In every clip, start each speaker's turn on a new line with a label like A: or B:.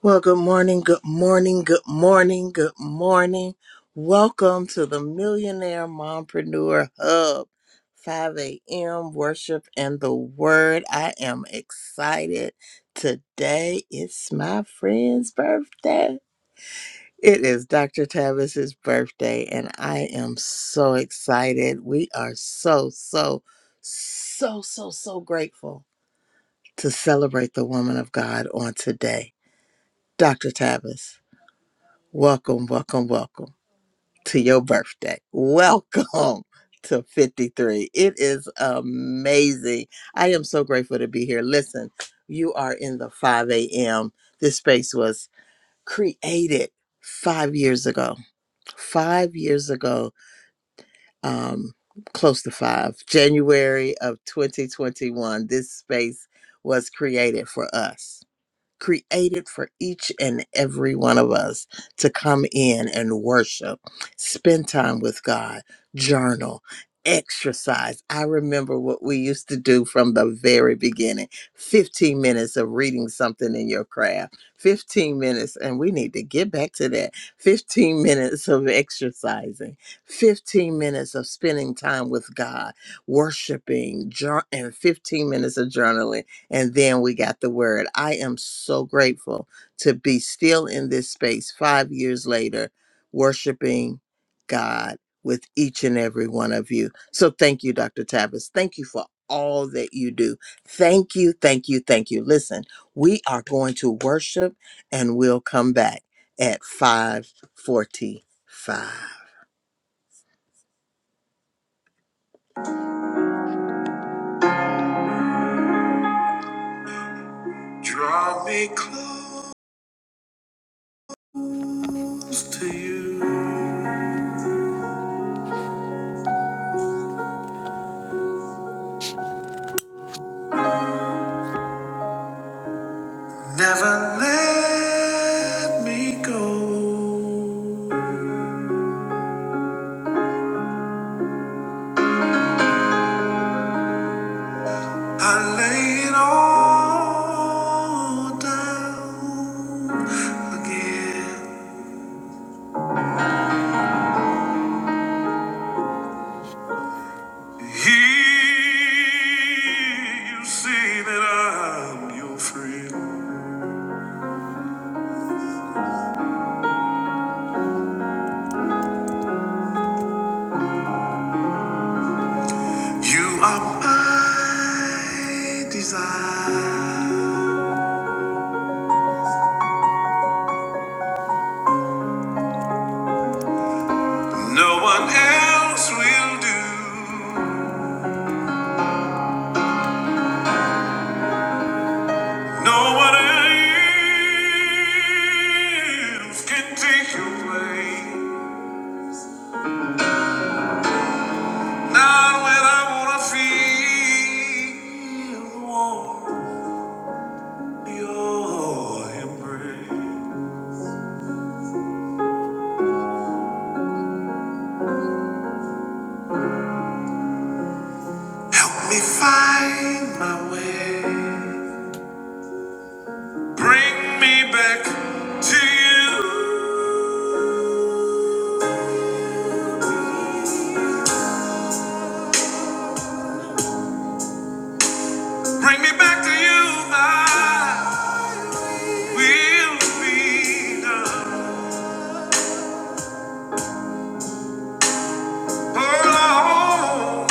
A: Well, good morning, good morning, good morning, good morning. Welcome to the Millionaire Mompreneur Hub, 5 a.m. worship and the word. I am excited. Today it's my friend's birthday. It is Dr. Tavis's birthday, and I am so excited. We are so, so, so, so, so grateful to celebrate the woman of God on today. Dr. Tavis. Welcome, welcome, welcome to your birthday. Welcome to 53. It is amazing. I am so grateful to be here. Listen, you are in the 5 a.m. This space was created five years ago. Five years ago, um, close to five, January of 2021, this space was created for us created for each and every one of us to come in and worship, spend time with God, journal, exercise. I remember what we used to do from the very beginning 15 minutes of reading something in your craft, 15 minutes, and we need to get back to that 15 minutes of exercising, 15 minutes of spending time with God, worshiping, jour- and 15 minutes of journaling and then we got the word. I am so grateful to be still in this space five years later, worshiping God with each and every one of you. So thank you, Dr. Tavis. Thank you for all that you do. Thank you, thank you, thank you. Listen, we are going to worship and we'll come back at 545. Draw me close to you. Never let me go. I lay it all down again. Here you see that I'm your friend. You are my desire. No one else will do. No one else can take you away. Not when I wanna feel warm, your embrace. Help me find my way. Bring me back to you. Bring me back to you. My will be done. Oh, Lord.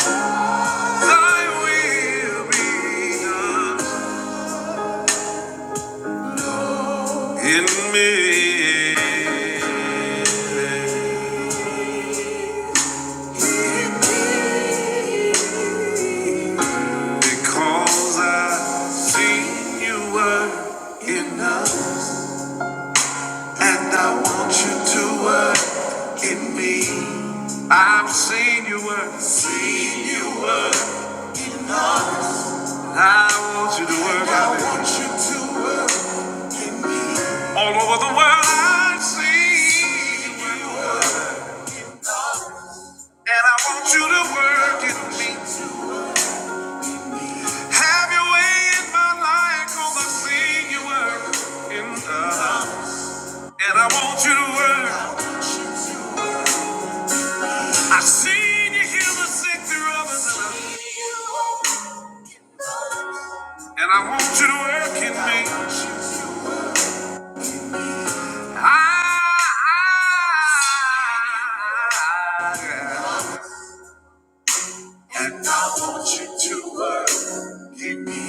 A: Thy will be done in me. Because I've seen you work enough, and I want you to work in me. I've seen you work, seen you work. I want you to work. I want you to work all over the world. I've seen you work. And I want you to work in me. Have your way in my life, cause I seen you work in us. And I want you to work. I seen you heal the sick through others. And I and I want you to work in me. I, I, and I want you to work in me.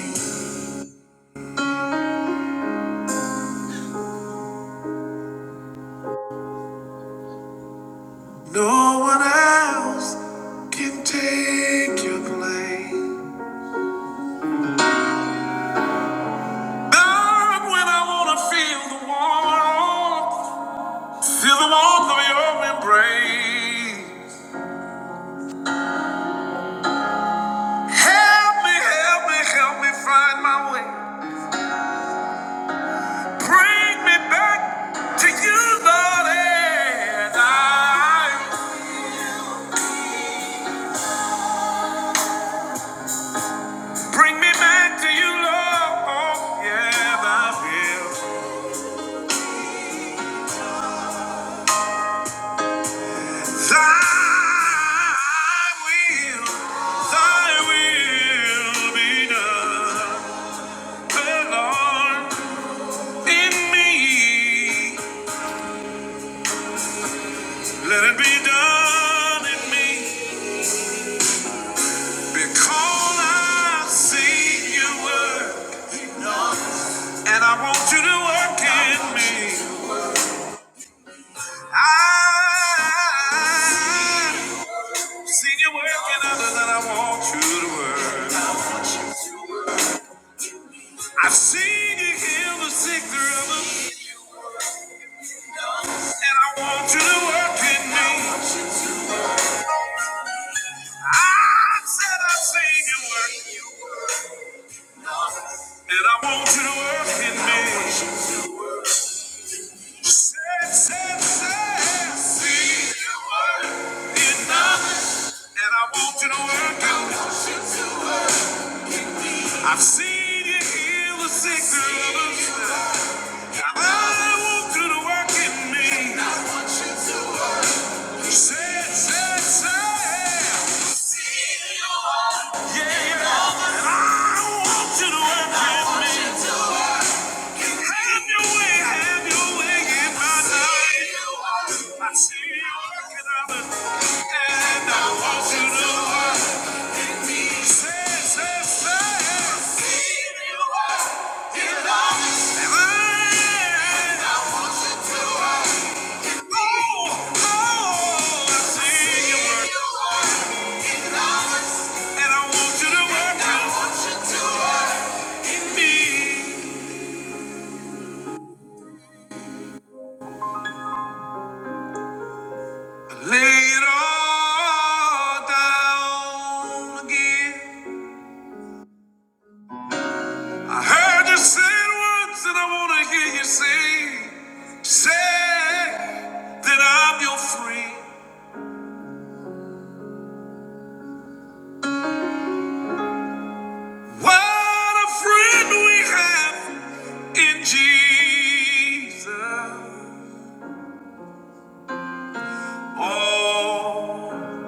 A: No one else can take your place. God, when I wanna feel the warmth, feel the warmth of your embrace. Help me, help me, help me find my way. Bring me back to you, Lord, and I bring me back to you, Lord. Yeah, thy will, thy will, thy will be done, Lord. in me. Let it be done in me. Because I've seen your work and I want you to work in me. I've seen you work in others and I want you to work. I've seen you heal the sick through others and I want you to work in me. I said I've seen you work. And I want you to work in me. Say, say, say, see you work in us. And I want you to work in me. I've seen you heal the sick of us. I want you to work in me. Say, say, say. Yeah, yeah. And I want you to work in me. Have your way, have your way in my life. I see you working on it, and I want you to work in me. Say, say, say. See you work in us. And I- want you to work in me. Oh, oh, I see you work. in us. And I want you to work in me. Lay it all down again. I heard you say it once, and I wanna hear you say, say that I'm your friend. What a friend we have in Jesus. All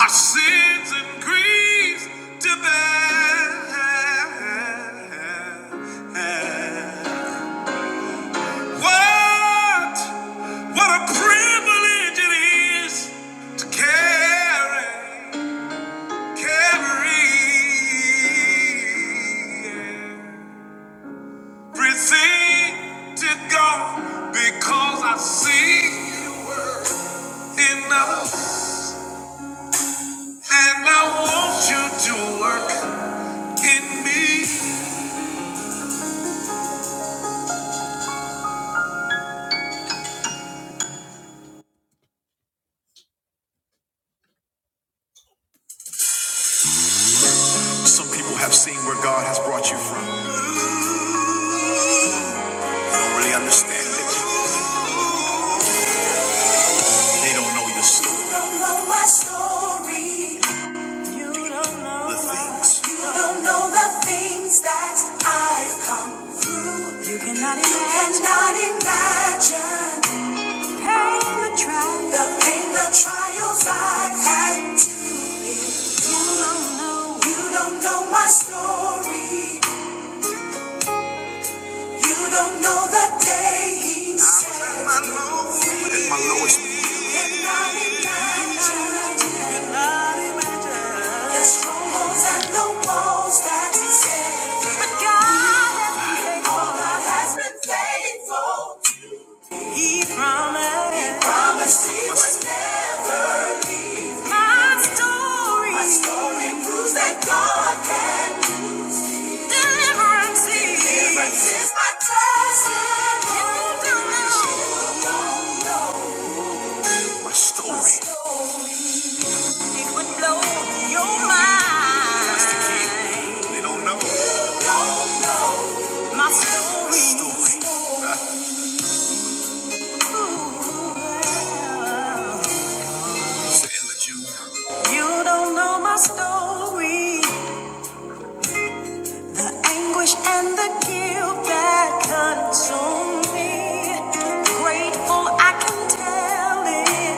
A: our sins and griefs to bear. What, what a privilege it is to carry, carry everything to God because I see you enough and I want you to work in me. Some people have seen where God has brought you from. Don't really understand it. They don't know your story. You don't know my story. You don't know the things. You don't know the things that I've come through. You cannot imagine. You cannot imagine. The pain, the trials. The pain, the trials I've had to. You don't know. You don't know my story. You don't know the day he set me free. He promised. He promised he would never leave. My story. My story proves that God can deliverance. Deliverance is my testimony. You don't know. You don't know. My story. It would blow your mind. That's the key. They don't know. Don't know. My story. My story. Sailor June. You You don't know my story. The anguish and the guilt that consumed me. Grateful I can tell it.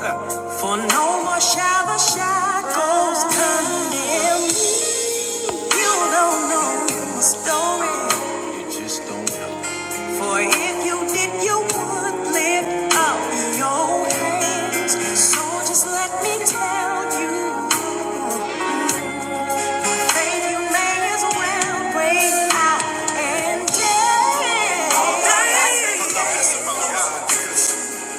A: For no more shall the shackles condemn me. You don't know the story. You just don't know. For if you did, you would lift up your hands. So just let me tell you, baby, you may as well break out and dance.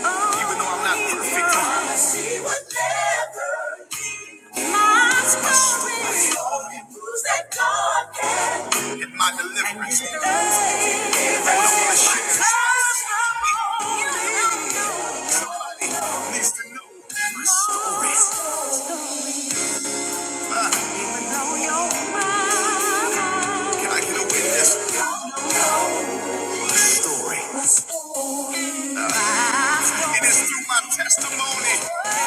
A: Even though I'm not perfect, She would never leave. My story, my story proves that God can. And my deliverance. And deliverance. I wanna share. Comes from all you know. Somebody needs to know my story. I know you're Can I get a witness? I know your mind. story. Uh, It is through my testimony that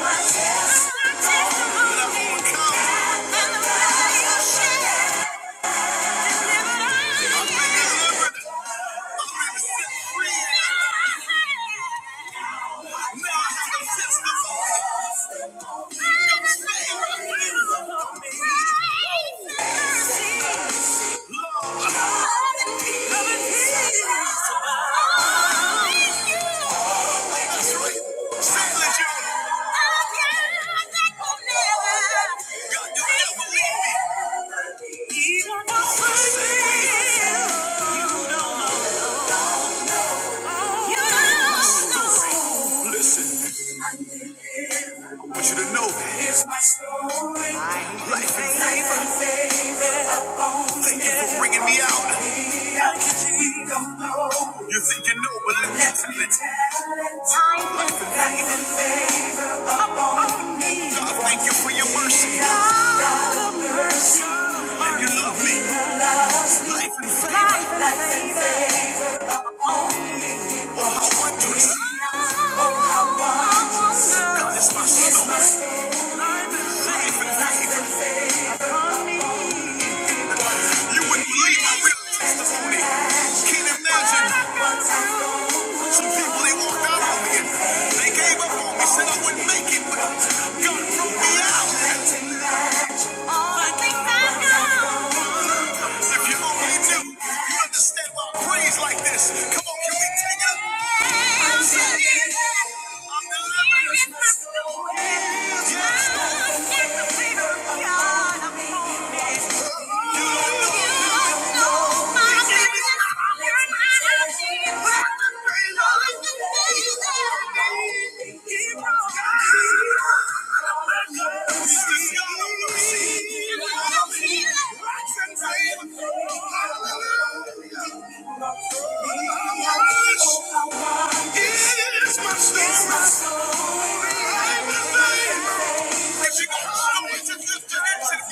A: I've overcome. I've been delivered. I've been set free. Now I have a testimony. You don't know. You don't know. I want you to know that. Here's my story. Life and favor. Favor upon me. Thank you for bringing me out. I think I'm low. You think you know, but let me tell you. Life and Life and favor upon me. God of mercy. And you love me. Life and favor. Life and favor. Thank you. If you only do, you understand why I praise like this. Come on, can we take it up? I'm singing. I'm delivering this away. Yes, Lord. God, I'm making it. You don't know, you don't know my is my story. I want you just to the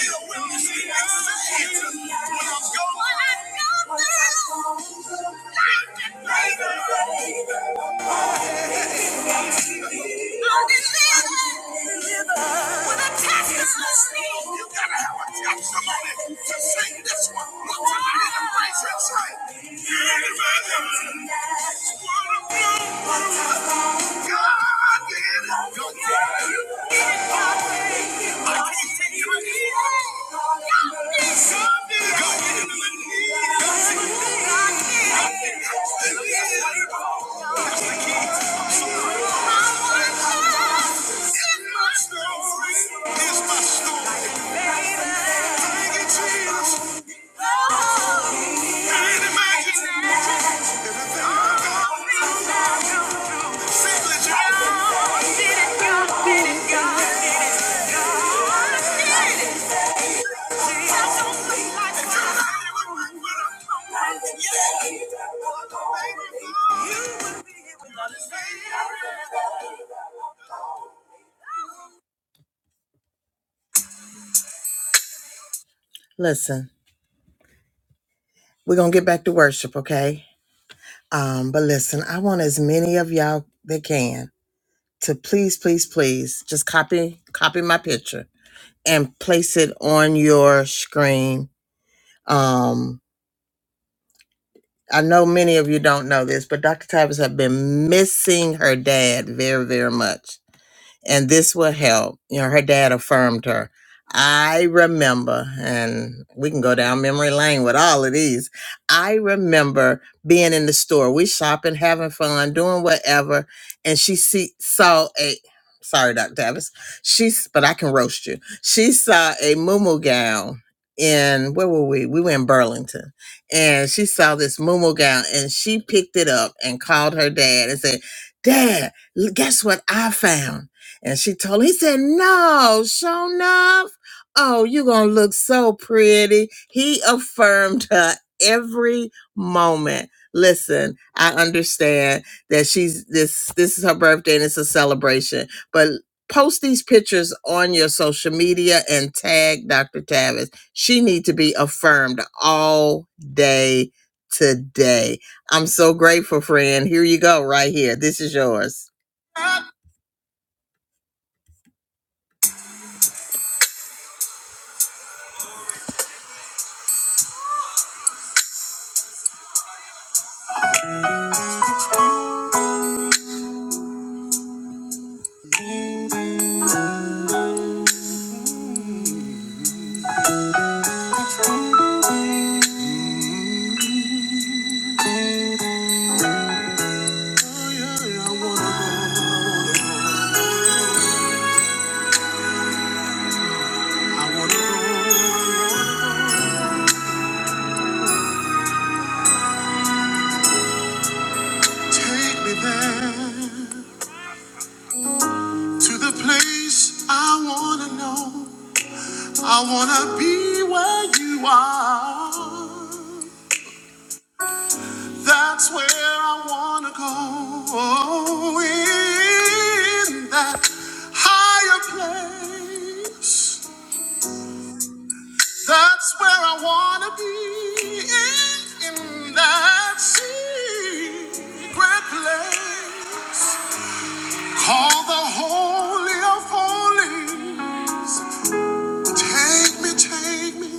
A: testimony. You gotta have a testimony to sing this one. Look to me in the face and say, you Thank you. Listen, we're gonna get back to worship, okay? Um, but listen, I want as many of y'all that can. to please, please, please just copy copy my picture and place it on your screen. Um, I know many of you don't know this, but Dr. Tavis have been missing her dad very, very much and this will help. You know, her dad affirmed her. I remember, and we can go down memory lane with all of these. I remember being in the store, we shopping, having fun, doing whatever, and she see, saw a. Sorry, Dr. Davis. She's, but I can roast you. She saw a muumuu gown in where were we? We were in Burlington, and she saw this muumuu gown, and she picked it up and called her dad and said, "Dad, l- guess what I found?" And she told him, he said, No, sure enough. Oh, you going to look so pretty. He affirmed her every moment. Listen, I understand that she's this, this is her birthday and it's a celebration, but post these pictures on your social media and tag Dr. Tavis. She need to be affirmed all day today. I'm so grateful, friend. Here you go, right here. This is yours. I wanna go. Take me there to the place I wanna know. I wanna be where you are. That's where I wanna go. In that higher place. That's where I wanna be. In, in that secret place. Call the Holy of Holies. Take me, take me,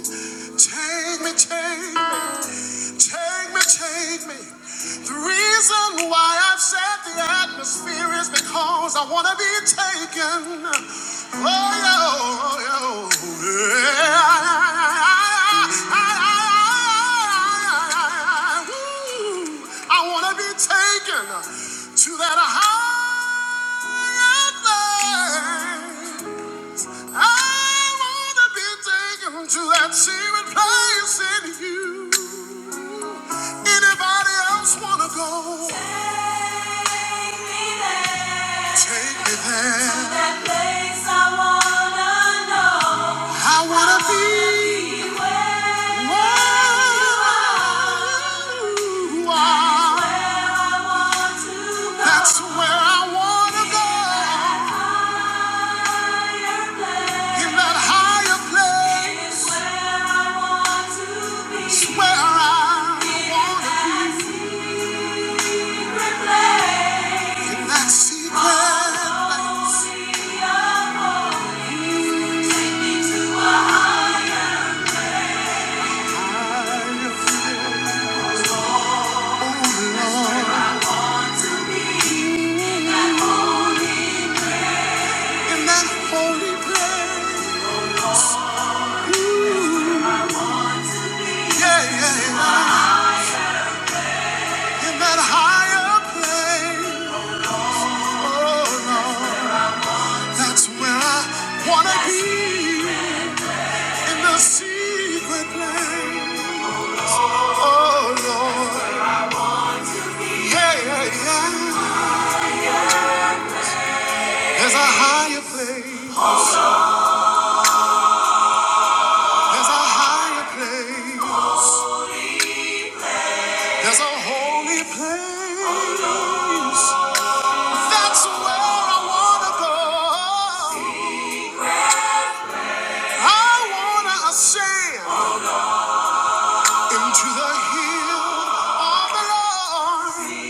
A: take me, take me, take me, take me. The reason why I've set the atmosphere is because I want to be taken. Oh, yeah, oh, yeah. I want to be taken to that high wanna that secret place in you. Anybody else wanna go? Take me there. To that place I wanna know. I wanna be. where I want That's where I wanna go. In that higher place. Is where I want to be. In that secret. in that holy place. Ooh, yeah, yeah, yeah. In that higher place. Oh, Lord, that's where I wanna be. In the secret place. Oh, Lord, yeah, yeah, yeah. There's a higher place. There's a higher place. There's a holy place. That's where I wanna go. I wanna ascend into the hill of the Lord.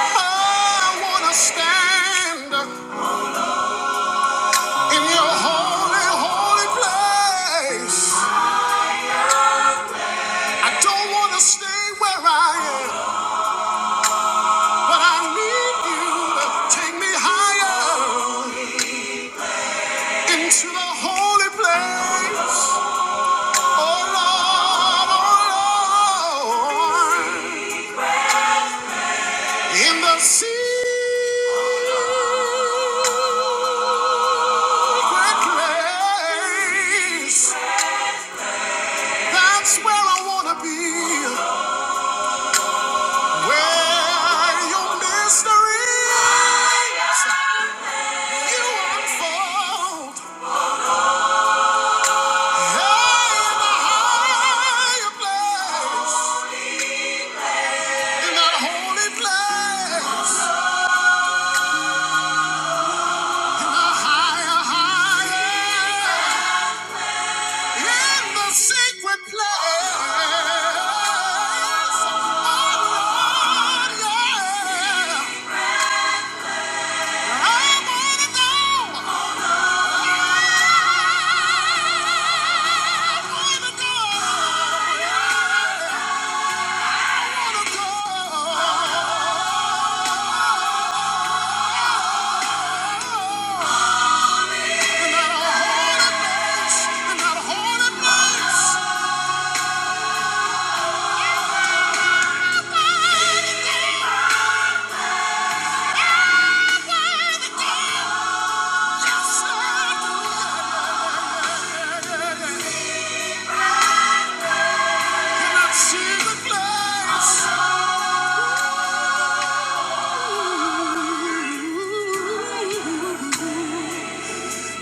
A: I wanna stand in your holy, holy place. I don't wanna stay where I am, but I need you to take me higher into the holy place. Oh Lord, oh Lord. In the secret place, that's where I wanna be. Where your mysteries you unfold. Hey, in the higher place, in that holy place, a higher, higher, in the secret place. Oh, yeah.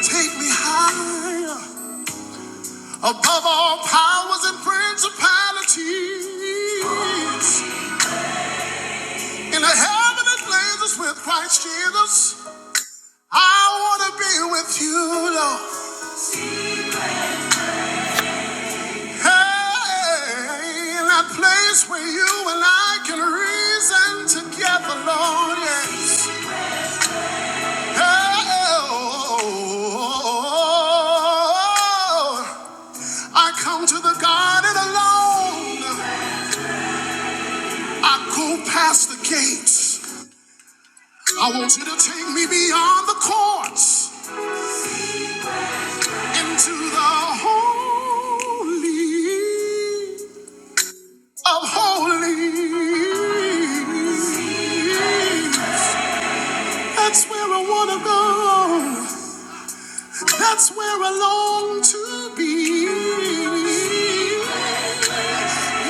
A: Take me higher above all powers and principalities. In the heavenly places with Christ Jesus, I want to be with you, Lord. Pain, that place where you and I can reason together, Lord, yes. Oh, I come to the garden alone. I go past the gates. I want you to take me beyond the courts into the holy of holies. That's where I wanna go. That's where I long to be.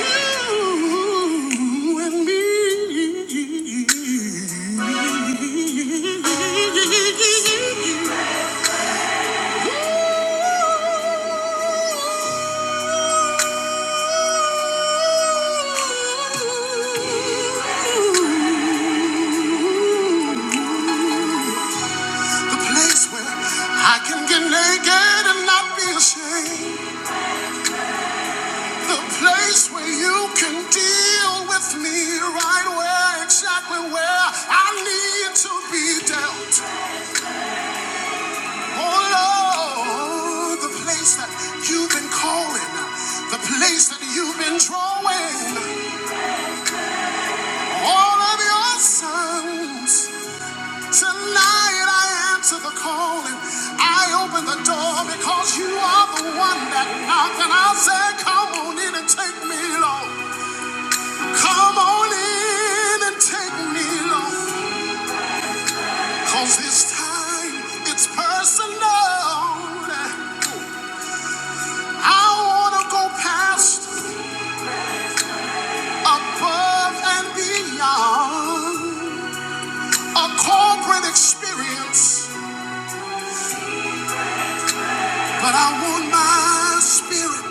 A: You and me. The place where I can get naked and not be ashamed. The place where you can deal with me right where, exactly where I need to be dealt. Oh Lord, the place that you've been calling, the place that you've been drawing all of your sons. Tonight I answer the calling. I open the door because you are the one that knocked, and I say, Come on in and take me, Lord. Come on in and take me long. Cause this time it's personal. I wanna go past, above and beyond a corporate experience. But I want my spirit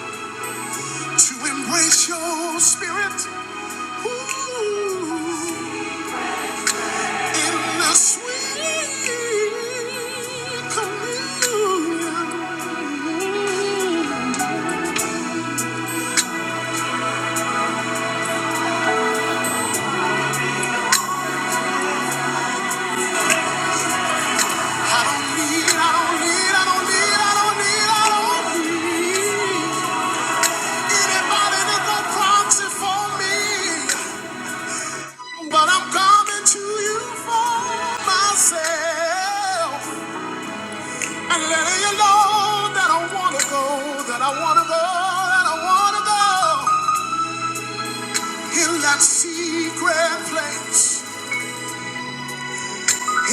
A: to embrace your spirit. Ooh, in the sweet communion. But I'm coming to you for myself. i letting you know that I wanna go, that I wanna go, that I wanna go. In that secret place,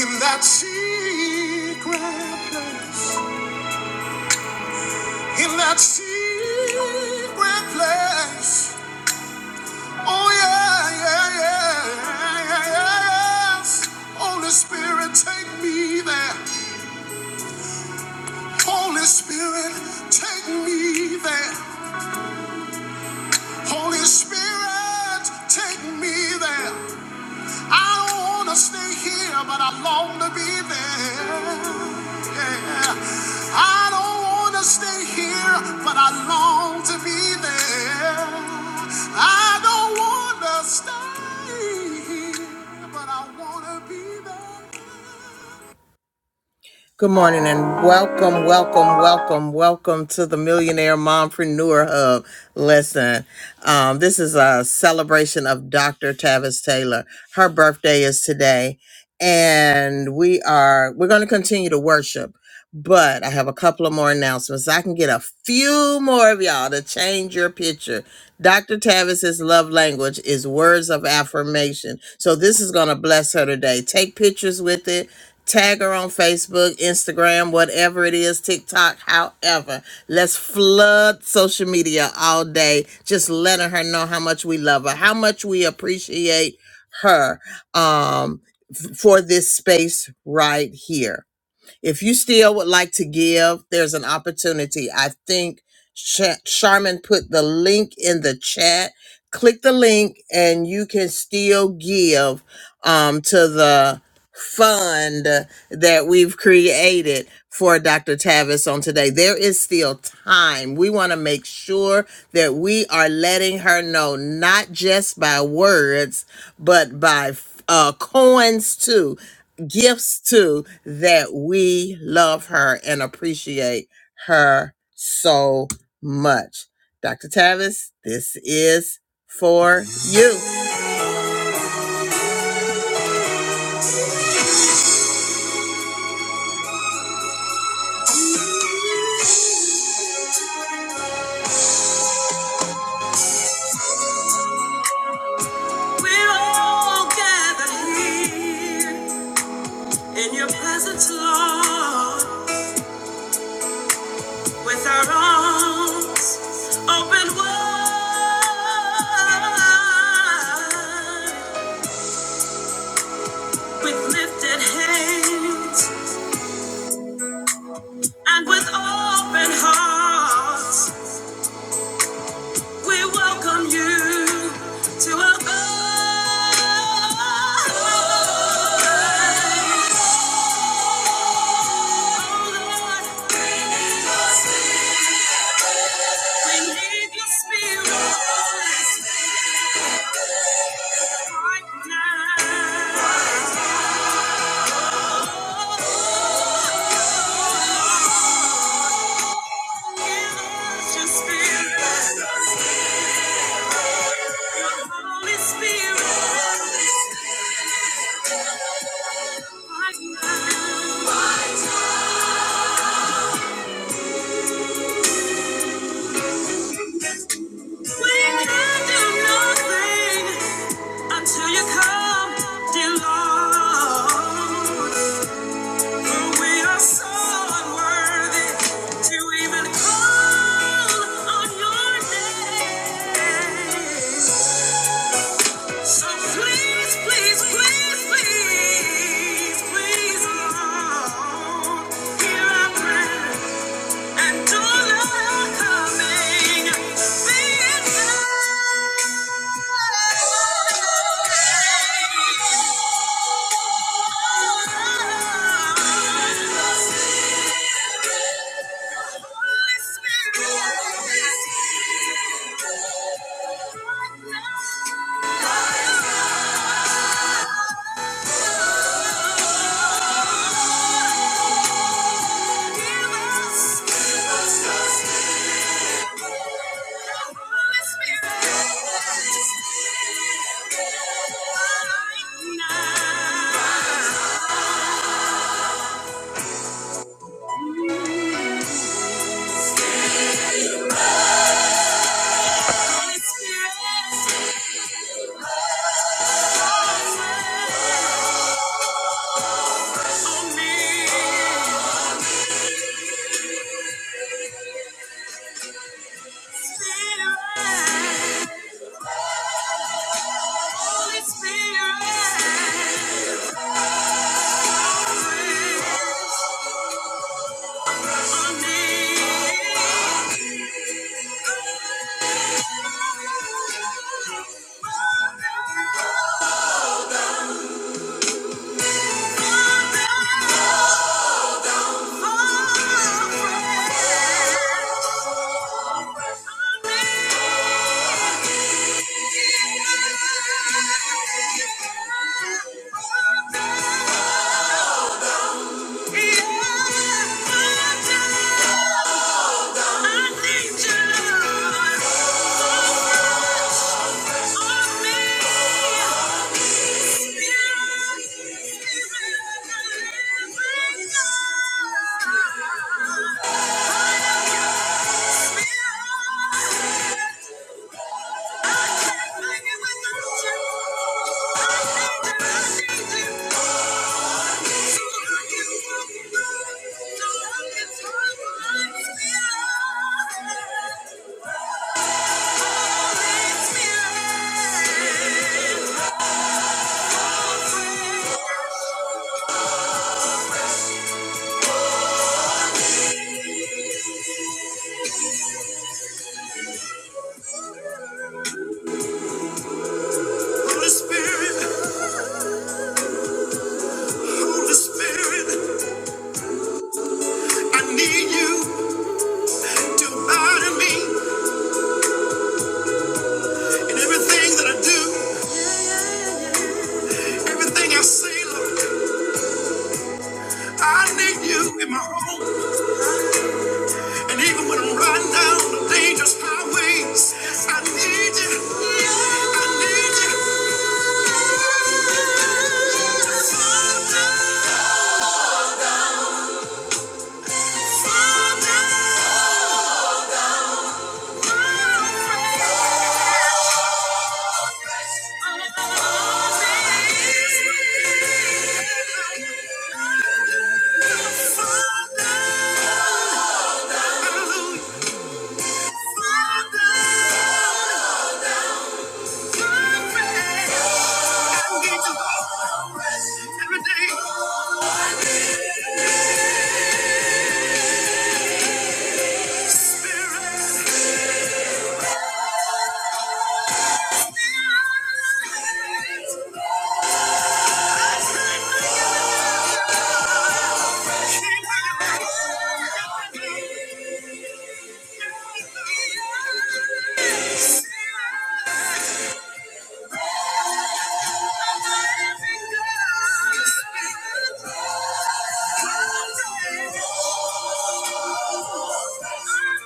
A: in that secret place, in that secret place. Oh yeah, yeah, yeah, yeah, yeah, yeah. Holy Spirit, take me there. Holy Spirit, take me there. Holy Spirit, take me there. I don't want to stay here, but I long to be there. Yeah. I don't want to stay here, but I long to be there. I don't want to stay here, but I want to be there. Good morning and welcome, welcome, welcome, welcome to the Millionaire Mompreneur Hub Listen, Um, this is a celebration of Dr. Tavis Taylor. Her birthday is today, and we are we're going to continue to worship. But I have a couple of more announcements. I can get a few more of y'all to change your picture. Dr. Tavis's love language is words of affirmation. So this is going to bless her today. Take pictures with it. Tag her on Facebook, Instagram, whatever it is, TikTok, however. Let's flood social media all day, just letting her know how much we love her, how much we appreciate her um, f- for this space right here. If you still would like to give, there's an opportunity. I think Sha- Charmin put the link in the chat. Click the link and you can still give um, to the fund that we've created for Dr. Tavis on today. There is still time. We want to make sure that we are letting her know, not just by words, but by uh, coins too, gifts too, that we love her and appreciate her so much. Dr. Tavis, this is for you. We're all gathered here in your presence, Lord, with our arms open wide, with lifted hands and with open hearts. We welcome you to our God. We need your spirit. Until you come, dear Lord, for we are so unworthy to even call on your name. So please, please, please, please, please, Lord, hear our prayer and do not coming. Be it Holy Spirit, right now. Holy Spirit. Thank you. Thank you. I need you in my own run dangerous highways. I need Father, Father, Father, I need to go every day. Keep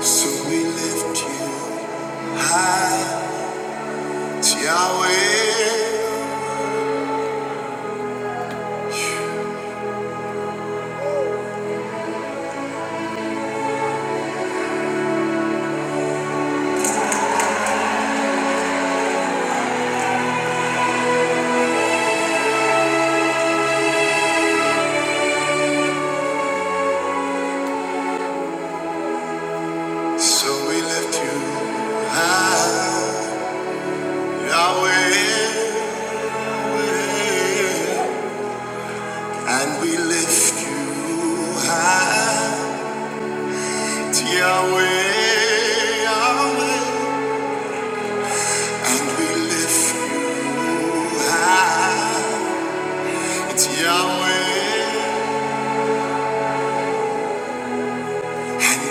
A: So we lift you high, Yahweh.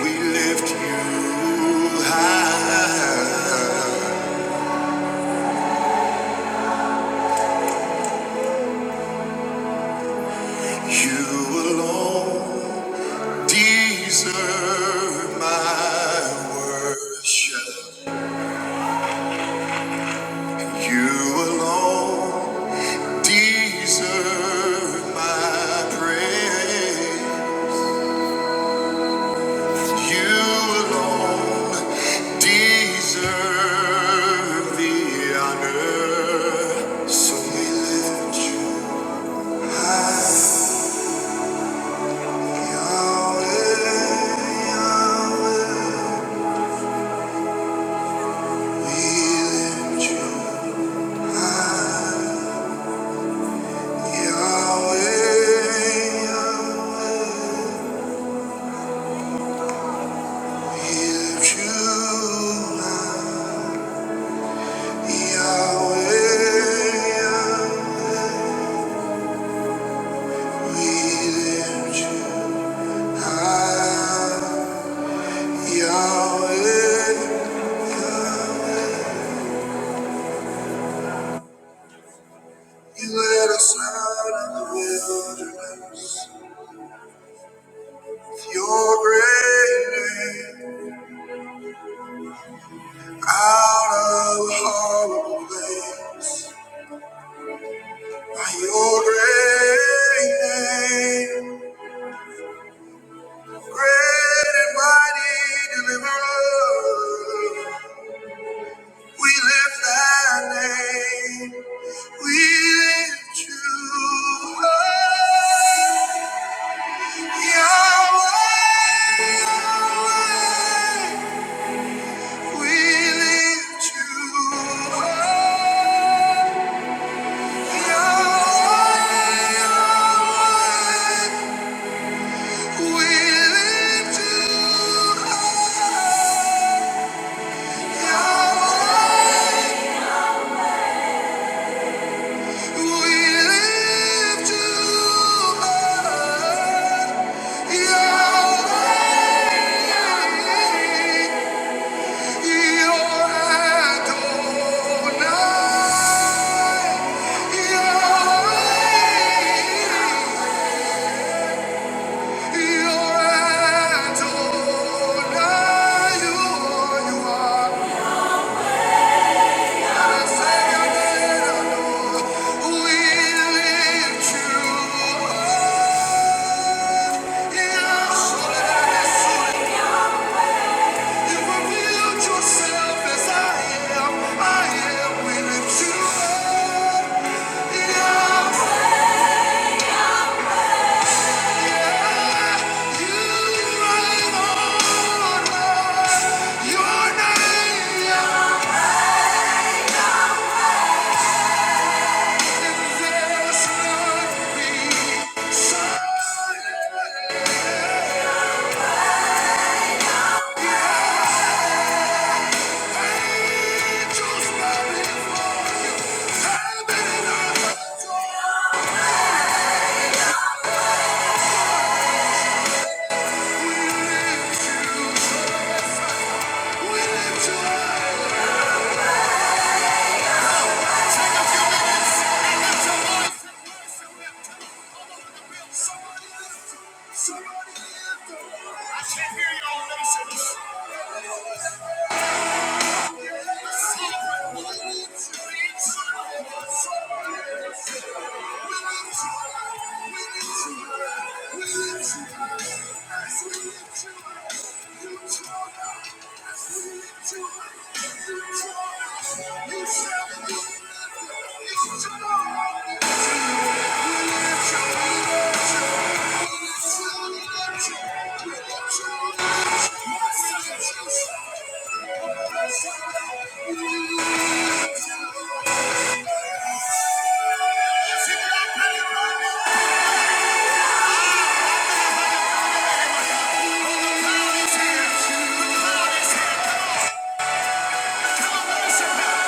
A: We you high, you alone. Deserve my praise. You alone deserve the honor. So we lift you high, Yahweh. Yahweh. We lift you high, Yahweh. Yahweh. We lift you high. Yahweh, we lift high. Yahweh, you led us out in the wilderness. Your great name, out of horrible place. By your great name, great and mighty deliverer, we lift that name. We lift you high, Yahweh. We lift you high, Yahweh. We lift you high, Yahweh. We lift you high, Yahweh. Your Yeah. Somebody lift the I can't hear y'all. Let me say this. Joy, You joy, you shall be Come on,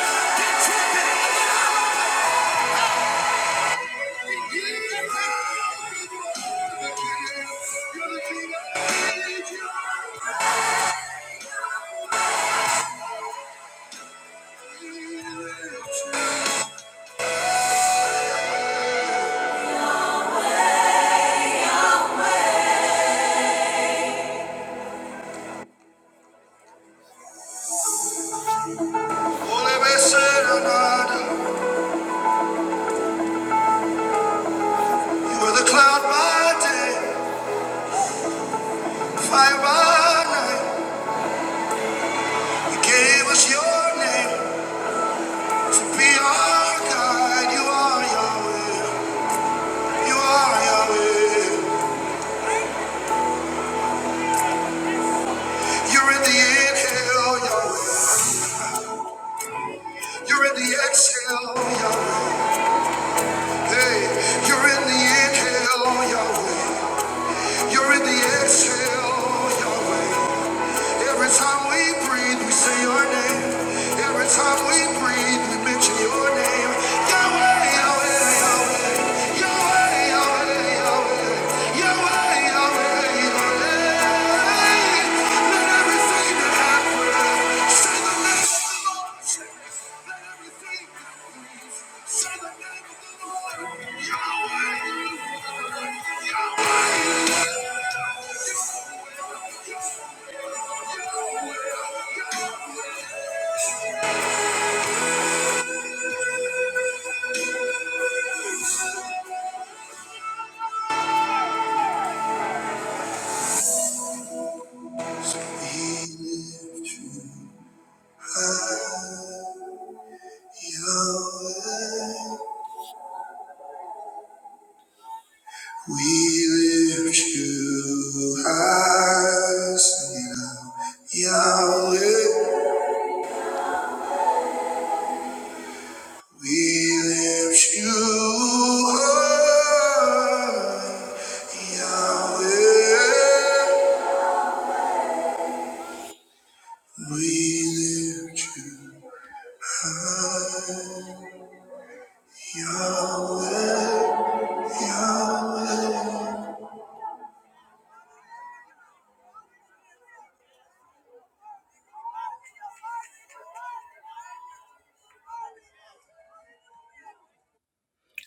A: let's get your You were the cloud by day, fire by night. You gave us your name to be our guide. You are Yahweh. You are Yahweh. You're Yahweh. You're in the exhale. Every time we breathe, we say your name. He lived Yahweh. We lift you high, Sina, Yahweh. We lift you high, Yahweh. We lift you, Yahweh, Yahweh.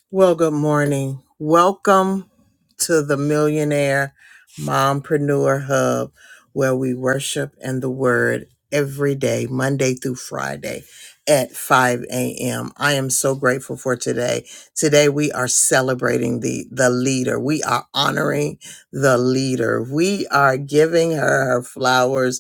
A: Well, good morning. Welcome to the Millionaire Mompreneur Hub, where we worship and the word every day, Monday through Friday at 5 a.m. I am so grateful for today. Today we are celebrating the, the leader. We are honoring the leader. We are giving her her flowers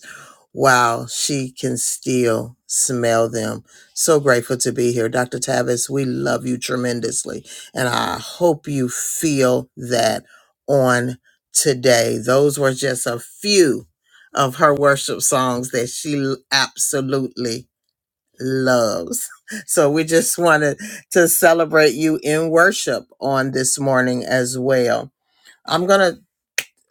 A: while she can still smell them. So grateful to be here. Dr. Tavis, we love you tremendously. And I hope you feel that on today. Those were just a few of her worship songs that she absolutely loves. So we just wanted to celebrate you in worship on this morning as well. I'm going to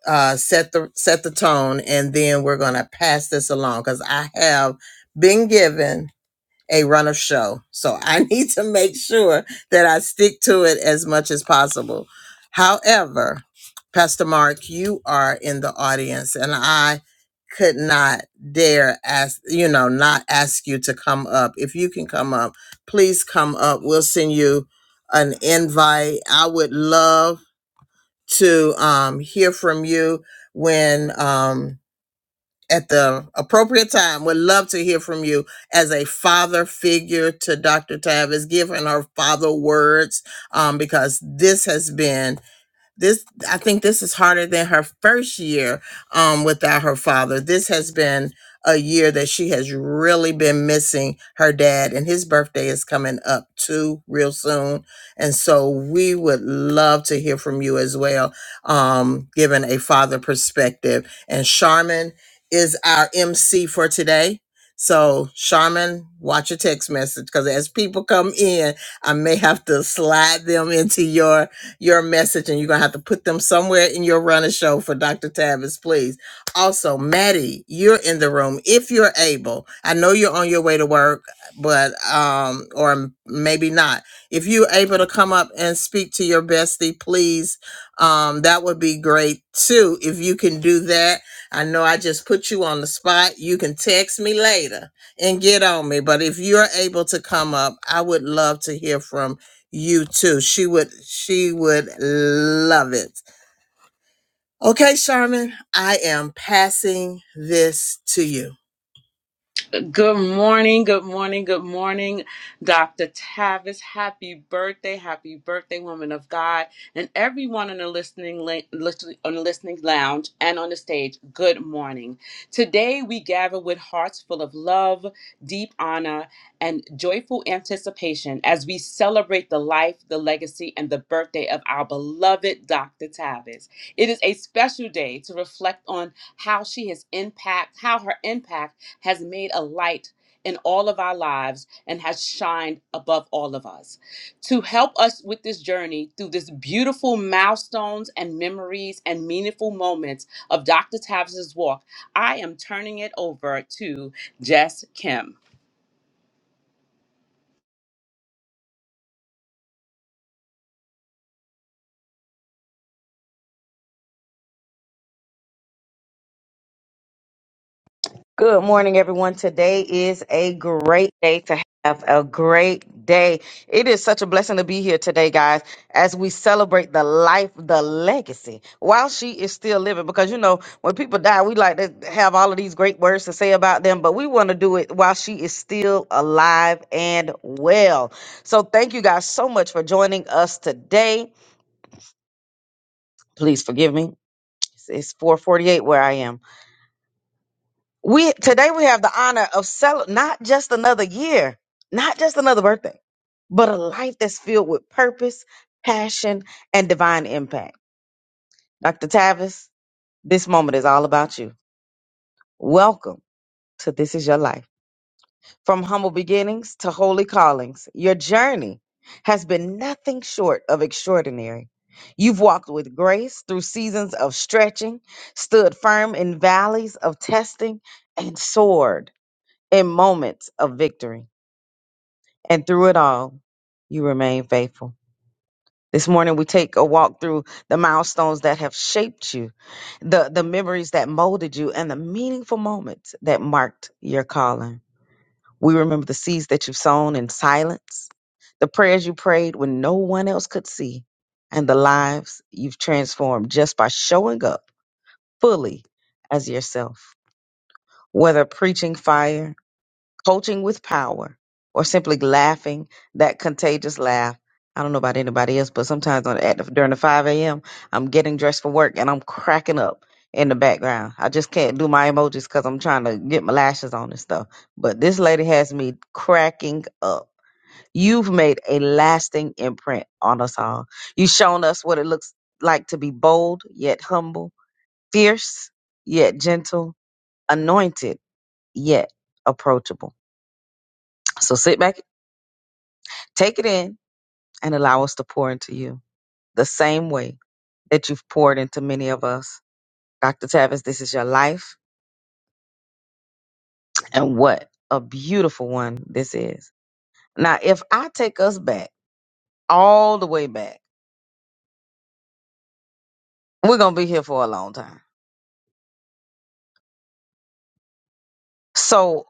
A: uh, set the set the tone and then we're going to pass this along cuz I have been given a runner show. So I need to make sure that I stick to it as much as possible. However, Pastor Mark, you are in the audience and I could not dare ask, you know, not ask you to come up. If you can come up, please come up. We'll send you an invite. I would love to um, hear from you when um, at the appropriate time. Would love to hear from you as a father figure to Dr. Tavis. Give her her father words um, because this has been this i think this is harder than her first year um, without her father this has been a year that she has really been missing her dad and his birthday is coming up too real soon and so we would love to hear from you as well um, given a father perspective and charmin is our mc for today so charmin watch your text message because as people come in i may have to slide them into your your message and you're gonna have to put them somewhere in your runner show for Dr. Tavis, please. Also, Maddie, you're in the room if you're able. I know you're on your way to work, but um, or maybe not. If you're able to come up and speak to your bestie, please, um, that would be great too. If you can do that, I know I just put you on the spot. You can text me later and get on me. But if you're able to come up, I would love to hear from you too. She would she would love it. Okay, Sherman, I am passing this to you.
B: Good morning, good morning, good morning, Dr. Tavis. Happy birthday, happy birthday, woman of God, and everyone on the listening la- listen- on the listening lounge and on the stage. Good morning. Today we gather with hearts full of love, deep honor, and joyful anticipation as we celebrate the life, the legacy, and the birthday of our beloved Dr. Tavis. It is a special day to reflect on how she has impact, how her impact has made a light in all of our lives and has shined above all of us. To help us with this journey through this beautiful milestones and memories and meaningful moments of Dr. Tavis's walk, I am turning it over to Jess Kim.
C: Good morning, everyone. Today is a great day to have a great day. It is such a blessing to be here today, guys, as we celebrate the life, the legacy while she is still living. Because, you know, when people die, we like to have all of these great words to say about them, but we want to do it while she is still alive and well. So, thank you guys so much for joining us today. Please forgive me. It's 448 where I am. We today we have the honor of cel- not just another year, not just another birthday, but a life that's filled with purpose, passion, and divine impact. Dr. Tavis, this moment is all about you. Welcome to This Is Your Life. From humble beginnings to holy callings, your journey has been nothing short of extraordinary. You've walked with grace through seasons of stretching, stood firm in valleys of testing, and soared in moments of victory. And through it all, you remain faithful. This morning, we take a walk through the milestones that have shaped you, the, the memories that molded you, and the meaningful moments that marked your calling. We remember the seeds that you've sown in silence, the prayers you prayed when no one else could see, and the lives you've transformed just by showing up fully as yourself. Whether preaching fire, coaching with power, or simply laughing that contagious laugh. I don't know about anybody else, but sometimes on at the, during the 5 a.m., I'm getting dressed for work and I'm cracking up in the background. I just can't do my emojis because I'm trying to get my lashes on and stuff. But this lady has me cracking up. You've made a lasting imprint on us all. You've shown us what it looks like to be bold yet humble, fierce yet gentle, anointed yet approachable. So sit back Take it in and allow us to pour into you the same way that you've poured into many of us. Dr. Tavis, this is your life, and what a beautiful one this is. Now, if I take us back, all the way back, we're going to be here for a long time. So,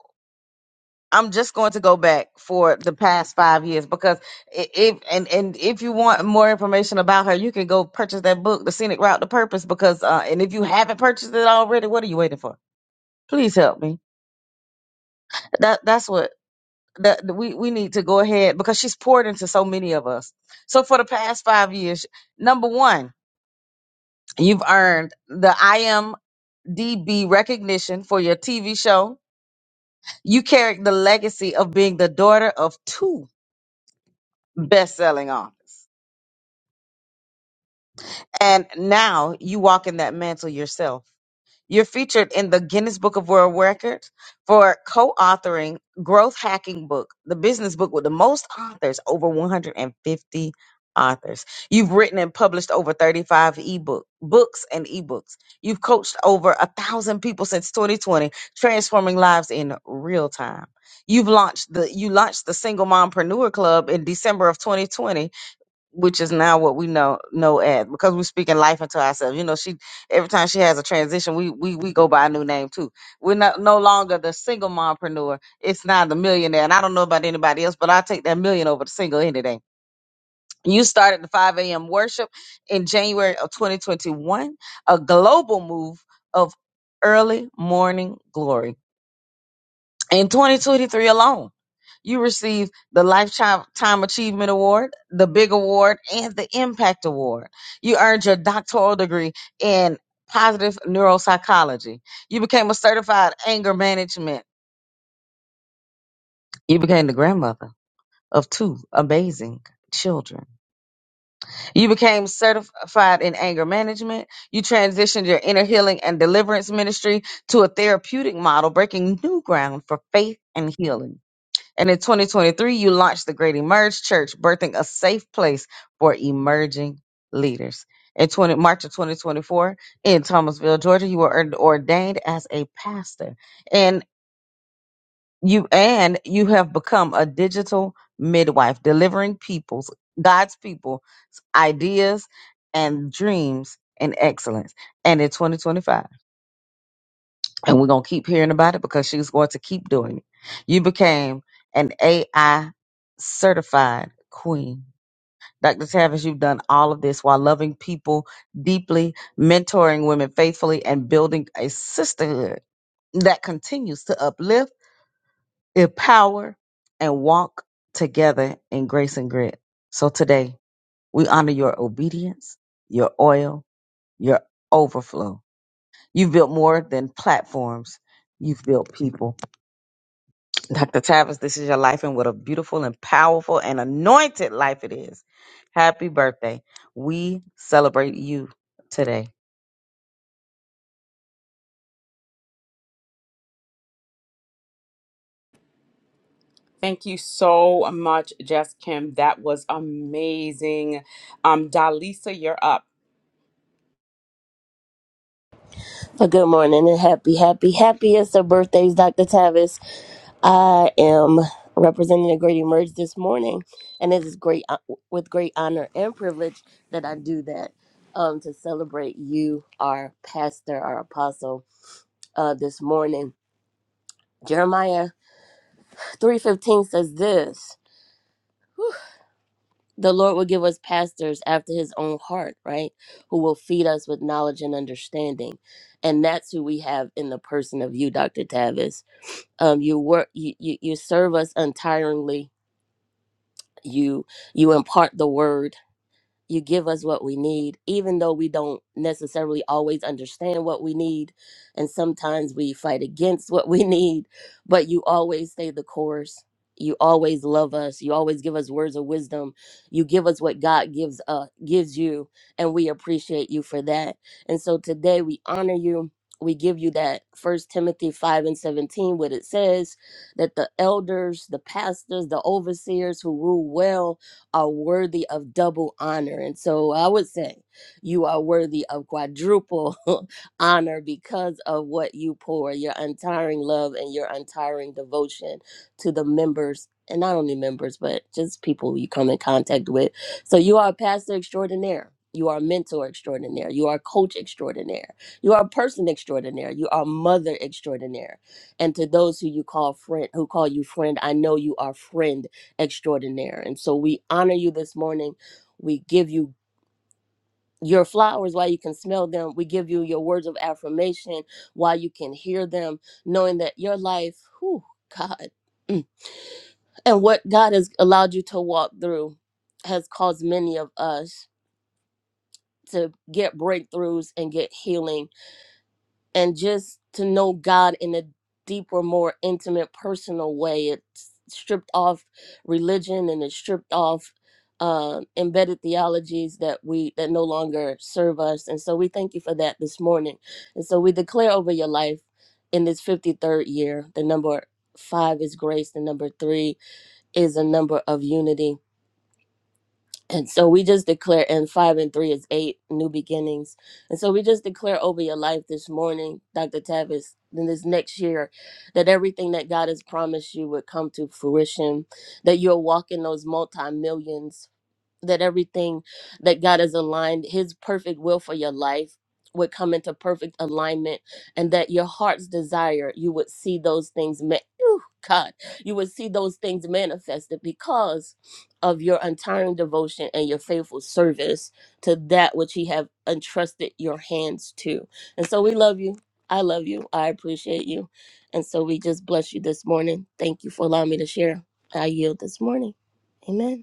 C: I'm just going to go back for the past five years because i- if and and if you want more information about her, you can go purchase that book, The Scenic Route to Purpose. Because uh, and if you haven't purchased it already, what are you waiting for? Please help me. That that's what that that we we need to go ahead because she's poured into so many of us. So for the past five years, number one, you've earned the IMDb recognition for your TV show. You carry the legacy of being the daughter of two best-selling authors, and now you walk in that mantle yourself. You're featured in the Guinness Book of World Records for co-authoring Growth Hacking Book, the business book with the most authors, over 150 authors. You've written and published over 35 ebook books and ebooks. You've coached over a thousand people since 2020, transforming lives in real time. You've launched the you launched the Single Mompreneur Club in December of 2020 which is now what we know know as because we're speaking life into ourselves. You know, she every time she has a transition, we we we go by a new name too. We're not no longer the single mompreneur. It's now the millionaire. And I don't know about anybody else, but I take that million over the single any day. You started the 5 a.m. worship in January of 2021, a global move of early morning glory. In 2023 alone, you received the Lifetime Time Achievement Award, the Big Award, and the Impact Award. You earned your doctoral degree in positive neuropsychology. You became a certified anger management. You became the grandmother of two amazing children. You became certified in anger management. You transitioned your inner healing and deliverance ministry to a therapeutic model, breaking new ground for faith and healing. And in 2023, you launched the Great Emerge Church, birthing a safe place for emerging leaders. In 20, March of 2024, in Thomasville, Georgia, you were ord- ordained as a pastor, and you and you have become a digital midwife, delivering people's God's people ideas and dreams and excellence. And in 2025. And we're going to keep hearing about it because she's going to keep doing it. You became an AI certified queen. Dr. Tavis, you've done all of this while loving people deeply, mentoring women faithfully, and building a sisterhood that continues to uplift, empower, and walk together in grace and grit. So today, we honor your obedience, your oil, your overflow. You've built more than platforms, you've built people. Dr. Tavis, this is your life, and what a beautiful and powerful and anointed life it is. Happy birthday. We celebrate you today.
B: Thank you so much, Jess Kim. That was amazing. Um, Dalisa, you're up.
D: Well, good morning and happy, happy, happiest of birthdays, Dr. Tavis. I am representing the Great Emerge this morning, and it is great with great honor and privilege that I do that um, to celebrate you, our pastor, our apostle, uh, this morning. Jeremiah three fifteen says this: Whew. the Lord will give us pastors after his own heart, right? Who will feed us with knowledge and understanding. And that's who we have in the person of you, Dr. Tavis. um, you work you, you you serve us untiringly you you impart the word you give us what we need, even though we don't necessarily always understand what we need. And sometimes we fight against what we need, but you always stay the course. You always love us. You always give us words of wisdom. You give us what God gives uh gives you, and we appreciate you for that. And so today we honor you. We give you that first Timothy 5 and 17, what it says that the elders, the pastors, the overseers who rule well are worthy of double honor. And so I would say you are worthy of quadruple honor because of what you pour, your untiring love and your untiring devotion to the members. And not only members, but just people you come in contact with. So you are a pastor extraordinaire. You are a mentor extraordinaire. You are a coach extraordinaire. You are a person extraordinaire. You are a mother extraordinaire. And to those who you call friend, who call you friend, I know you are friend extraordinaire. And so we honor you this morning. We give you your flowers while you can smell them. We give you your words of affirmation while you can hear them, knowing that your life, whew, God, mm, and what God has allowed you to walk through has caused many of us to get breakthroughs and get healing and just to know God in a deeper, more intimate, personal way. It's stripped off religion and it's stripped off uh, embedded theologies that we that no longer serve us. And so we thank you for that this morning. And so we declare over your life in this 53rd year, the number five is grace, the number three is a number of unity and so we just declare, and five and three is eight new beginnings. And so we just declare over your life this morning, Dr. Tavis, in this next year, that everything that God has promised you would come to fruition, that you'll walk in those multi millions that everything that God has aligned, His perfect will for your life, would come into perfect alignment, and that your heart's desire, you would see those things. Ma- Ooh, God, you would see those things manifested because of your untiring devotion and your faithful service to that which He have entrusted your hands to. And so we love you. I love you. I appreciate you. And so we just bless you this morning. Thank you for allowing me to share. I yield this morning. Amen.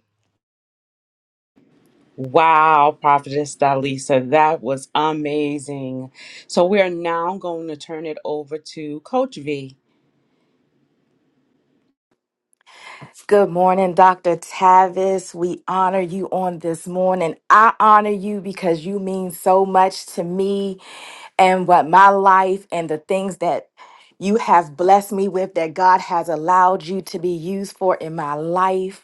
B: Wow, Prophetess Dalisa, that was amazing. So we are now going to turn it over to Coach V.
E: Good morning, Dr. Tavis. We honor you on this morning. I honor you because you mean so much to me and what my life and the things that you have blessed me with that God has allowed you to be used for in my life.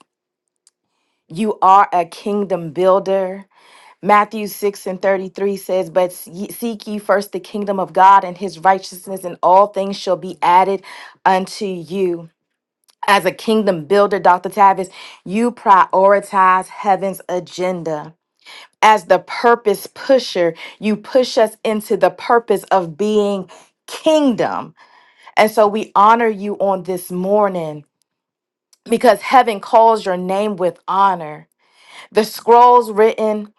E: You are a kingdom builder. Matthew 6 and 33 says, But ye- seek ye first the kingdom of God and his righteousness, and all things shall be added unto you. As a kingdom builder, Dr. Tavis, you prioritize heaven's agenda. As the purpose pusher, you push us into the purpose of being kingdom. And so we honor you on this morning because heaven calls your name with honor. The scrolls written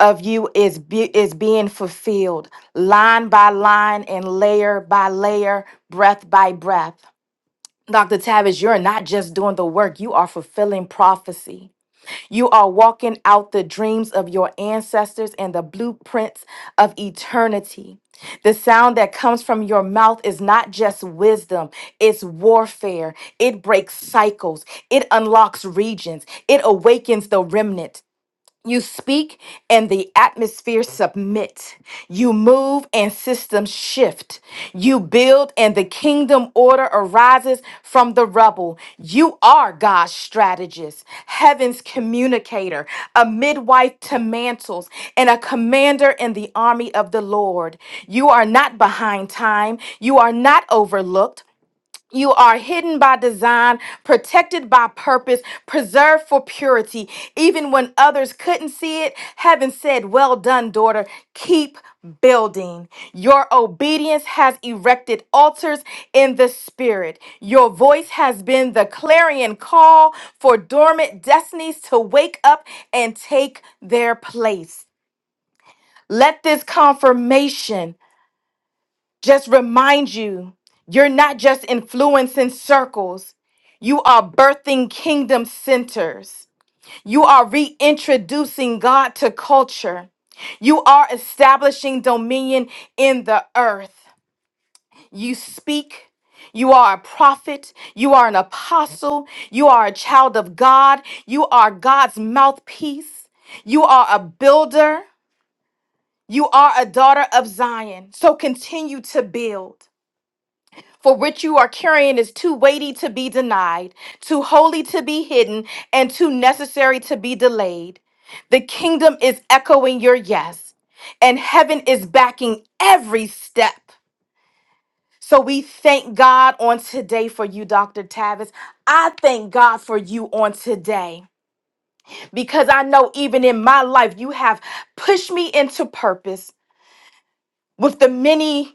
E: of you is be- is being fulfilled line by line and layer by layer, breath by breath. Dr. Tavish, you're not just doing the work, you are fulfilling prophecy. You are walking out the dreams of your ancestors and the blueprints of eternity. The sound that comes from your mouth is not just wisdom, it's warfare. It breaks cycles, it unlocks regions, it awakens the remnant. You speak and the atmosphere submit. You move and systems shift. You build and the kingdom order arises from the rubble. You are God's strategist, heaven's communicator, a midwife to mantles, and a commander in the army of the Lord. You are not behind time. You are not overlooked. You are hidden by design, protected by purpose, preserved for purity. Even when others couldn't see it, heaven said, Well done, daughter. Keep building. Your obedience has erected altars in the spirit. Your voice has been the clarion call for dormant destinies to wake up and take their place. Let this confirmation just remind you you're not just influencing circles, you are birthing kingdom centers. You are reintroducing God to culture. You are establishing dominion in the earth. You speak. You are a prophet. You are an apostle. You are a child of God. You are God's mouthpiece. You are a builder. You are a daughter of Zion. So continue to build. For which you are carrying is too weighty to be denied, too holy to be hidden, and too necessary to be delayed. The kingdom is echoing your yes, and heaven is backing every step. So we thank God on today for you, Dr. Tavis. I thank God for you on today because I know even in my life, you have pushed me into purpose with the many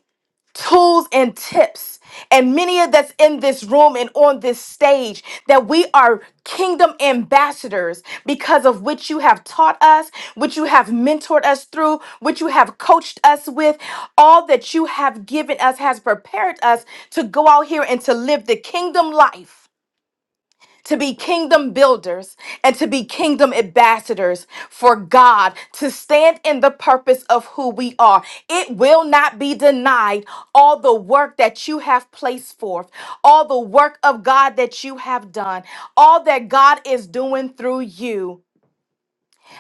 E: tools and tips and many of that's in this room and on this stage that we are kingdom ambassadors because of which you have taught us which you have mentored us through which you have coached us with all that you have given us has prepared us to go out here and to live the kingdom life to be kingdom builders and to be kingdom ambassadors for God, to stand in the purpose of who we are. It will not be denied all the work that you have placed forth, all the work of God that you have done, all that God is doing through you.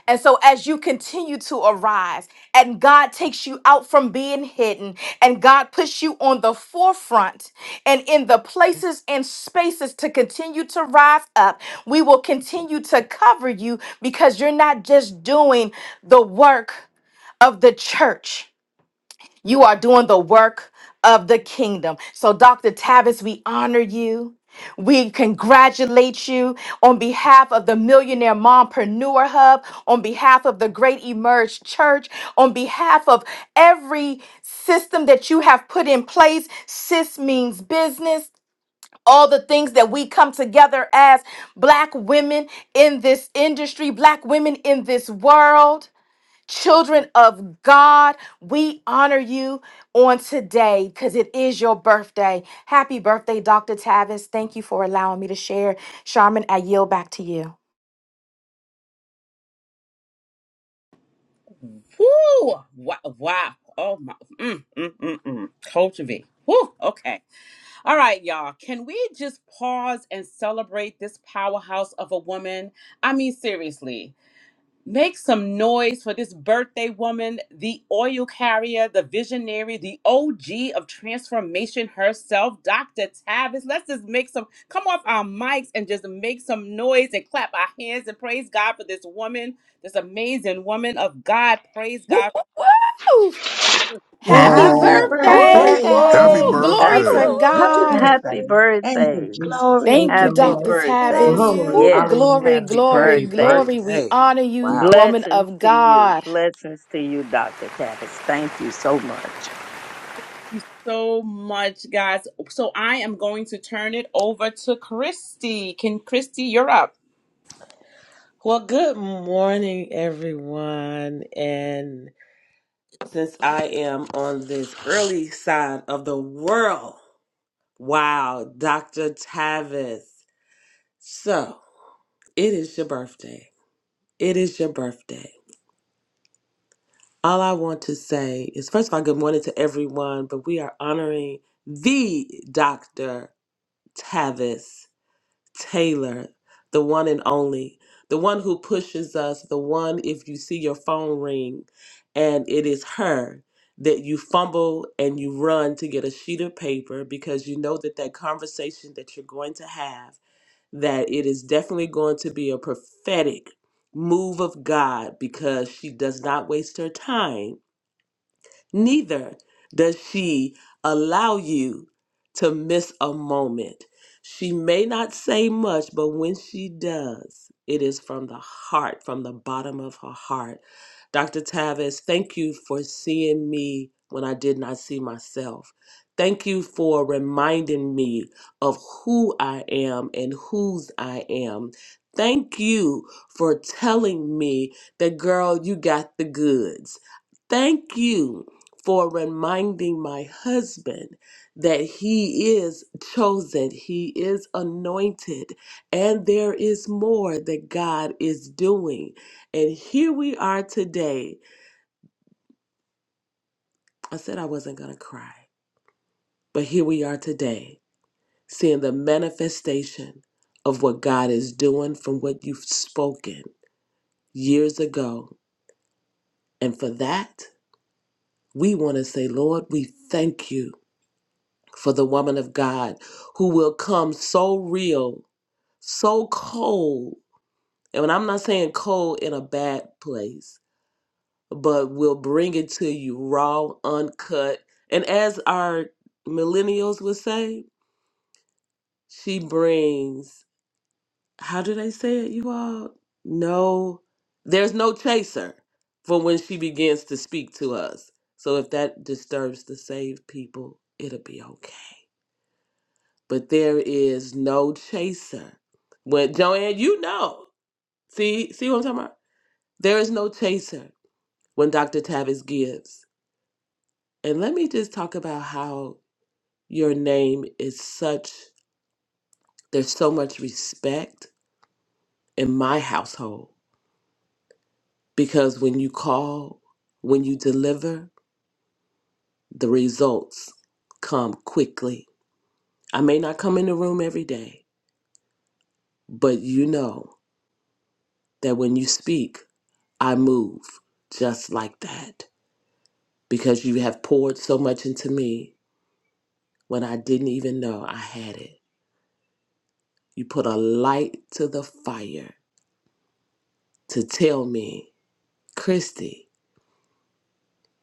E: And so, as you continue to arise, and God takes you out from being hidden, and God puts you on the forefront and in the places and spaces to continue to rise up, we will continue to cover you because you're not just doing the work of the church. You are doing the work of the kingdom. So, Dr. Tavis, we honor you. We congratulate you on behalf of the Millionaire Mompreneur Hub, on behalf of the Great Emerge Church, on behalf of every system that you have put in place. Sis means business. All the things that we come together as black women in this industry, black women in this world. Children of God, we honor you on today because it is your birthday. Happy birthday, Dr. Tavis. Thank you for allowing me to share. Charmin, I yield back to you.
B: Woo! Wow! wow. Oh my! Mm, mm, mm, mm. Coach V. Woo! Okay. All right, y'all. Can we just pause and celebrate this powerhouse of a woman? I mean, seriously. Make some noise for this birthday woman, the oil carrier, the visionary, the OG of transformation herself, Dr. Tavis. Let's just make some, come off our mics and just make some noise and clap our hands and praise God for this woman, this amazing woman of God. Praise
E: Woo,
B: God
E: woo, woo. Happy
F: Happy
D: Uh,
G: Woohoo!
H: Happy
G: Happy
E: birthday.
F: birthday to
I: Happy
E: Woo.
G: birthday!
H: birthday!
F: you.
E: Glory
J: Happy,
E: to
I: birthday.
B: Ooh.
F: Happy
E: God.
H: Ooh,
J: happy
F: birthday. Thank you,
J: birthday.
F: Jesus.
G: Glory!
F: Thank
E: Thank you,
F: you,
J: Happy
F: Lord.
E: Dr.
H: we love
J: birthday.
E: Tavis.
F: Glory.
H: you.
E: Woo,
J: Yes,
E: glory,
F: Hallelujah.
J: happy
E: glory,
K: Happy
J: birthday.
E: glory. We
K: birthday.
E: honor you,
K: Wow.
E: woman
J: Blessings
E: of
J: to you.
E: God.
J: Blessings to you, Dr. Tavis. Thank you so much.
B: Thank you so much, guys. So I am going to turn it over to Christy. Can Christy, you're up.
K: Well, good morning, everyone. And since I am on this early side of the world, wow, Dr. Tavis. So, it is your birthday. It is your birthday. All I want to say is, first of all, good morning to everyone, but we are honoring the Dr. Tavis. Taylor, the one and only, the one who pushes us, the one if you see your phone ring and it is her that you fumble and you run to get a sheet of paper because you know that that conversation that you're going to have that it is definitely going to be a prophetic move of God because she does not waste her time Neither does she allow you to miss a moment. She may not say much, but when she does, it is from the heart, from the bottom of her heart. Dr. Tavis, thank you for seeing me when I did not see myself. Thank you for reminding me of who I am and whose I am. Thank you for telling me that, girl, you got the goods. Thank you for reminding my husband that he is chosen, he is anointed, and there is more that God is doing. And here we are today. I said I wasn't going to cry, but here we are today, seeing the manifestation of what God is doing from what you've spoken years ago. And for that, we want to say, Lord, we thank you for the woman of God who will come so real so cold, and I'm not saying cold in a bad place, but we'll bring it to you raw, uncut. And as our millennials would say, she brings, how do they say it, you all? No, there's no chaser for when she begins to speak to us. So if that disturbs the saved people, it'll be okay. But there is no chaser. When Joanne, you know, see, see what I'm talking about? There is no chaser when Dr. Tavis gives. And let me just talk about how your name is such, there's so much respect in my household because when you call, when you deliver, the results come quickly. I may not come in the room every day, but you know that when you speak, I move just like that because you have poured so much into me when I didn't even know I had it. You put a light to the fire to tell me, Christy,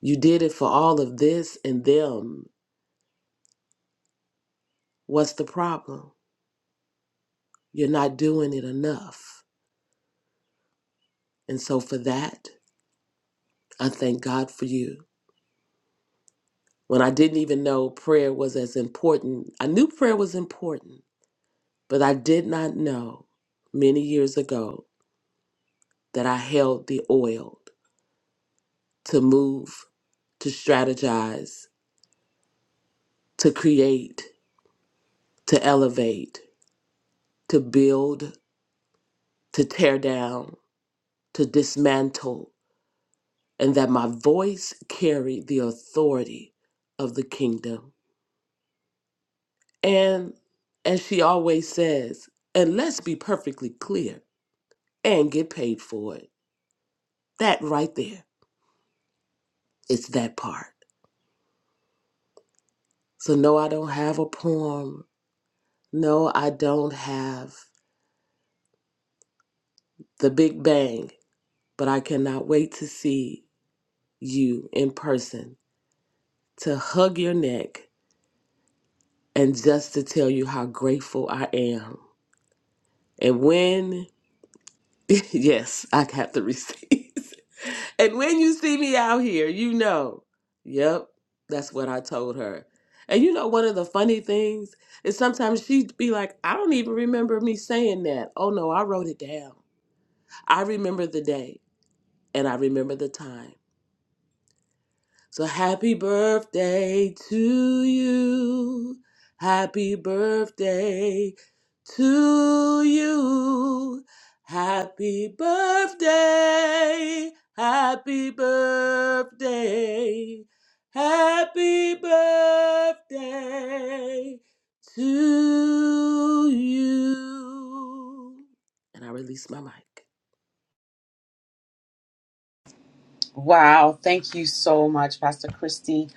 K: you did it for all of this and them. What's the problem? You're not doing it enough. And so for that, I thank God for you. When I didn't even know prayer was as important, I knew prayer was important, but I did not know many years ago that I held the oil to move, to strategize, to create, to elevate. to build, to tear down, to dismantle, and that my voice carried the authority of the kingdom. And as she always says, and let's be perfectly clear and get paid for it. That right there, it's that part. So, no, I don't have a poem. No, I don't have the Big Bang, but I cannot wait to see you in person, to hug your neck and just to tell you how grateful I am. And when, yes, I got the receive. and when you see me out here, you know, yep, that's what I told her. And you know, one of the funny things is sometimes she'd be like, I don't even remember me saying that. Oh no, I wrote it down. I remember the day and I remember the time. So happy birthday to you. Happy birthday to you. Happy birthday. Happy birthday. Happy birthday to you. And I release my mic.
B: Wow, thank you so much, Pastor Christy.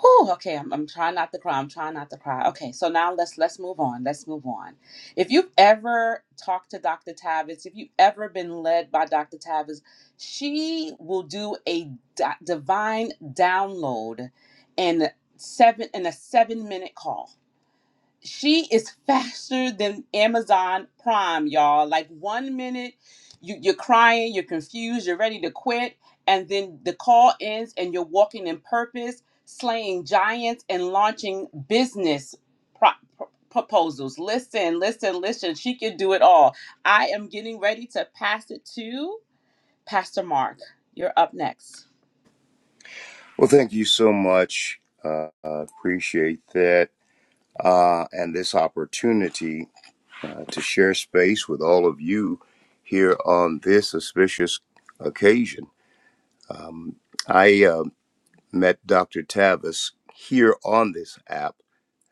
B: Whew, okay, I'm, I'm trying not to cry. I'm trying not to cry. Okay, so now let's let's move on. Let's move on. If you've ever talked to Dr. Tavis, if you've ever been led by Dr. Tavis, she will do a di- divine download in seven in a seven minute call she is faster than Amazon Prime, y'all. Like one minute you, you're crying, you're confused, you're ready to quit, and then the call ends and you're walking in purpose, slaying giants and launching business pro- pro- proposals. Listen, listen, listen. She can do it all. I am getting ready to pass it to Pastor Mark. You're up next.
L: Well, thank you so much. Uh, I appreciate that uh, and this opportunity uh, to share space with all of you here on this auspicious occasion. I uh, met Dr. Tavis here on this app,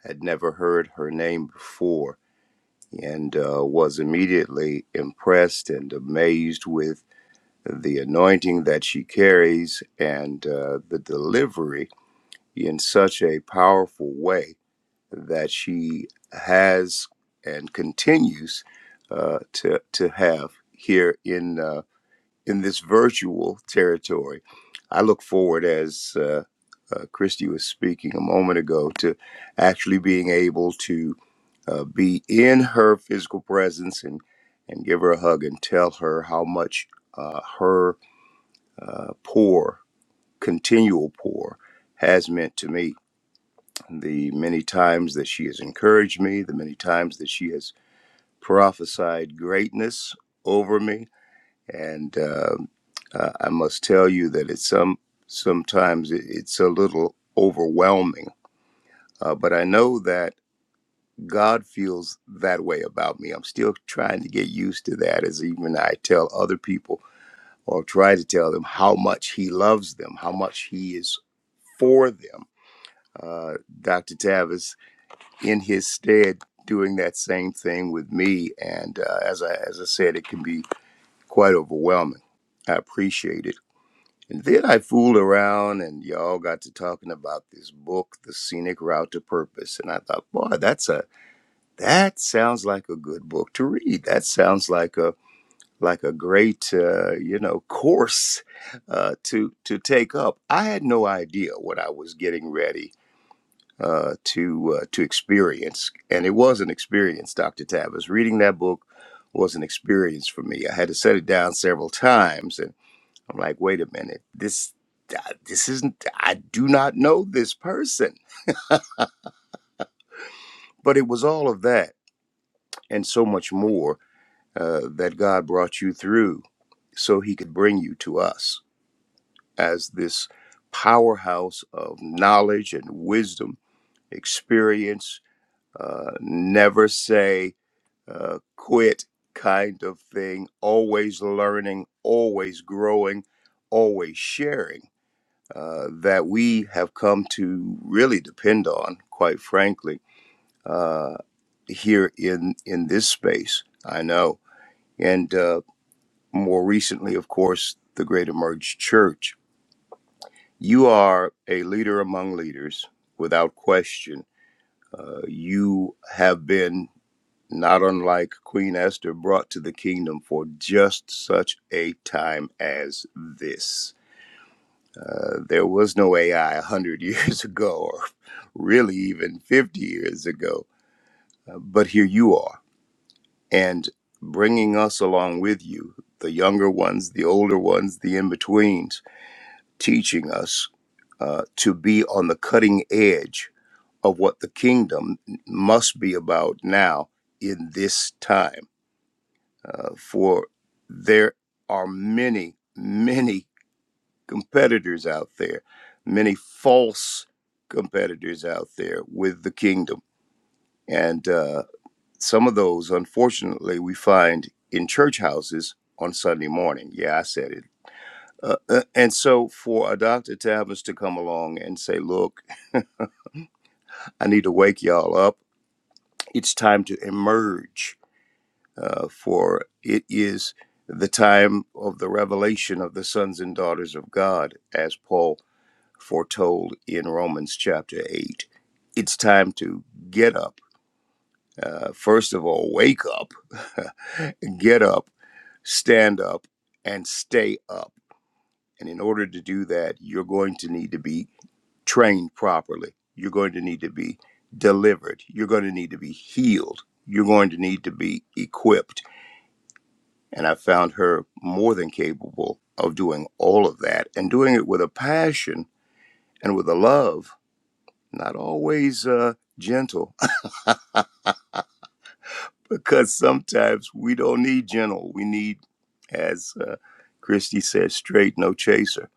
L: had never heard her name before, and uh, was immediately impressed and amazed with the anointing that she carries and uh, the delivery in such a powerful way that she has and continues uh, to to have here in uh, in this virtual territory. I look forward, as uh, uh, Christy was speaking a moment ago, to actually being able to uh, be in her physical presence and and give her a hug and tell her how much uh, her uh, pour, continual pour, has meant to me the many times that she has encouraged me, the many times that she has prophesied greatness over me, and uh, uh, I must tell you that it's some sometimes it- it's a little overwhelming. Uh, but I know that God feels that way about me. I'm still trying to get used to that, as even I tell other people or try to tell them how much He loves them, how much He is for them. Uh, Dr. Tavis in his stead doing that same thing with me. And uh, as I as I said, it can be quite overwhelming. I appreciate it. And then I fooled around, and y'all got to talking about this book, The Scenic Route to Purpose. And I thought, boy, that's a that sounds like a good book to read. That sounds like a like a great uh, you know course uh, to to take up. I had no idea what I was getting ready uh, to uh, to experience, and it was an experience, Doctor Tavis. Reading that book was an experience for me. I had to set it down several times, and I'm like, wait a minute, this I- this isn't. I do not know this person, but it was all of that and so much more uh, that God brought you through, so He could bring you to us as this powerhouse of knowledge and wisdom, experience. Uh, never say uh, quit kind of thing, always learning, always growing, always sharing, uh, that we have come to really depend on, quite frankly, uh, here in, in this space. I know. And uh, more recently, of course, the Great Emerge Church. You are a leader among leaders without question. Uh, you have been not unlike Queen Esther, brought to the kingdom for just such a time as this. Uh, there was no AI 100 years ago, or really even 50 years ago, Uh, but here you are, and bringing us along with you, the younger ones, the older ones, the in betweens, teaching us uh, to be on the cutting edge of what the kingdom must be about now in this time uh, for there are many, many competitors out there, many false competitors out there with the kingdom. And uh, some of those, unfortunately, we find in church houses on Sunday morning. Yeah, I said it. Uh, uh, and so for a Dr. Tavis to come along and say, look, I need to wake y'all up. It's time to emerge uh, for it is the time of the revelation of the sons and daughters of God, as Paul foretold in Romans chapter 8. It's time to get up. Uh, first of all, wake up, get up, stand up, and stay up. And in order to do that, you're going to need to be trained properly. You're going to need to be delivered. You're going to need to be healed. You're going to need to be equipped And I found her more than capable of doing all of that and doing it with a passion and with a love, not always uh, gentle, because sometimes we don't need gentle. We need, as uh, Christy said, straight, no chaser.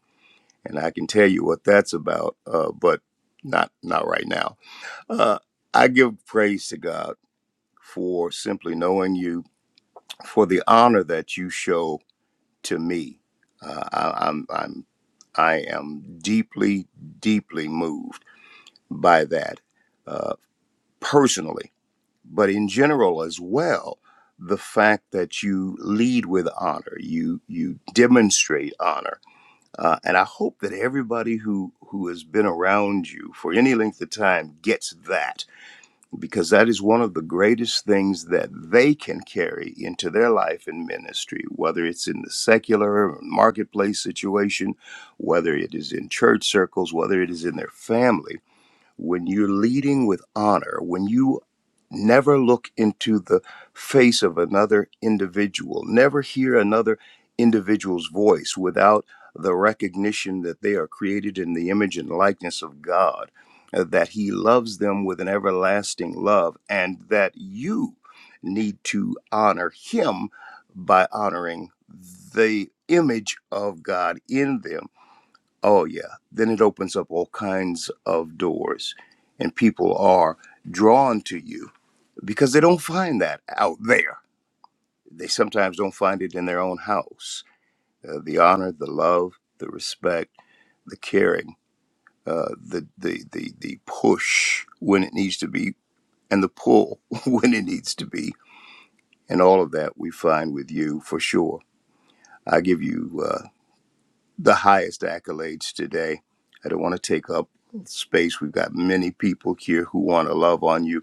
L: And I can tell you what that's about, uh, but not not right now. Uh, I give praise to God for simply knowing you, for the honor that you show to me. Uh, I, I'm I'm I am deeply deeply moved by that uh, personally, but in general as well. The fact that you lead with honor, you you demonstrate honor, uh, and I hope that everybody who who has been around you for any length of time gets that because that is one of the greatest things that they can carry into their life and ministry, whether it's in the secular marketplace situation, whether it is in church circles, whether it is in their family. When you're leading with honor, when you Never look into the face of another individual. Never hear another individual's voice without the recognition that they are created in the image and likeness of God, uh, that He loves them with an everlasting love, and that you need to honor Him by honoring the image of God in them. Oh, yeah. Then it opens up all kinds of doors, and people are drawn to you because they don't find that out there. They sometimes don't find it in their own house. Uh, the honor, the love, the respect, the caring, uh, the, the the the push when it needs to be, and the pull when it needs to be, and all of that we find with you for sure. I give you uh, the highest accolades today. I don't want to take up space. We've got many people here who want to love on you.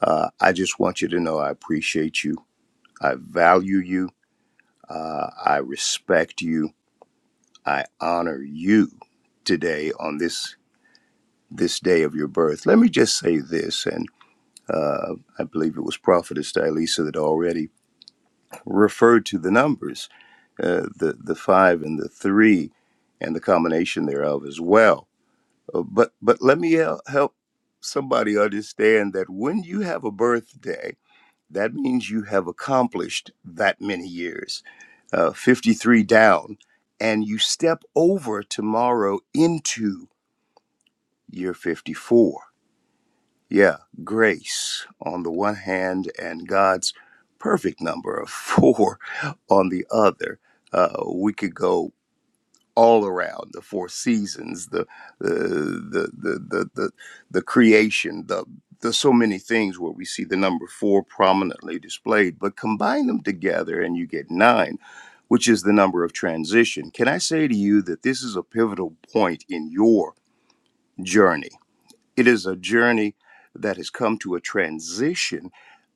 L: Uh, I just want you to know I appreciate you. I value you. Uh, I respect you. I honor you today on this this day of your birth. Let me just say this, and uh, I believe it was Prophetess Dilisa that already referred to the numbers, uh, the the five and the three, and the combination thereof as well. Uh, but but let me hel- help somebody understand that when you have a birthday. that means you have accomplished that many years, uh, 53 down, and you step over tomorrow into year 54. Yeah, grace on the one hand and God's perfect number of four on the other. Uh, we could go all around the four seasons the the the the the, the, the creation the there's so many things where we see the number four prominently displayed but combine them together and you get nine which is the number of transition can i say to you that this is a pivotal point in your journey it is a journey that has come to a transition,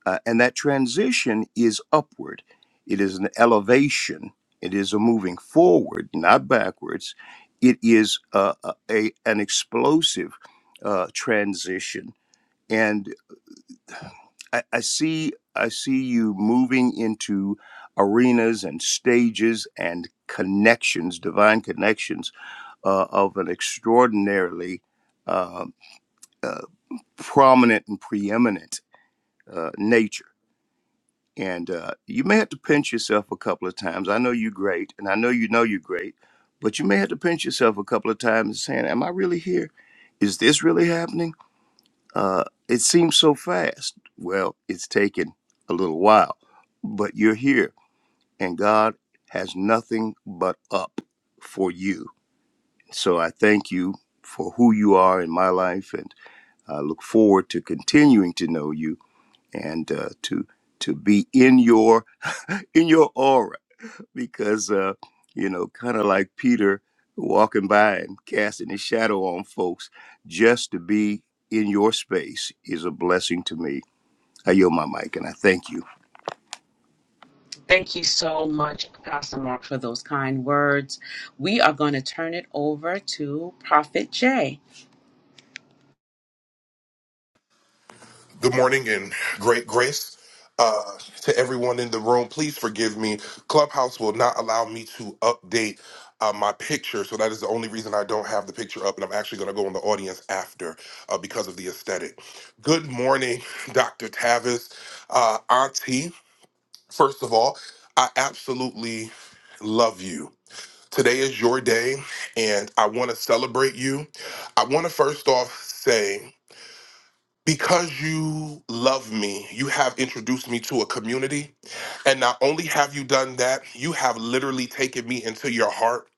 L: uh, and that transition is upward. It is an elevation. It is a moving forward, not backwards. It is uh, a, a- an explosive uh, transition, and I, I see I see you moving into arenas and stages and connections, divine connections uh, of an extraordinarily. uh, uh, prominent and preeminent uh, nature. And uh, you may have to pinch yourself a couple of times. I know you're great, and I know you know you're great, but you may have to pinch yourself a couple of times and saying, Am I really here? Is this really happening? Uh, it seems so fast. Well, it's taken a little while, but you're here, and God has nothing but up for you. So I thank you for who you are in my life, and I look forward to continuing to know you and uh, to to be in your in your aura because uh, you know kind of like Peter walking by and casting his shadow on folks just to be in your space is a blessing to me. I yield my mic and I thank you.
B: Thank you so much, Pastor Mark, for those kind words. We are going to turn it over to Prophet Jay.
I: Good morning and great grace uh, to everyone in the room. Please forgive me. Clubhouse will not allow me to update uh, my picture, so that is the only reason I don't have the picture up. And I'm actually going to go in the audience after uh, because of the aesthetic. Good morning, Dr. Tavis, uh, Auntie. First of all, I absolutely love you. Today is your day, and I want to celebrate you. I want to first off say. because you love me, you have introduced me to a community. And not only have you done that, you have literally taken me into your heart.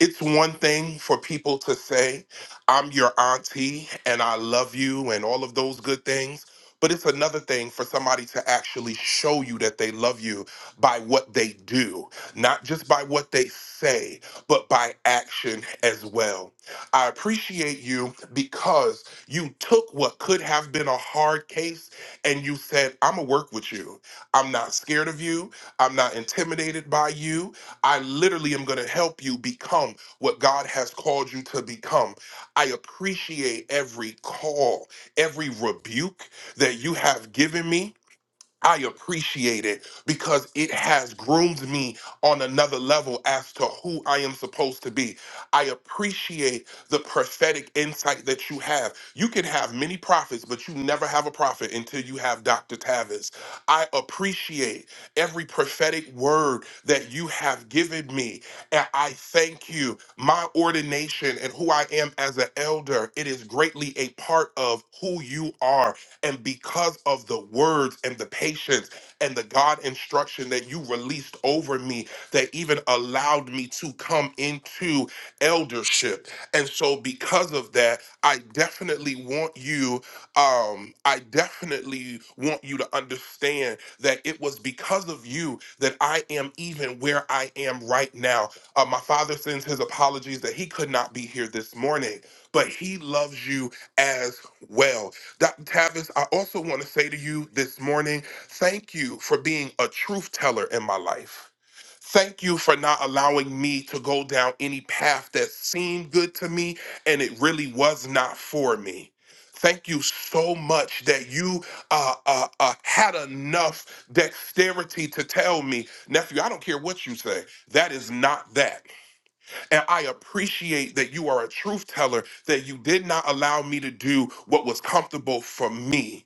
I: It's one thing for people to say, I'm your auntie and I love you and all of those good things. But it's another thing for somebody to actually show you that they love you by what they do, not just by what they say, but by action as well. I appreciate you because you took what could have been a hard case and you said, I'm going to work with you. I'm not scared of you. I'm not intimidated by you. I literally am going to help you become what God has called you to become. I appreciate every call, every rebuke that you have given me. I appreciate it because it has groomed me on another level as to who I am supposed to be. I appreciate the prophetic insight that you have. You can have many prophets, but you never have a prophet until you have Dr. Tavis. I appreciate every prophetic word that you have given me. And I thank you. My ordination and who I am as an elder, it is greatly a part of who you are and because of the words and the patience and the God instruction that you released over me, that even allowed me to come into eldership. And so, because of that, I definitely want you, um, I definitely want you to understand that it was because of you that I am even where I am right now. Uh, my father sends his apologies that he could not be here this morning, but he loves you as well. Dr. Tavis, I also want to say to you this morning, thank you for being a truth teller in my life. Thank you for not allowing me to go down any path that seemed good to me and it really was not for me. Thank you so much that you uh, uh, uh, had enough dexterity to tell me, nephew, I don't care what you say. That is not that. And I appreciate that you are a truth teller, that you did not allow me to do what was comfortable for me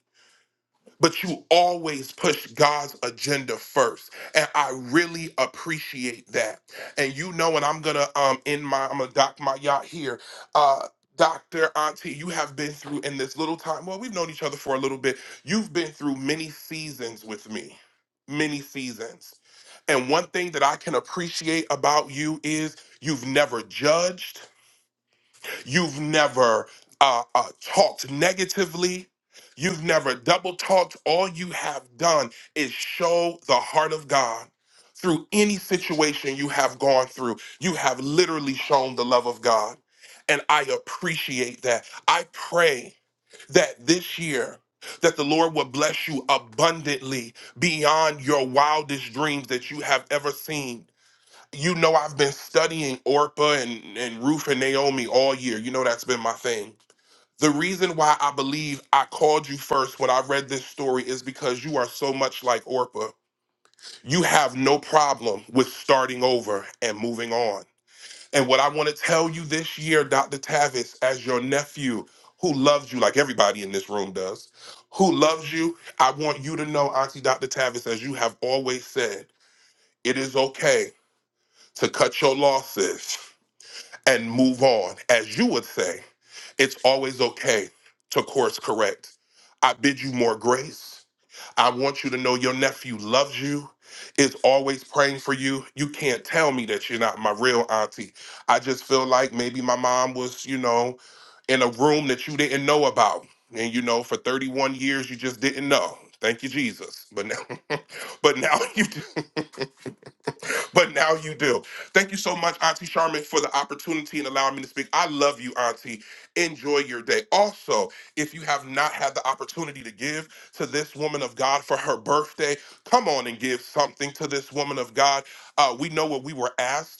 I: but you always push God's agenda first. And I really appreciate that. And you know, and I'm gonna um end my I'm gonna dock my yacht here. Uh Dr. Auntie, you have been through in this little time. Well, we've known each other for a little bit. You've been through many seasons with me, many seasons. And one thing that I can appreciate about you is you've never judged, You've never uh, uh, talked negatively. You've never double talked. All you have done is show the heart of God through any situation you have gone through. You have literally shown the love of God. And I appreciate that. I pray that this year, that the Lord will bless you abundantly beyond your wildest dreams that you have ever seen you know I've been studying Orpah and, and Ruth and Naomi all year. You know that's been my thing. The reason why I believe I called you first when I read this story is because you are so much like Orpah. You have no problem with starting over and moving on. And what I want to tell you this year, Dr. Tavis, as your nephew who loves you like everybody in this room does, who loves you, I want you to know, Auntie Dr. Tavis, as you have always said, it is okay to cut your losses. and move on. As you would say, it's always okay to course correct. I bid you more grace. I want you to know your nephew loves you, is always praying for you. You can't tell me that you're not my real auntie. I just feel like maybe my mom was, you know, in a room that you didn't know about. And you know, for 31 years you just didn't know. Thank you, Jesus. But now but now you do. but now you do. Thank you so much, Auntie Charmin, for the opportunity and allowing me to speak. I love you, Auntie. Enjoy your day. Also, if you have not had the opportunity to give to this woman of God for her birthday, come on and give something to this woman of God. Uh, we know what we were asked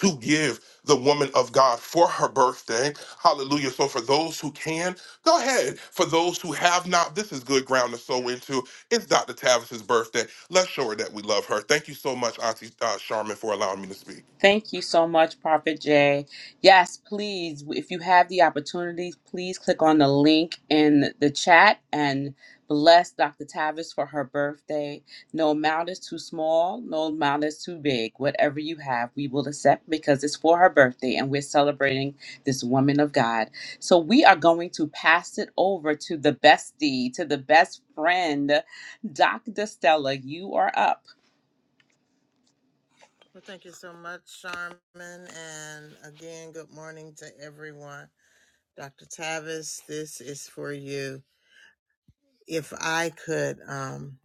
I: to give the woman of God for her birthday. Hallelujah. So, for those who can, go ahead. For those who have not, this is good ground to sow into. It's Dr. Tavis's birthday. Let's show her that we love her. Thank you so much, Auntie uh, Charmin, for allowing me to speak.
B: Thank you so much, Prophet Jay. Yes, please, if you have the opportunity, please click on the link in the chat and bless Dr. Tavis for her birthday. No amount is too small, no amount is too big. Whatever you have, we will accept because it's for her birthday and we're celebrating this woman of God. So we are going to pass it over to the bestie, to the best friend, Dr. Stella. You are up.
A: Well, thank you so much, Sharman. And again, good morning to everyone. Dr. Tavis, this is for you. If I could, um,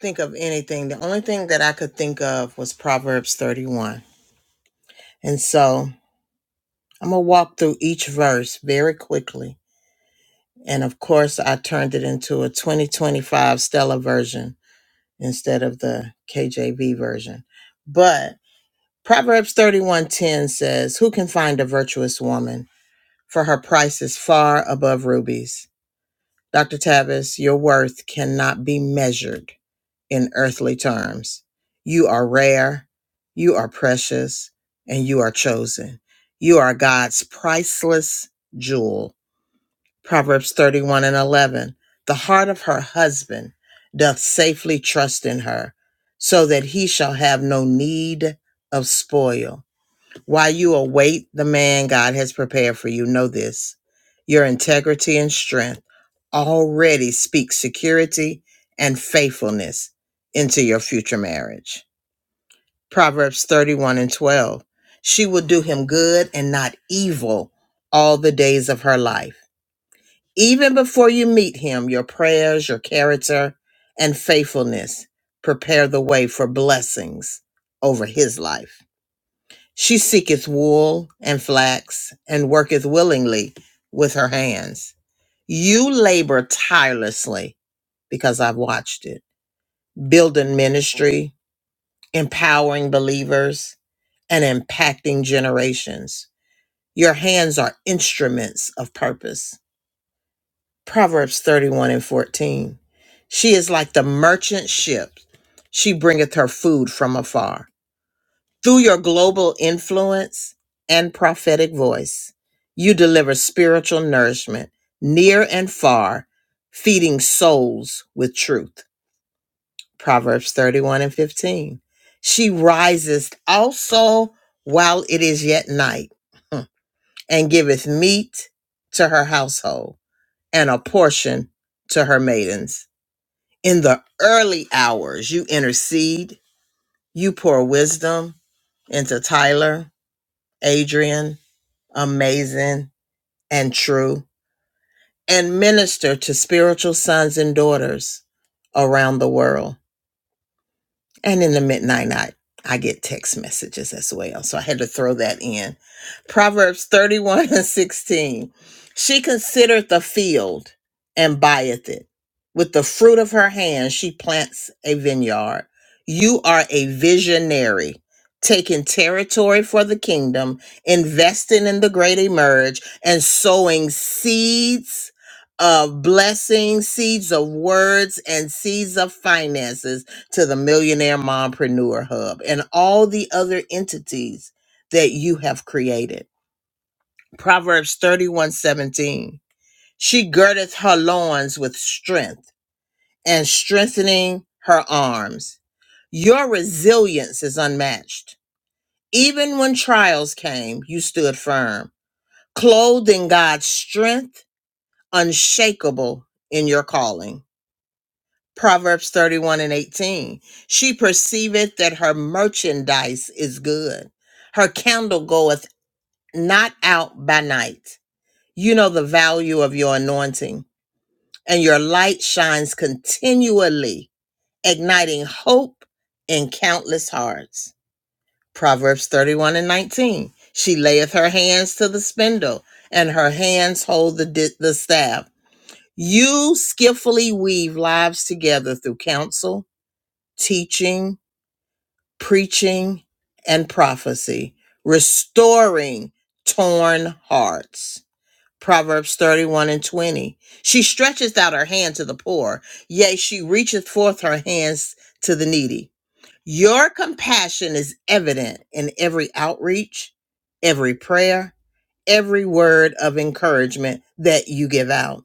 A: think of anything. The only thing that I could think of was Proverbs 31. And so I'm going to walk through each verse very quickly. And of course, I turned it into a 2025 Stella version instead of the KJV version. But Proverbs 31:10 says, "Who can find a virtuous woman? For her price is far above rubies." Dr. Tavis, your worth cannot be measured in earthly terms. You are rare, you are precious, and you are chosen. You are God's priceless jewel. Proverbs 31 and 11. The heart of her husband doth safely trust in her, so that he shall have no need of spoil. While you await the man God has prepared for you, know this your integrity and strength already speak security and faithfulness into your future marriage. Proverbs 31 and 12. She will do him good and not evil all the days of her life. Even before you meet him, your prayers, your character, and faithfulness prepare the way for blessings over his life. She seeketh wool and flax, and worketh willingly with her hands. You labor tirelessly, because I've watched it, building ministry, empowering believers, and impacting generations. Your hands are instruments of purpose. Proverbs 31 and 14. She is like the merchant ship. She bringeth her food from afar. Through your global influence and prophetic voice, you deliver spiritual nourishment near and far, feeding souls with truth. Proverbs 31 and 15. She rises also while it is yet night and giveth meat to her household and a portion to her maidens. In the early hours, you intercede, you pour wisdom into Tyler, Adrian, amazing, and true, and minister to spiritual sons and daughters around the world. And in the midnight night, I get text messages as well. So I had to throw that in. Proverbs 31 and 16. She considereth the field and buyeth it. With the fruit of her hand, she plants a vineyard. You are a visionary, taking territory for the kingdom, investing in the great emerge, and sowing seeds of blessings, seeds of words, and seeds of finances to the Millionaire Mompreneur Hub and all the other entities that you have created. Proverbs 31 17. She girdeth her loins with strength and strengthening her arms. Your resilience is unmatched. Even when trials came, you stood firm, clothed in God's strength, unshakable in your calling. Proverbs 31 and 18. She perceiveth that her merchandise is good. Her candle goeth not out by night. You know the value of your anointing, and your light shines continually, igniting hope in countless hearts. Proverbs 31 and 19. She layeth her hands to the spindle, and her hands hold the, di- the staff. You skillfully weave lives together through counsel, teaching, preaching and prophecy, restoring torn hearts. Proverbs 31 and 20. She stretcheth out her hand to the poor, yea, she reacheth forth her hands to the needy. Your compassion is evident in every outreach, every prayer, every word of encouragement that you give out.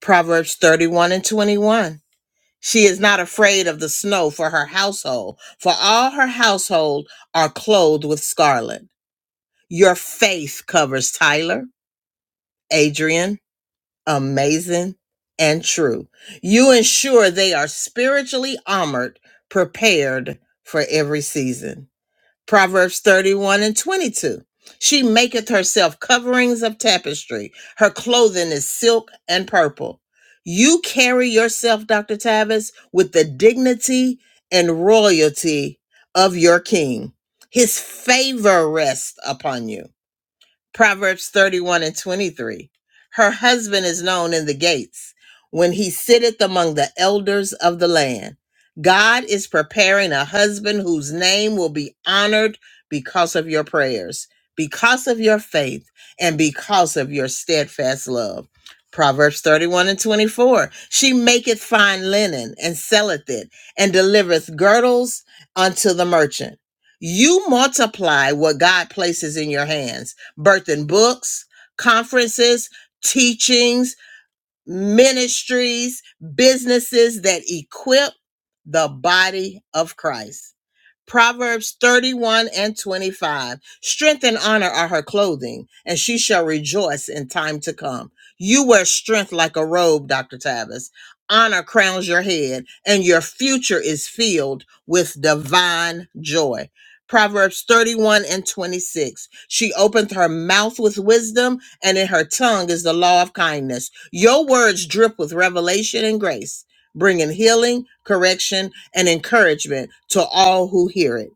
A: Proverbs 31 and 21. She is not afraid of the snow for her household, for all her household are clothed with scarlet. Your faith covers Tyler, Adrian, Amazing, and True. You ensure they are spiritually armored, prepared for every season. Proverbs 31 and 22. She maketh herself coverings of tapestry. Her clothing is silk and purple. You carry yourself, Dr. Tavis, with the dignity and royalty of your king. His favor rests upon you. Proverbs 31 and 23. Her husband is known in the gates when he sitteth among the elders of the land. God is preparing a husband whose name will be honored because of your prayers, because of your faith, and because of your steadfast love. Proverbs 31 and 24. She maketh fine linen and selleth it, and delivereth girdles unto the merchant. You multiply what God places in your hands birthing books, conferences, teachings, ministries, businesses that equip the body of Christ. Proverbs 31 and 25. Strength and honor are her clothing, and she shall rejoice in time to come. You wear strength like a robe, Dr. Tavis. Honor crowns your head, and your future is filled with divine joy. Proverbs 31 and 26. She opened her mouth with wisdom, and in her tongue is the law of kindness. Your words drip with revelation and grace bringing healing, correction, and encouragement to all who hear it.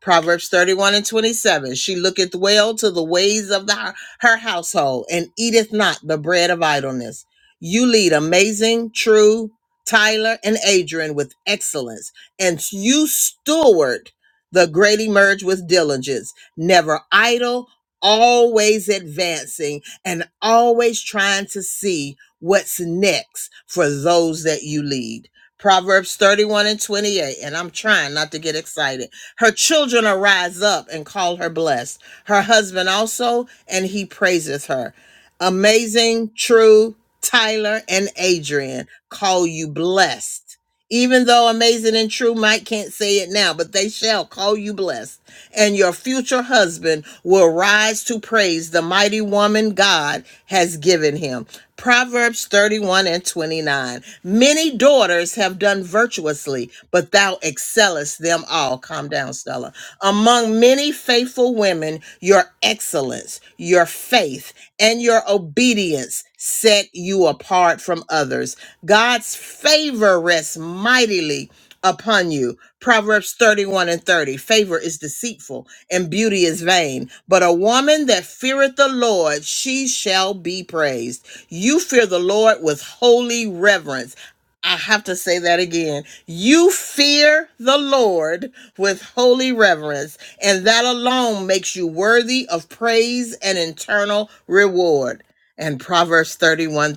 A: Proverbs 31 and 27 She looketh well to the ways of the, her household and eateth not the bread of idleness. You lead amazing, true, Tyler and Adrian with excellence, and you steward the great emerge with diligence, never idle, always advancing, and always trying to see what's next for those that you lead. Proverbs 31 and 28, and I'm trying not to get excited. Her children arise up and call her blessed. Her husband also, and he praises her. Amazing, true, Tyler and Adrian call you blessed. Even though amazing and true, Mike can't say it now, but they shall call you blessed and your future husband will rise to praise the mighty woman God has given him. Proverbs 31 and 29. Many daughters have done virtuously, but thou excellest them all. Calm down, Stella. Among many faithful women, your excellence, your faith, and your obedience set you apart from others. God's favor rests mightily upon you. Proverbs 31 and 30. Favor is deceitful and beauty is vain, but a woman that feareth the Lord, she shall be praised. You fear the Lord with holy reverence. I have to say that again. You fear the Lord with holy reverence, and that alone makes you worthy of praise and eternal reward. And Proverbs 31 thirty-one.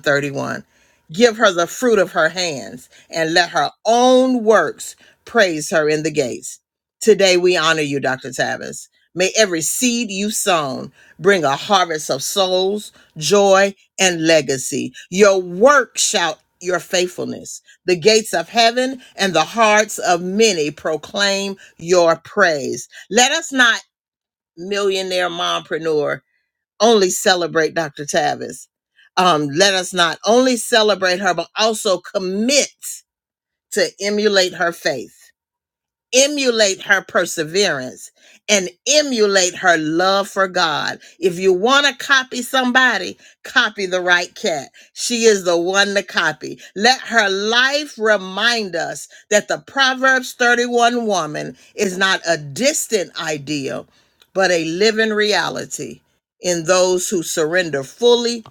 A: Give her the fruit of her hands, and let her own works praise her in the gates. Today we honor you, Dr. Tavis. May every seed you sown bring a harvest of souls, joy, and legacy. Your work shout your faithfulness. The gates of heaven and the hearts of many proclaim your praise. Let us not millionaire mompreneur only celebrate Dr. Tavis. Um, let us not only celebrate her, but also commit to emulate her faith emulate her perseverance and emulate her love for God. If you want to copy somebody, copy the right cat. She is the one to copy. Let her life remind us that the Proverbs 31 woman is not a distant ideal, but a living reality in those who surrender fully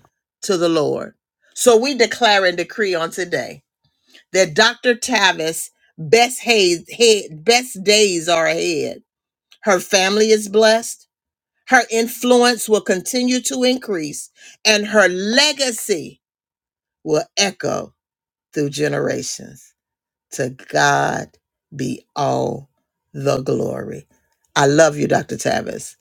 A: to the Lord. So we declare and decree on today that Dr. Tavis best haze, head, best days are ahead. Her family is blessed. Her influence will continue to increase and her legacy will echo through generations. To God be all the glory. I love you, Dr. Tavis.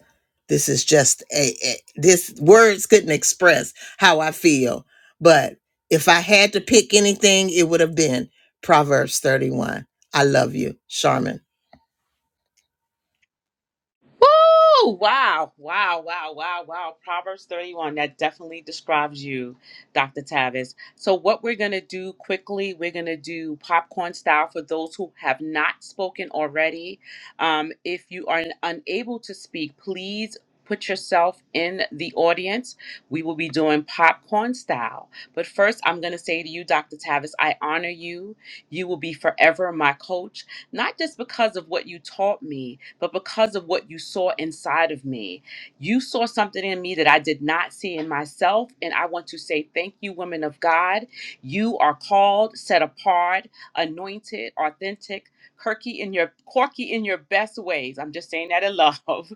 A: This is just a, a this words couldn't express how I feel, but if I had to pick anything, it would have been Proverbs 31. I love you, Charmin.
B: Woo! Wow, wow, wow, wow, wow. Proverbs 31. That definitely describes you, Dr. Tavis. So, what we're going to do quickly, we're going to do popcorn style for those who have not spoken already. Um, if you are unable to speak, please put yourself in the audience. We will be doing popcorn style. But first, I'm going to say to you, Dr. Tavis, I honor you. You will be forever my coach not just because of what you taught me, but because of what you saw inside of me. You saw something in me that I did not see in myself. And I want to say thank you, women of God. You are called, set apart, anointed, authentic, quirky in your quirky in your best ways. I'm just saying that in love.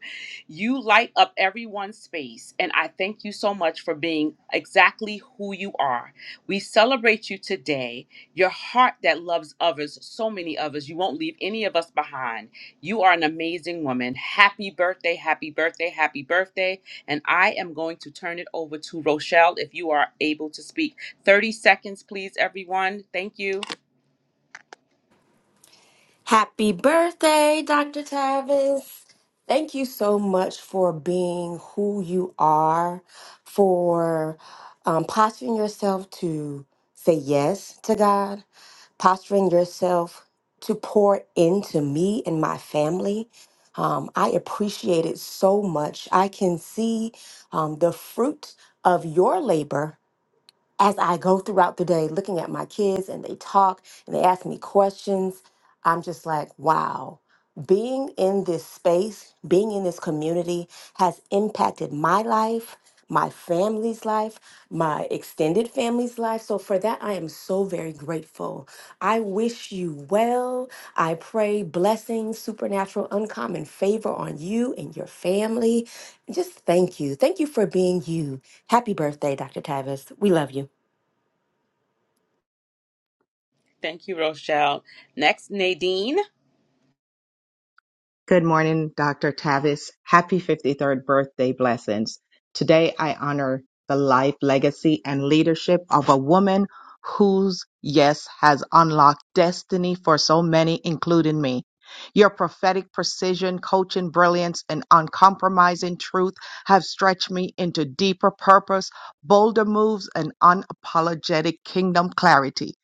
B: You light up everyone's space. And I thank you so much for being exactly who you are. We celebrate you today your heart that loves others, so many others. You won't leave any of us behind. You are an amazing woman. Happy birthday, happy birthday, happy birthday. And I am going to turn it over to Rochelle if you are able to speak. 30 seconds, please, everyone. Thank you.
H: Happy birthday, Dr. Tavis. Thank you so much for being who you are, for um, posturing yourself to say yes to God, posturing yourself to pour into me and my family. Um, I appreciate it so much. I can see um, the fruit of your labor as I go throughout the day looking at my kids and they talk and they ask me questions, I'm just like, wow, being in this space, being in this community has impacted my life, my family's life, my extended family's life. So for that, I am so very grateful. I wish you well. I pray blessings, supernatural, uncommon favor on you and your family. Just thank you. Thank you for being you. Happy birthday, Dr. Tavis. We love you.
B: Thank you, Rochelle. Next, Nadine.
F: Good morning, Dr. Tavis. Happy 53rd birthday blessings. Today I honor the life, legacy, and leadership of a woman whose yes has unlocked destiny for so many, including me. Your prophetic precision, coaching brilliance, and uncompromising truth have stretched me into deeper purpose, bolder moves, and unapologetic kingdom clarity.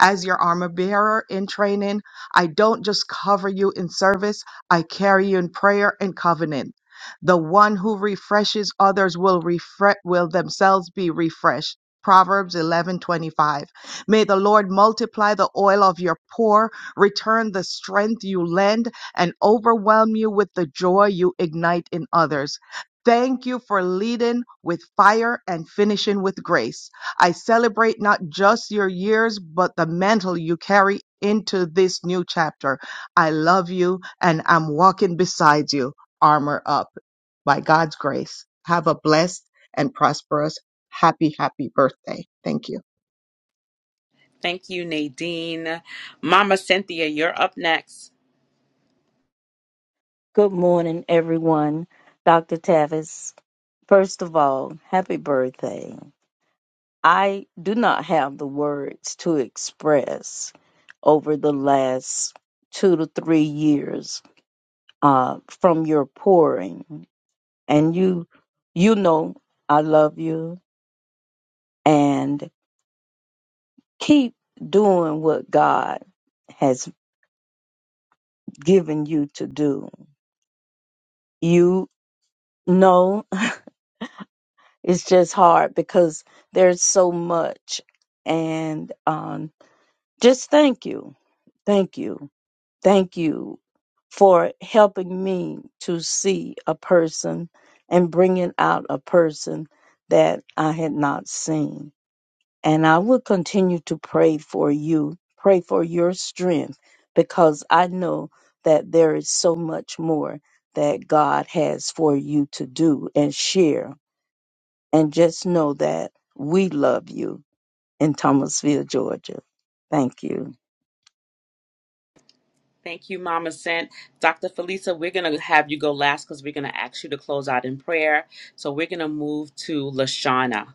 F: As your armor bearer in training, I don't just cover you in service. I carry you in prayer and covenant. The one who refreshes others will refresh will themselves be refreshed. Proverbs 11:25. May the Lord multiply the oil of your poor, return the strength you lend, and overwhelm you with the joy you ignite in others. Thank you for leading with fire and finishing with grace. I celebrate not just your years, but the mantle you carry into this new chapter. I love you and I'm walking beside you, armor up by God's grace. Have a blessed and prosperous, happy, happy birthday. Thank you.
B: Thank you, Nadine. Mama Cynthia, you're up next.
J: Good morning, everyone. Dr. Tavis, first of all, happy birthday. I do not have the words to express over the last two to three years uh, from your pouring. and you you know I love you and keep doing what God has given you to do. You know it's just hard because there's so much and um just thank you. Thank you. Thank you for helping me to see a person and bringing out a person that I had not seen And I will continue to pray for you, pray for your strength, because I know that there is so much more that God has for you to do and share. And just know that we love you in Thomasville, Georgia. Thank you.
B: Thank you, Mama Sent. Dr. Felisa, we're going to have you go last because we're going to ask you to close out in prayer. So we're going to move to Lashana.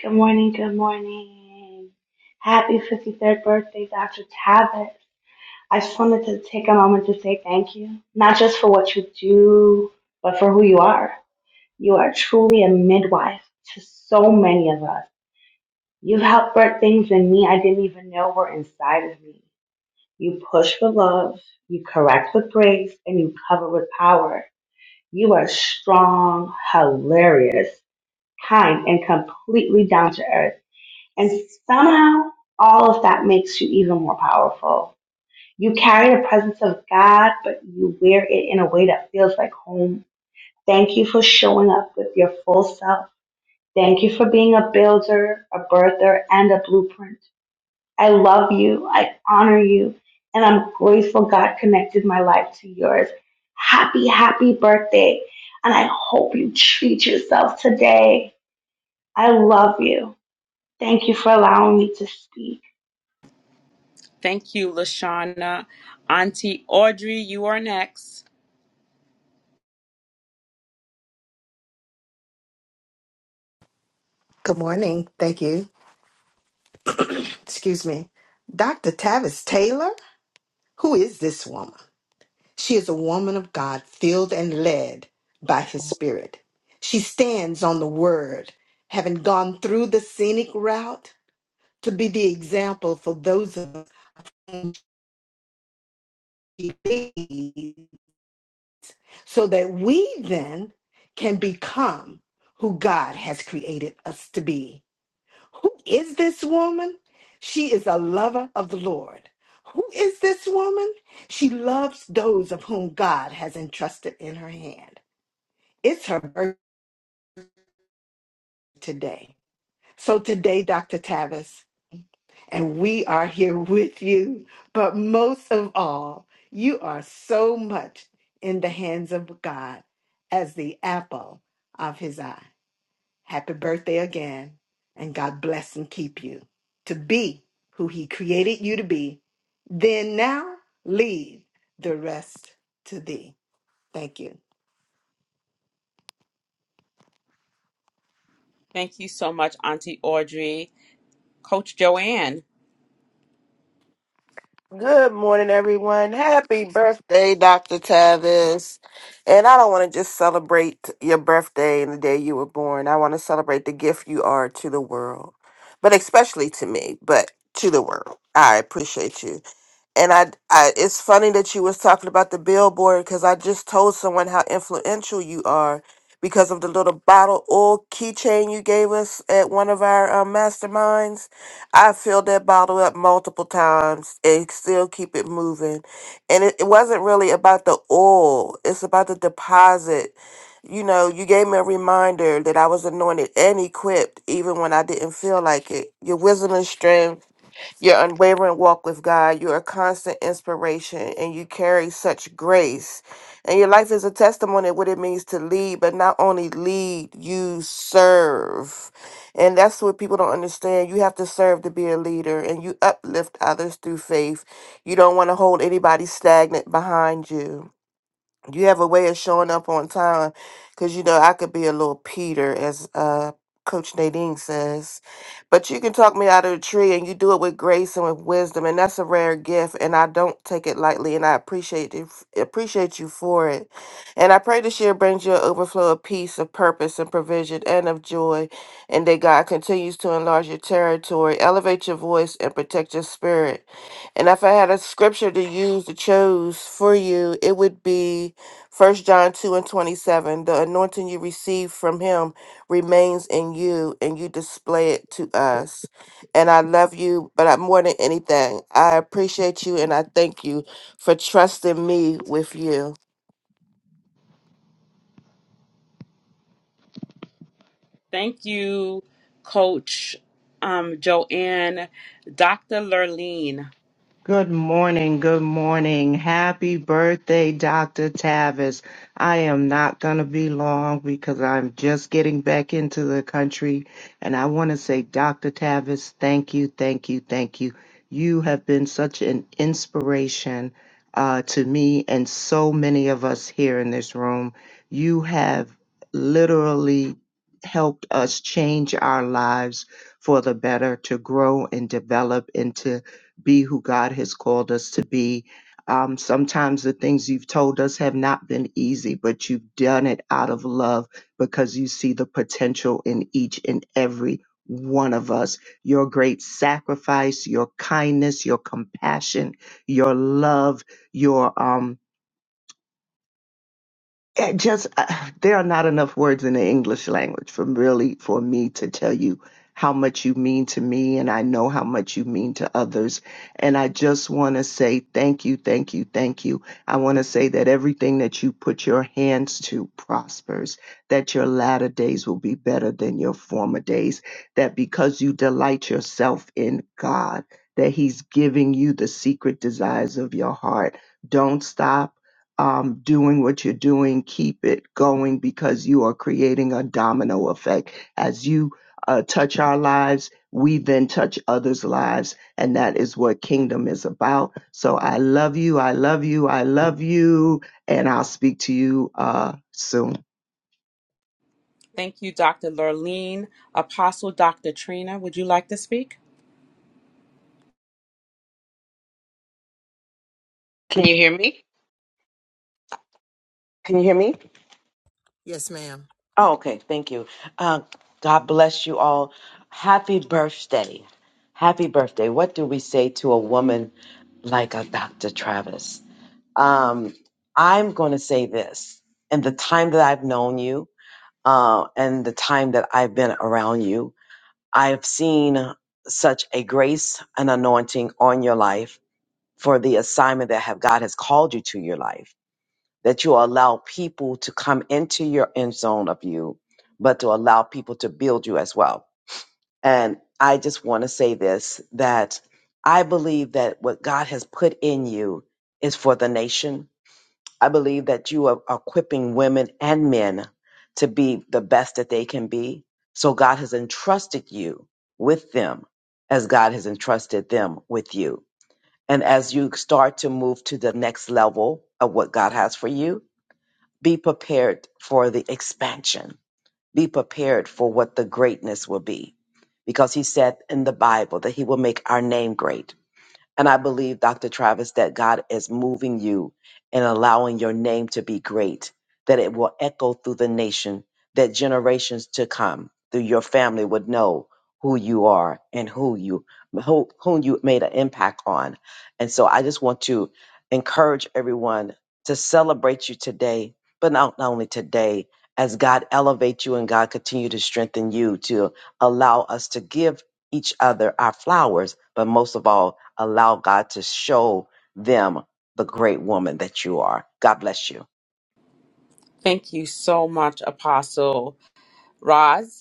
G: Good morning, good morning. Happy 53rd birthday, Dr. Tavis. I just wanted to take a moment to say thank you, not just for what you do, but for who you are. You are truly a midwife to so many of us. You've helped birth things in me I didn't even know were inside of me. You push with love, you correct with grace, and you cover with power. You are strong, hilarious, kind, and completely down to earth. And somehow, all of that makes you even more powerful. You carry the presence of God, but you wear it in a way that feels like home. Thank you for showing up with your full self. Thank you for being a builder, a birther, and a blueprint. I love you. I honor you. And I'm grateful God connected my life to yours. Happy, happy birthday. And I hope you treat yourself today. I love you. Thank you for allowing me to speak.
B: Thank you, Lashana. Auntie Audrey, you are next.
M: Good morning. Thank you. Excuse me. Dr. Tavis Taylor? Who is this woman? She is a woman of God, filled and led by his spirit. She stands on the word, having gone through the scenic route to be the example for those of us whom she leads, so that we then can become who God has created us to be. Who is this woman? She is a lover of the Lord. Who is this woman? She loves those of whom God has entrusted in her hand. It's her birthday today. So today, Dr. Tavis, and we are here with you, but most of all, you are so much in the hands of God as the apple of his eye. Happy birthday again, and God bless and keep you to be who He created you to be. Then now leave the rest to Thee. Thank you.
B: Thank you so much, Auntie Audrey. Coach Joanne,
N: Good morning, everyone. Happy birthday, Dr. Tavis. And I don't want to just celebrate your birthday and the day you were born. I want to celebrate the gift you are to the world, but especially to me, but to the world. I appreciate you and I, I it's funny that you was talking about the billboard because i just told someone how influential you are because of the little bottle oil keychain you gave us at one of our um, masterminds i filled that bottle up multiple times and still keep it moving and it, it wasn't really about the oil it's about the deposit you know you gave me a reminder that i was anointed and equipped even when i didn't feel like it your wisdom and strength your unwavering walk with God, you're a constant inspiration, and you carry such grace. And your life is a testimony of what it means to lead, but not only lead, you serve. And that's what people don't understand. You have to serve to be a leader, and you uplift others through faith. You don't want to hold anybody stagnant behind you you have a way of showing up on time because you know i could be a little peter as uh coach nadine says but you can talk me out of the tree and you do it with grace and with wisdom and that's a rare gift and i don't take it lightly and i appreciate it appreciate you for it and i pray this year brings you an overflow of peace of purpose and provision and of joy and that god continues to enlarge your territory elevate your voice and protect your spirit and if I had a scripture to use to choose for you, it would be First John 2 and 27, the anointing you receive from him remains in you and you display it to us. And I love you, but I, more than anything, I appreciate you and I thank you for trusting me with you.
B: thank you, Coach um, Joanne. Dr. Lurleen,
O: Good morning. Good morning. Happy birthday, Dr. Tavis. I am not going to be long because I'm just getting back into the country. And I want to say, Dr. Tavis, thank you, thank you, thank you. You have been such an inspiration uh, to me and so many of us here in this room. You have literally helped us change our lives for the better to grow and develop into be who God has called us to be. Um, sometimes the things you've told us have not been easy, but you've done it out of love because you see the potential in each and every one of us. Your great sacrifice, your kindness, your compassion, your love, your um, it just uh, there are not enough words in the English language for really for me to tell you how much you mean to me and I know how much you mean to others and I just want to say thank you thank you thank you I want to say that everything that you put your hands to prospers that your latter days will be better than your former days that because you delight yourself in God that he's giving you the secret desires of your heart don't stop um, doing what you're doing, keep it going because you are creating a domino effect. As you uh, touch our lives, we then touch others' lives. And that is what kingdom is about. So I love you. I love you. I love you. And I'll speak to you uh, soon.
B: thank you, Dr. Lurleen. Apostle Dr. Trina, would you like to speak?
P: Can you hear me? Can you hear me?
A: Yes, ma'am.
P: Oh, okay. Thank you. Uh, God bless you all. Happy birthday. Happy birthday. What do we say to a woman like a Dr. Travis? Um, I'm going to say this. In the time that I've known you uh, and the time that I've been around you, I have seen such a grace and anointing on your life for the assignment that have God has called you to your life that you allow people to come into your end zone of you, but to allow people to build you as well. And I just want to say this that I believe that what God has put in you is for the nation. I believe that you are equipping women and men to be the best that they can be. So God has entrusted you with them as God has entrusted them with you. And as you start to move to the next level of what God has for you, be prepared for the expansion. Be prepared for what the greatness will be. Because he said in the Bible that he will make our name great. And I believe, Dr. Travis, that God is moving you and allowing your name to be great, that it will echo through the nation, that generations to come through your family would know who you are and who you who, whom you made an impact on. And so I just want to encourage everyone to celebrate you today, but not, not only today, as God elevate you and God continue to strengthen you to allow us to give each other our flowers, but most of all, allow God to show them the great woman that you are. God bless you.
B: Thank you so much, Apostle Roz.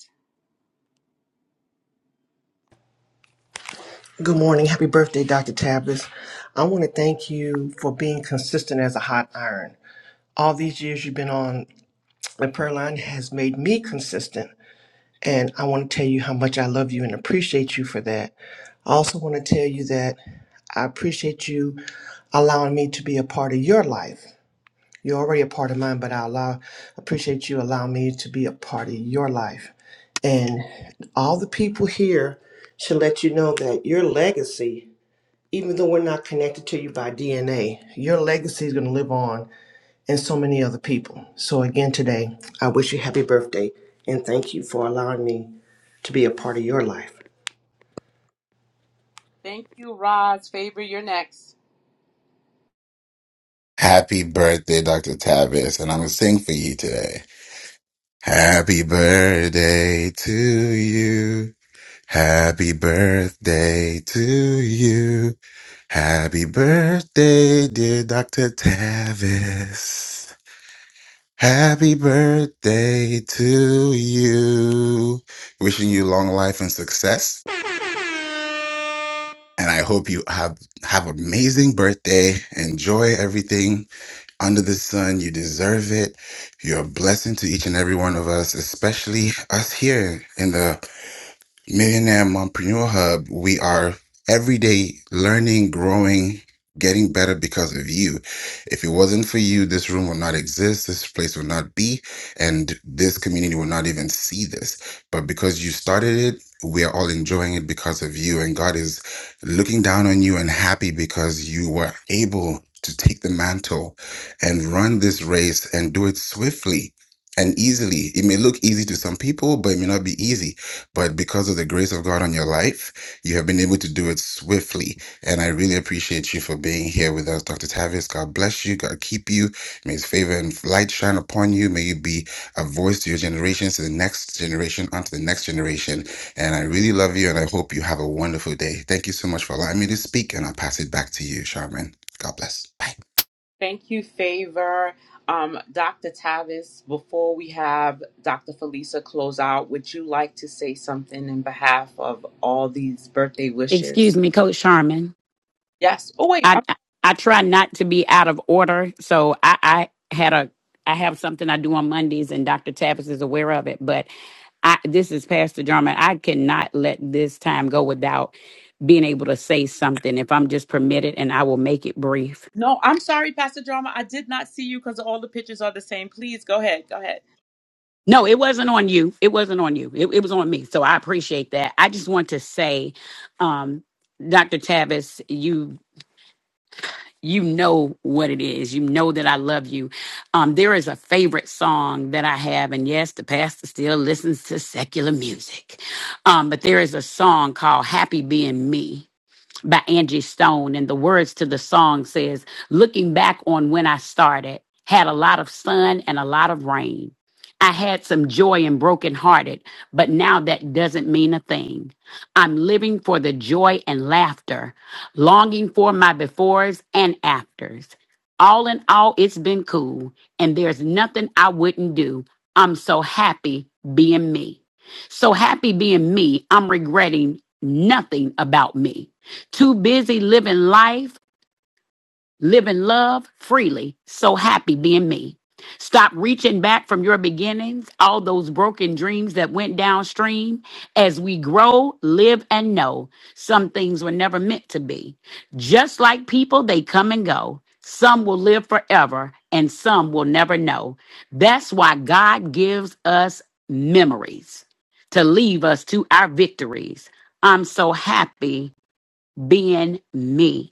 Q: Good morning. Happy birthday, Dr. Tavis. I want to thank you for being consistent as a hot iron. All these years you've been on the prayer line has made me consistent. And I want to tell you how much I love you and appreciate you for that. I also want to tell you that I appreciate you allowing me to be a part of your life. You're already a part of mine, but I allow appreciate you allowing me to be a part of your life. And all the people here should let you know that your legacy even though we're not connected to you by DNA, your legacy is going to live on in so many other people. So, again, today, I wish you happy birthday and thank you for allowing me to be a part of your life.
B: Thank you, Roz. Favor, you're next.
R: Happy birthday, Dr. Tavis, and I'm gonna sing for you today. Happy birthday to you. Happy birthday to you. Happy birthday, dear Dr. Tavis. Happy birthday to you. Wishing you long life and success. And I hope you have, have amazing birthday. Enjoy everything under the sun. You deserve it. You're a blessing to each and every one of us, especially us here in the Millionaire Mompreneur Hub, we are every day learning, growing, getting better because of you. If it wasn't for you, this room would not exist, this place would not be, and this community would not even see this. But because you started it, we are all enjoying it because of you. And God is looking down on you and happy because you were able to take the mantle and run this race and do it swiftly and easily. It may look easy to some people, but it may not be easy but because of the grace of God on your life, you have been able to do it swiftly. And I really appreciate you for being here with us, Dr. Tavis. God bless you. God keep you. May his favor and light shine upon you. May you be a voice to your generations, to the next generation, onto the next generation. And I really love you and I hope you have a wonderful day. Thank you so much for allowing me to speak. And I'll pass it back to you, Charmin. God bless. Bye.
B: Thank you, Favor. Um, Dr. Tavis, before we have Dr. Felisa close out, would you like to say something in behalf of all these birthday
S: Excuse
B: wishes?
S: me, Coach Sharman.
B: Yes. Oh, wait.
S: I
B: I'm,
S: I I try not to be out of order, so I, I had a I have something I do on Mondays, and Dr. Tappas is aware of it. But I this is Pastor Jarman. I cannot let this time go without being able to say something if I'm just permitted, and I will make it brief.
B: no, I'm sorry, Pastor Drama. I did not see you because all the pictures are the same. Please go ahead. Go ahead.
S: No, it wasn't on you. It wasn't on you. It, it was on me. So I appreciate that. I just want to say, um, Dr. Tavis, you you know what it is. You know that I love you. Um, there is a favorite song that I have, and yes, the pastor still listens to secular music. Um, but there is a song called Happy Being Me by Angie Stone. And the words to the song says, looking back on when I started, had a lot of sun and a lot of rain. I had some joy and brokenhearted, but now that doesn't mean a thing. I'm living for the joy and laughter, longing for my befores and afters. All in all, it's been cool, and there's nothing I wouldn't do. I'm so happy being me. So happy being me, I'm regretting nothing about me. Too busy living life, living love freely. So happy being me. Stop reaching back from your beginnings, all those broken dreams that went downstream. As we grow, live, and know, some things were never meant to be. Just like people, they come and go. Some will live forever, and some will never know. That's why God gives us memories to leave us to our victories. I'm so happy being me.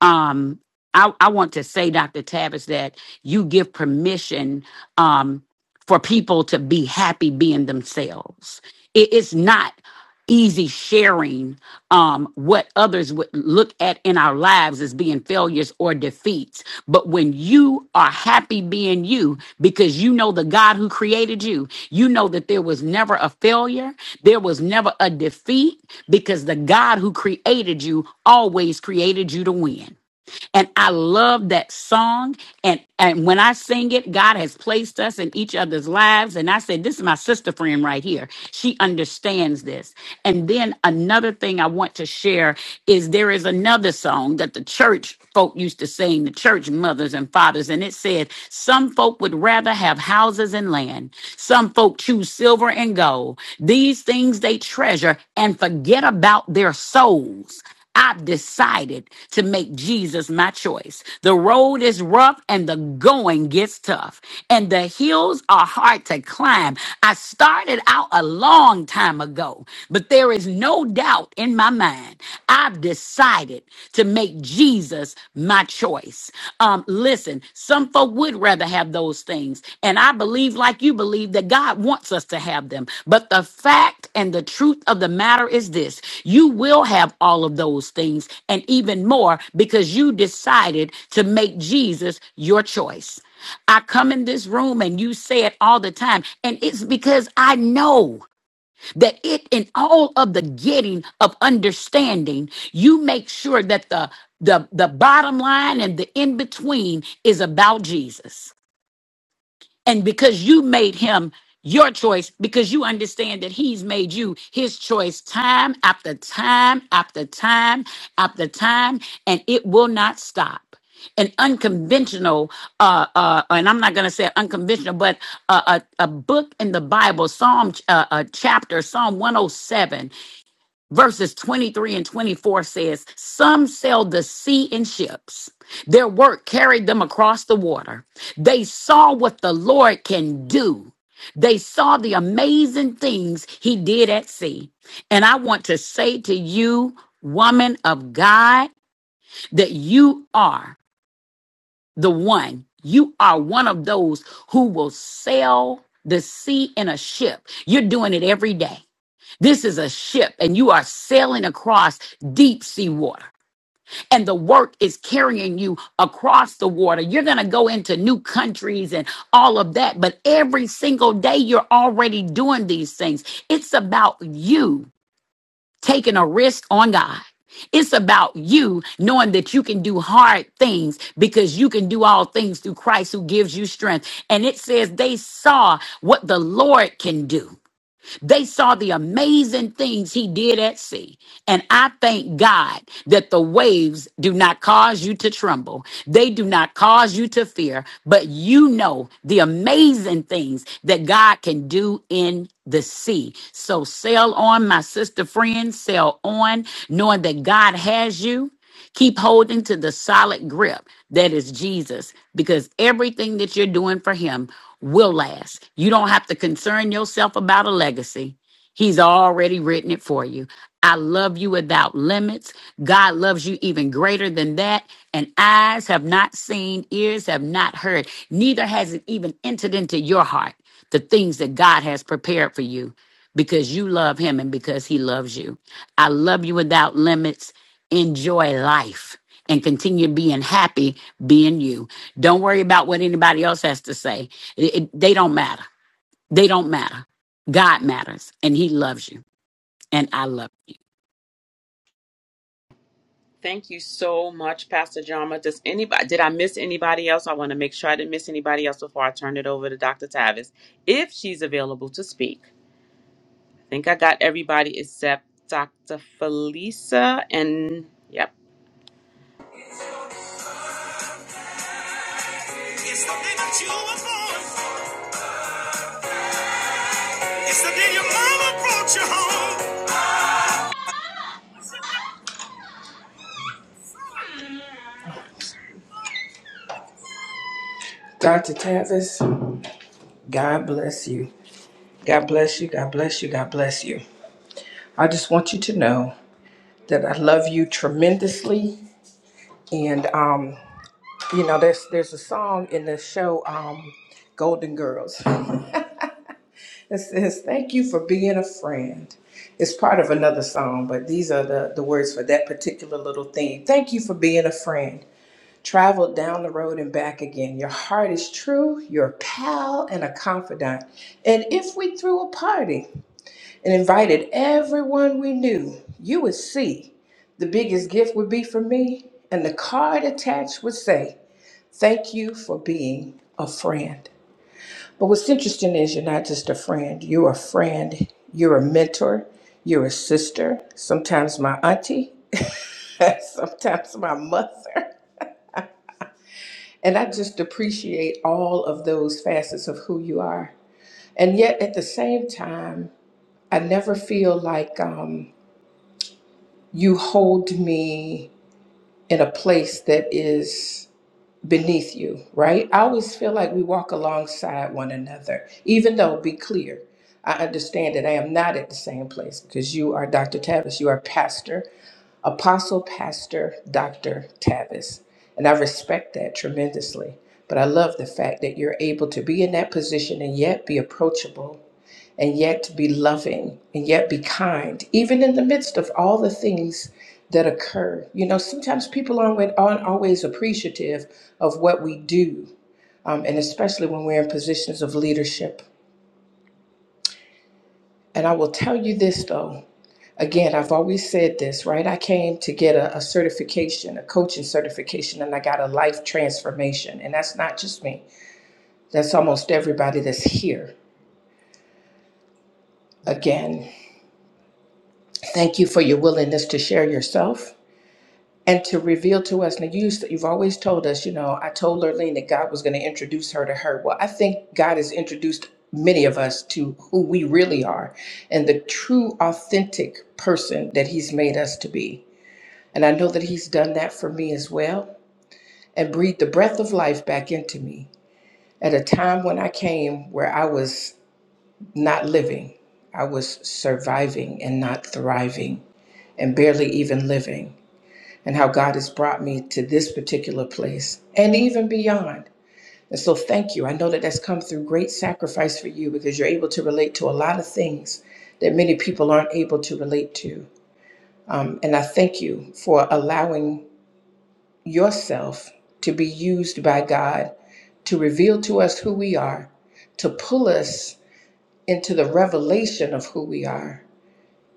S: Um, I, I want to say, Dr. Tavis, that you give permission um, for people to be happy being themselves. It- it's not easy sharing um, what others would look at in our lives as being failures or defeats. But when you are happy being you, because you know the God who created you, you know that there was never a failure, there was never a defeat because the God who created you always created you to win. And I love that song. And and when I sing it, God has placed us in each other's lives. And I said, This is my sister friend right here. She understands this. And then another thing I want to share is there is another song that the church folk used to sing, the church mothers and fathers, and it said, Some folk would rather have houses and land. Some folk choose silver and gold. These things they treasure and forget about their souls. I've decided to make Jesus my choice. The road is rough and the going gets tough, and the hills are hard to climb. I started out a long time ago, but there is no doubt in my mind. I've decided to make Jesus my my choice. Um, listen, some folk would rather have those things. And I believe, like you believe, that God wants us to have them. But the fact and the truth of the matter is this you will have all of those things and even more because you decided to make Jesus your choice. I come in this room and you say it all the time, and it's because I know that it in all of the getting of understanding you make sure that the the the bottom line and the in between is about jesus and because you made him your choice, because you understand that he's made you his choice time after time after time after time, and it will not stop. An unconventional, uh, uh, and I'm not going to say unconventional, but a, a, a book in the Bible, Psalm uh, uh, chapter, Psalm 107 verses 23 and 24 says, Some sailed the sea in ships. Their work carried them across the water. They saw what the Lord can do. They saw the amazing things he did at sea. And I want to say to you, woman of God, that you are the one. You are one of those who will sail the sea in a ship. You're doing it every day. This is a ship, and you are sailing across deep sea water, and the work is carrying you across the water. You're going to go into new countries and all of that, but every single day you're already doing these things. It's about you taking a risk on God. It's about you knowing that you can do hard things because you can do all things through Christ who gives you strength. And it says they saw what the Lord can do. They saw the amazing things he did at sea. And I thank God that the waves do not cause you to tremble. They do not cause you to fear, but you know the amazing things that God can do in the sea. So sail on, my sister friend, sail on, knowing that God has you. Keep holding to the solid grip that is Jesus because everything that you're doing for him will last. You don't have to concern yourself about a legacy. He's already written it for you. I love you without limits. God loves you even greater than that. And eyes have not seen, ears have not heard, neither has it even entered into your heart the things that God has prepared for you because you love him and because he loves you. I love you without limits enjoy life and continue being happy being you. Don't worry about what anybody else has to say. It- it- they don't matter. They don't matter. God matters and He loves you. And I love you.
B: Thank you so much, Pastor Drama. Does anybody did I miss anybody else? I want to make sure I didn't miss anybody else before I turn it over to Dr. Tavis, if she's available to speak. think I got everybody except Dr. Felisa. And yep,
A: It's the day that you were born. It's the day your mama brought you home.
T: Dr. Tavis, God bless you. God bless you. God bless you. God bless you. I just want you to know that I love you tremendously. And um, you know, there's there's a song in the show um, Golden Girls. It says, "Thank you for being a friend." It's part of another song, but these are the the words for that particular little theme. Thank you for being a friend. Traveled down the road and back again. Your heart is true. Your pal and a confidant. And if we threw a party. and invited everyone we knew, you would see the biggest gift would be for me, and the card attached would say, Thank you for being a friend. But what's interesting is you're not just a friend, you're a friend, you're a mentor, you're a sister, sometimes my auntie, sometimes my mother. And I just appreciate all of those facets of who you are. And yet at the same time, I never feel like um, you hold me in a place that is beneath you, right? I always feel like we walk alongside one another, even though, be clear, I understand that I am not at the same place because you are Dr. Tavis, you are pastor, apostle, pastor, Dr. Tavis. And I respect that tremendously. But I love the fact that you're able to be in that position and yet be approachable and yet be loving and yet be kind, even in the midst of all the things that occur. You know, sometimes people aren't, with- aren't always appreciative of what we do, um, and especially when we're in positions of leadership. And I will tell you this though. Again, I've always said this, right? I came to get a, a certification, a coaching certification, and I got a life transformation. And that's not just me, that's almost everybody that's here. Again, thank you for your willingness to share yourself and to reveal to us. Now, you, used- you've always told us, you know, I told Lurleen that God was going to introduce her to her. Well, I think God has introduced many of us to who we really are and the true, authentic person that He's made us to be. And I know that He's done that for me as well and breathed the breath of life back into me at a time when I came where I was not living, I was surviving and not thriving and barely even living and how God has brought me to this particular place and even beyond. And so, thank you. I know that that's come through great sacrifice for you because you're able to relate to a lot of things that many people aren't able to relate to. Um, and I thank you for allowing yourself to be used by God to reveal to us who we are, to pull us into the revelation of who we are,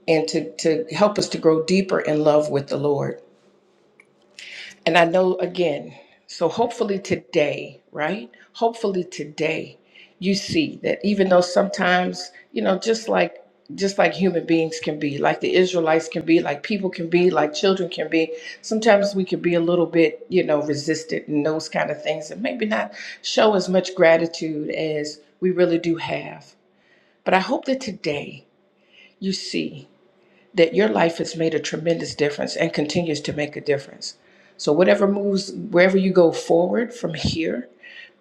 T: and to, to help us to grow deeper in love with the Lord. And I know again, so hopefully today, right? Hopefully today you see that even though sometimes, you know, just like just like human beings can be, like the Israelites can be, like people can be, like children can be, sometimes we can be a little bit, you know, resistant and those kind of things and maybe not show as much gratitude as we really do have. But I hope that today you see that your life has made a tremendous difference and continues to make a difference. So, whatever moves, wherever you go forward from here,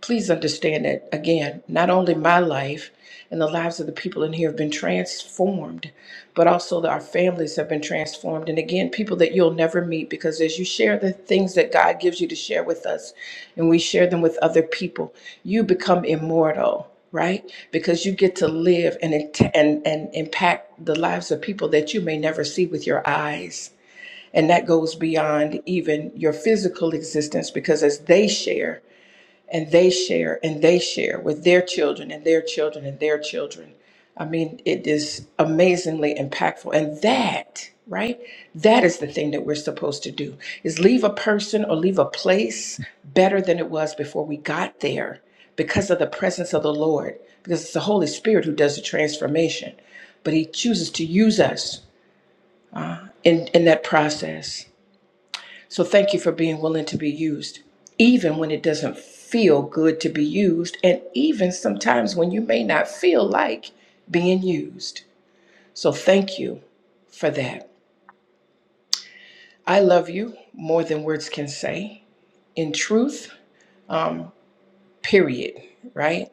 T: Please understand that, again, not only my life and the lives of the people in here have been transformed, but also that our families have been transformed. And again, people that you'll never meet because as you share the things that God gives you to share with us and we share them with other people, you become immortal. Right, because you get to live and int- and and impact the lives of people that you may never see with your eyes, and that goes beyond even your physical existence. Because as they share, and they share and they share with their children and their children and their children. I mean, it is amazingly impactful. And that, right? That is the thing that we're supposed to do is leave a person or leave a place better than it was before we got there because of the presence of the Lord, because it's the Holy Spirit who does the transformation. But he chooses to use us in, in that process. So thank you for being willing to be used, even when it doesn't feel good to be used, and even sometimes when you may not feel like being used. So thank you for that. I love you more than words can say. In truth, um, period, right?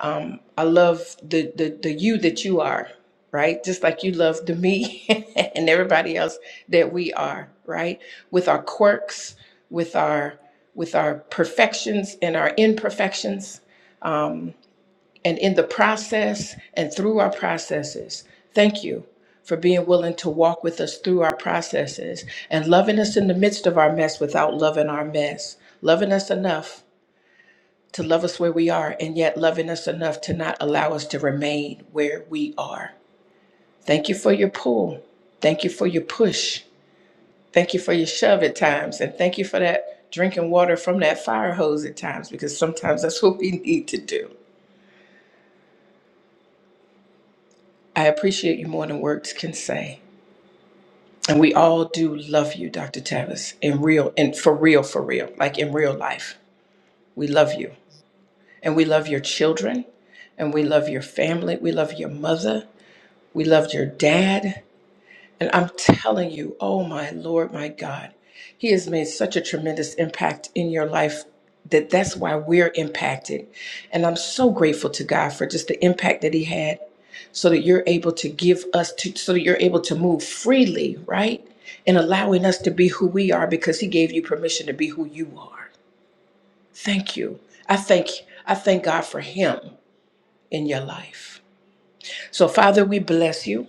T: Um, I love the, the the you that you are, right? Just like you love the me and everybody else that we are, right? With our quirks, with our with our perfections and our imperfections, and in the process and through our processes. Thank you for being willing to walk with us through our processes and loving us in the midst of our mess without loving our mess, loving us enough to love us where we are and yet loving us enough to not allow us to remain where we are. Thank you for your pull. Thank you for your push. Thank you for your shove at times. And thank you for that drinking water from that fire hose at times because sometimes that's what we need to do. I appreciate you more than words can say. And we all do love you, Dr. Tavis, in real and for real, for real, like in real life. We love you. And we love your children. And we love your family. We love your mother. We loved your dad. And I'm telling you, oh my Lord, my God, He has made such a tremendous impact in your life that that's why we're impacted. And I'm so grateful to God for just the impact that He had so that you're able to give us to, so that you're able to move freely, right? And allowing us to be who we are because He gave you permission to be who you are. Thank you. I thank, I thank God for Him in your life. So, Father, we bless you.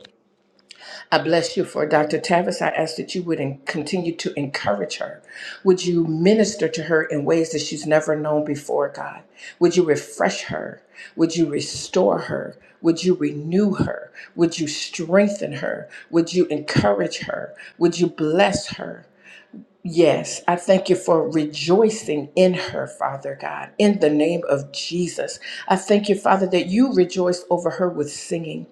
T: I bless you for Dr. Tavis. I ask that you would en- continue to encourage her. Would you minister to her in ways that she's never known before, God? Would you refresh her? Would you restore her? Would you renew her? Would you strengthen her? Would you encourage her? Would you bless her? Yes, I thank you for rejoicing in her, Father God, in the name of Jesus. I thank you, Father, that you rejoice over her with singing.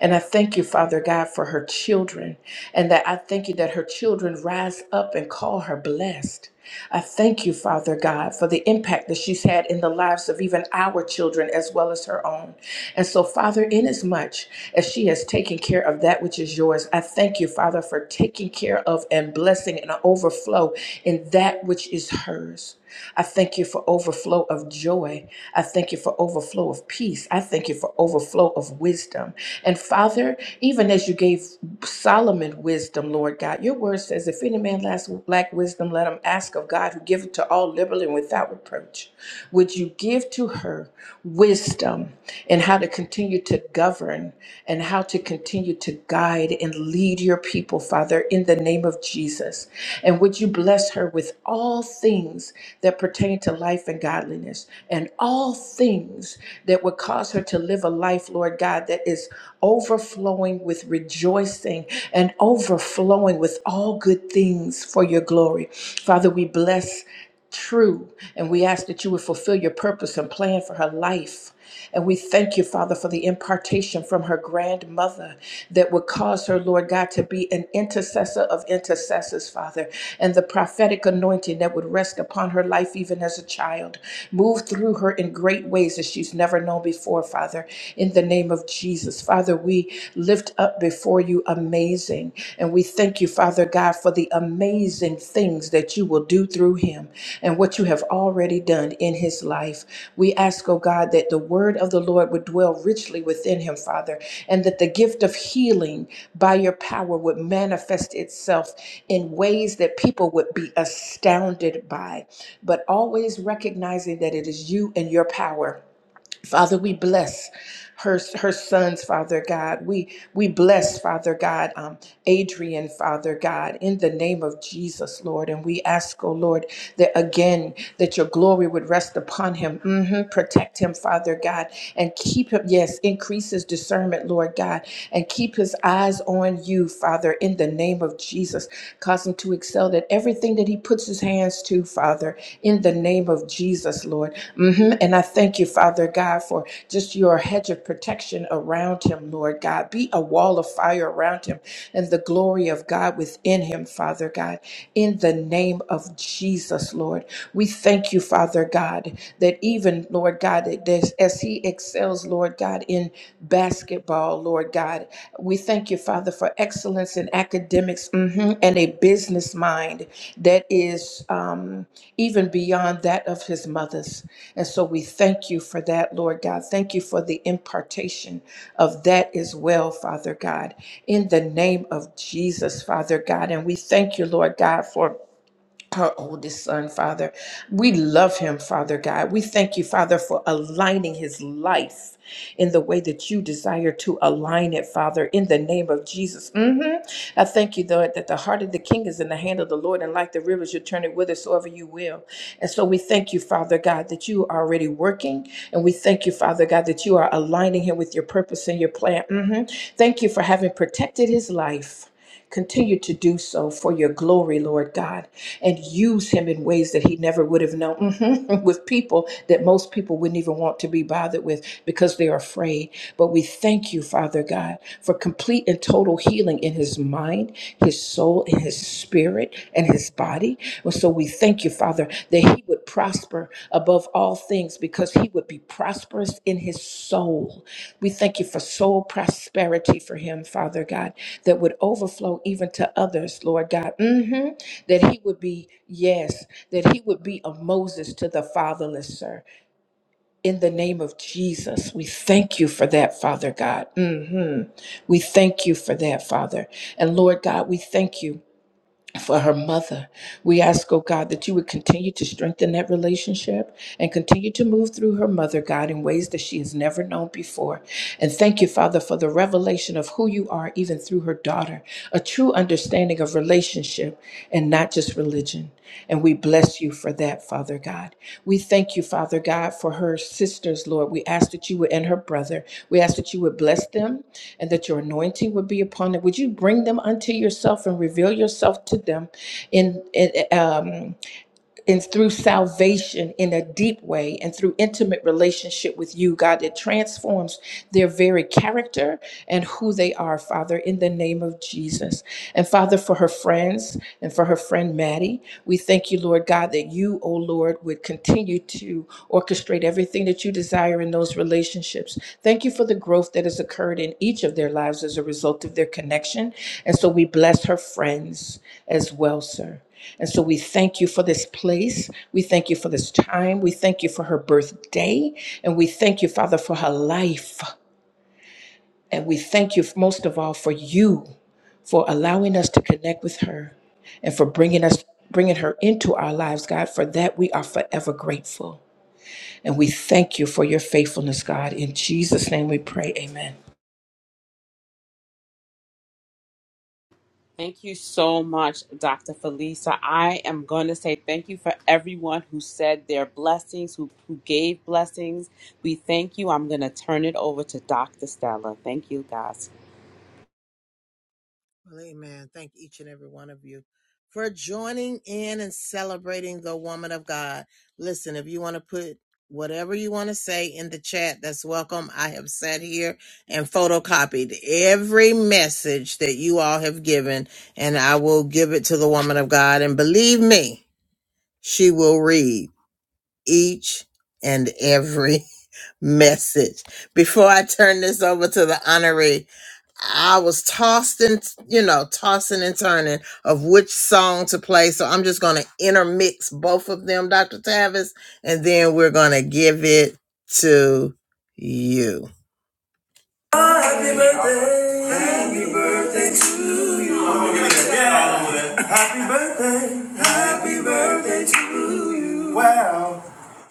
T: And I thank you, Father God, for her children. And that I thank you that her children rise up and call her blessed. I thank you, Father God, for the impact that she's had in the lives of even our children as well as her own. And so, Father, inasmuch as she has taken care of that which is yours, I thank you, Father, for taking care of and blessing and overflow in that which is hers. I thank you for overflow of joy. I thank you for overflow of peace. I thank you for overflow of wisdom. And Father, even as you gave Solomon wisdom, Lord God, your word says, if any man lacks lack wisdom, let him ask of God who giveth to all liberally and without reproach. Would you give to her wisdom and how to continue to govern and how to continue to guide and lead your people, Father, in the name of Jesus. And would you bless her with all things that pertain to life and godliness, and all things that would cause her to live a life, Lord God, that is overflowing with rejoicing and overflowing with all good things for your glory. Father, we bless true and we ask that you would fulfill your purpose and plan for her life. And we thank you, Father, for the impartation from her grandmother that would cause her, Lord God, to be an intercessor of intercessors, Father, and the prophetic anointing that would rest upon her life even as a child. Move through her in great ways that she's never known before, Father, in the name of Jesus. Father, we lift up before you amazing. And we thank you, Father God. God, for the amazing things that you will do through him and what you have already done in his life. We ask, oh God, that the word of the Lord would dwell richly within him, Father, and that the gift of healing by your power would manifest itself in ways that people would be astounded by, but always recognizing that it is you and your power Father, we bless her, her sons, Father God. We we bless, Father God, um, Adrian, Father God, in the name of Jesus, Lord. And we ask, oh Lord, that again that your glory would rest upon him. Mhm. Protect him, Father God, and keep him. Yes, increase his discernment, Lord God, and keep his eyes on you, Father, in the name of Jesus powerful to excel at everything that he puts his hands to, Father, in the name of Jesus, Lord. hmm And I thank you, Father God, for just your hedge of protection around him, Lord God. Be a wall of fire around him and the glory of God within him, Father God, in the name of Jesus, Lord. We thank you, Father God, that even, Lord God, that as as he excels, girls, Lord God, in basketball, Lord God. We thank you, Father, for excellence in academics mhm, and a business mind that is um, even beyond that of his mother's. And so we thank you for that, Lord God. Thank you for the impartation of that as well, Father God, in the name of Jesus, Father God. And we thank you, Lord God, for her oldest son, Father. We love him, Father God. We thank you, Father, for aligning his life in the way that you desire to align it, Father, in the name of Jesus. hmm I thank you, Lord, that the heart of the king is in the hand of the Lord, and like the rivers, you turn it whithersoever you will. And so we thank you, Father God, that you are already working, and we thank you, Father God, that you are aligning him with your purpose and your plan. hmm Thank you for having protected his life. Continue to do so for your glory, Lord God, and use him in ways that he never would have known with people that most people wouldn't even want to be bothered with because they're afraid. But we thank you, Father God, for complete and total healing in his mind, his soul, and his spirit, and his body. So we thank you, Father, that he would prosper above all things because he would be prosperous in his soul. We thank you for soul prosperity for him, Father God, that would overflow even to others, Lord God. hmm That he would be, yes, that he would be a Moses to the fatherless, sir. In the name of Jesus, we thank you for that, Father God. hmm We thank you for that, Father. And Lord God, we thank you for her mother. We ask, oh God, that you would continue to strengthen that relationship and continue to move through her mother, God, in ways that she has never known before. And thank you, Father, for the revelation of who you are, even through her daughter, a true understanding of relationship and not just relationship this religion. And we bless you for that, Father God. We thank you, Father God, for her sisters, Lord. We ask that you would, and her brother, we ask that you would bless them and that your anointing would be upon them. Would you bring them unto yourself and reveal yourself to them in, in, um, and through salvation in a deep way and through intimate relationship with you, God, that transforms their very character and who they are, Father, in the name of Jesus. And Father, for her friends and for her friend Maddie, we thank you, Lord God, that you, O Lord, would continue to orchestrate everything that you desire in those relationships. Thank you for the growth that has occurred in each of their lives as a result of their connection. And so we bless her friends as well, sir. And so we thank you for this place. We thank you for this time. We thank you for her birthday. And we thank you, Father, for her life. And we thank you most of all for you for allowing us to connect with her and for bringing us bringing her into our lives, God. For that we are forever grateful. And we thank you for your faithfulness, God. In Jesus name we pray. Amen.
B: thank you so much, Dr. Felisa. I am going to say thank you for everyone who said their blessings, who, who gave blessings. We thank you. I'm going to turn it over to Dr. Stella. Thank you, guys.
A: Well, amen. Thank each and every one of you for joining in and celebrating the woman of God. Listen, if you want to put whatever you want to say in the chat, that's welcome. I have sat here and photocopied every message that you all have given, and I will give it to the woman of God. And believe me, she will read each and every message. Before I turn this over to the honoree, I was tossed and you know, tossing and turning of which song to play. So I'm just gonna intermix both of them, Dr. Tavis, and then we're gonna give it to you.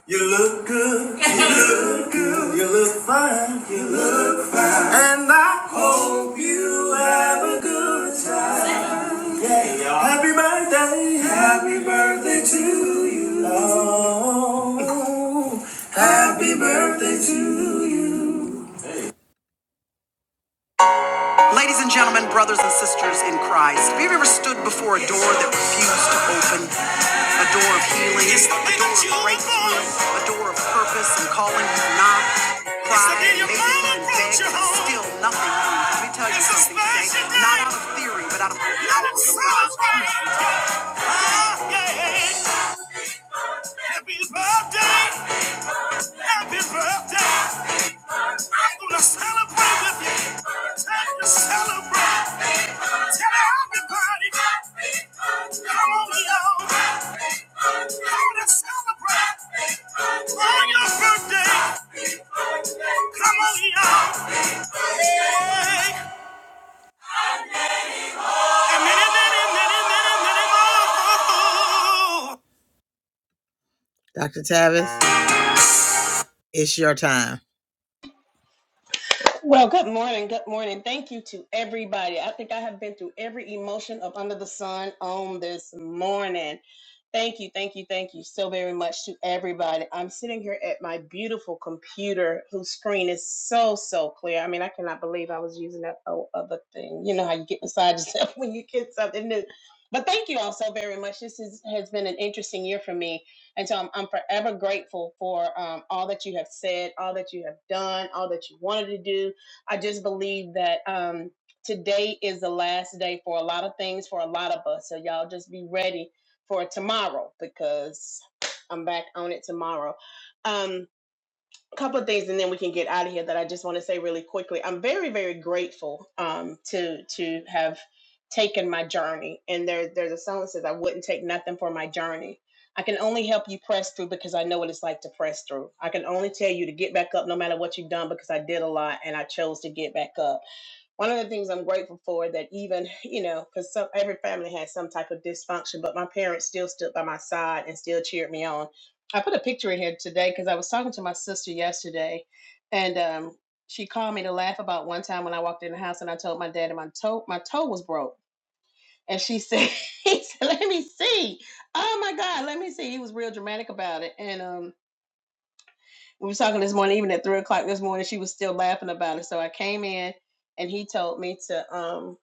A: You look good, you look fine, and I hope you have a happy birthday. Ladies and gentlemen, brothers and sisters in Christ, have you ever stood before a door that refused to open? A door of healing, a door of breakthrough, a door of purpose and calling you knock, cried, made it and but still nothing moved. Let me tell you something today, not out of theory, but out of the power. of God's word. Happy birthday! Happy birthday! I'm gonna celebrate with you. Time to celebrate. Tell everybody. Come on along. going to celebrate. On your birthday. Come on, y'all. Hey. And many, many, many, many, many more. Dr. Tavis, it's your time.
U: Well, good morning. Good morning. Thank you to everybody. I think I have been through every emotion up under the sun on this morning. Thank you, thank you, thank you so very much to everybody. I'm sitting here at my beautiful computer whose screen is so, so clear. I mean, I cannot believe I was using that o- other thing. You know how you get beside yourself when you get something new. But thank you all so very much. This is, has been an interesting year for me. And so I'm, I'm forever grateful for um, all that you have said, all that you have done, all that you wanted to do I just believe that um, today is the last day for a lot of things for a lot of us. So y'all just be ready for tomorrow because I'm back on it tomorrow. Um, a couple of things and then we can get out of here that I just want to say really quickly. I'm very, very grateful um, to to have taken my journey. And there there's a song that says I wouldn't take nothing for my journey. I can only help you press through because I know what it's like to press through. I can only tell you to get back up no matter what you've done because I did a lot and I chose to get back up one of the things I'm grateful for that even, you know, because some every family has some type of dysfunction, but my parents still stood by my side and still cheered me on. I put a picture in here today because I was talking to my sister yesterday, and um, she called me to laugh about one time when I walked in the house and I told my dad that my toe my toe was broke, and she said, he said, "Let me see." Oh my God, let me see. He was real dramatic about it, and um, we were talking this morning, even at three o'clock this morning, she was still laughing about it. So I came in and he told me to um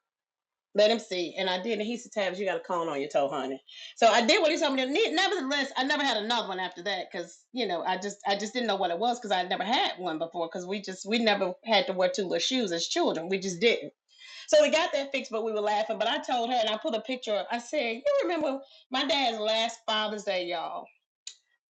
U: let him see. And I did. And he said, Tabs, you got a cone on your toe, honey. So I did what he told me to do. Nevertheless, I never had another one after that because, you know, I just I just didn't know what it was because I never had one before because we just we never had to wear two little shoes as children. We just didn't. So we got that fixed, but we were laughing. But I told her and I put a picture up. I said, You remember my dad's last Father's Day, y'all.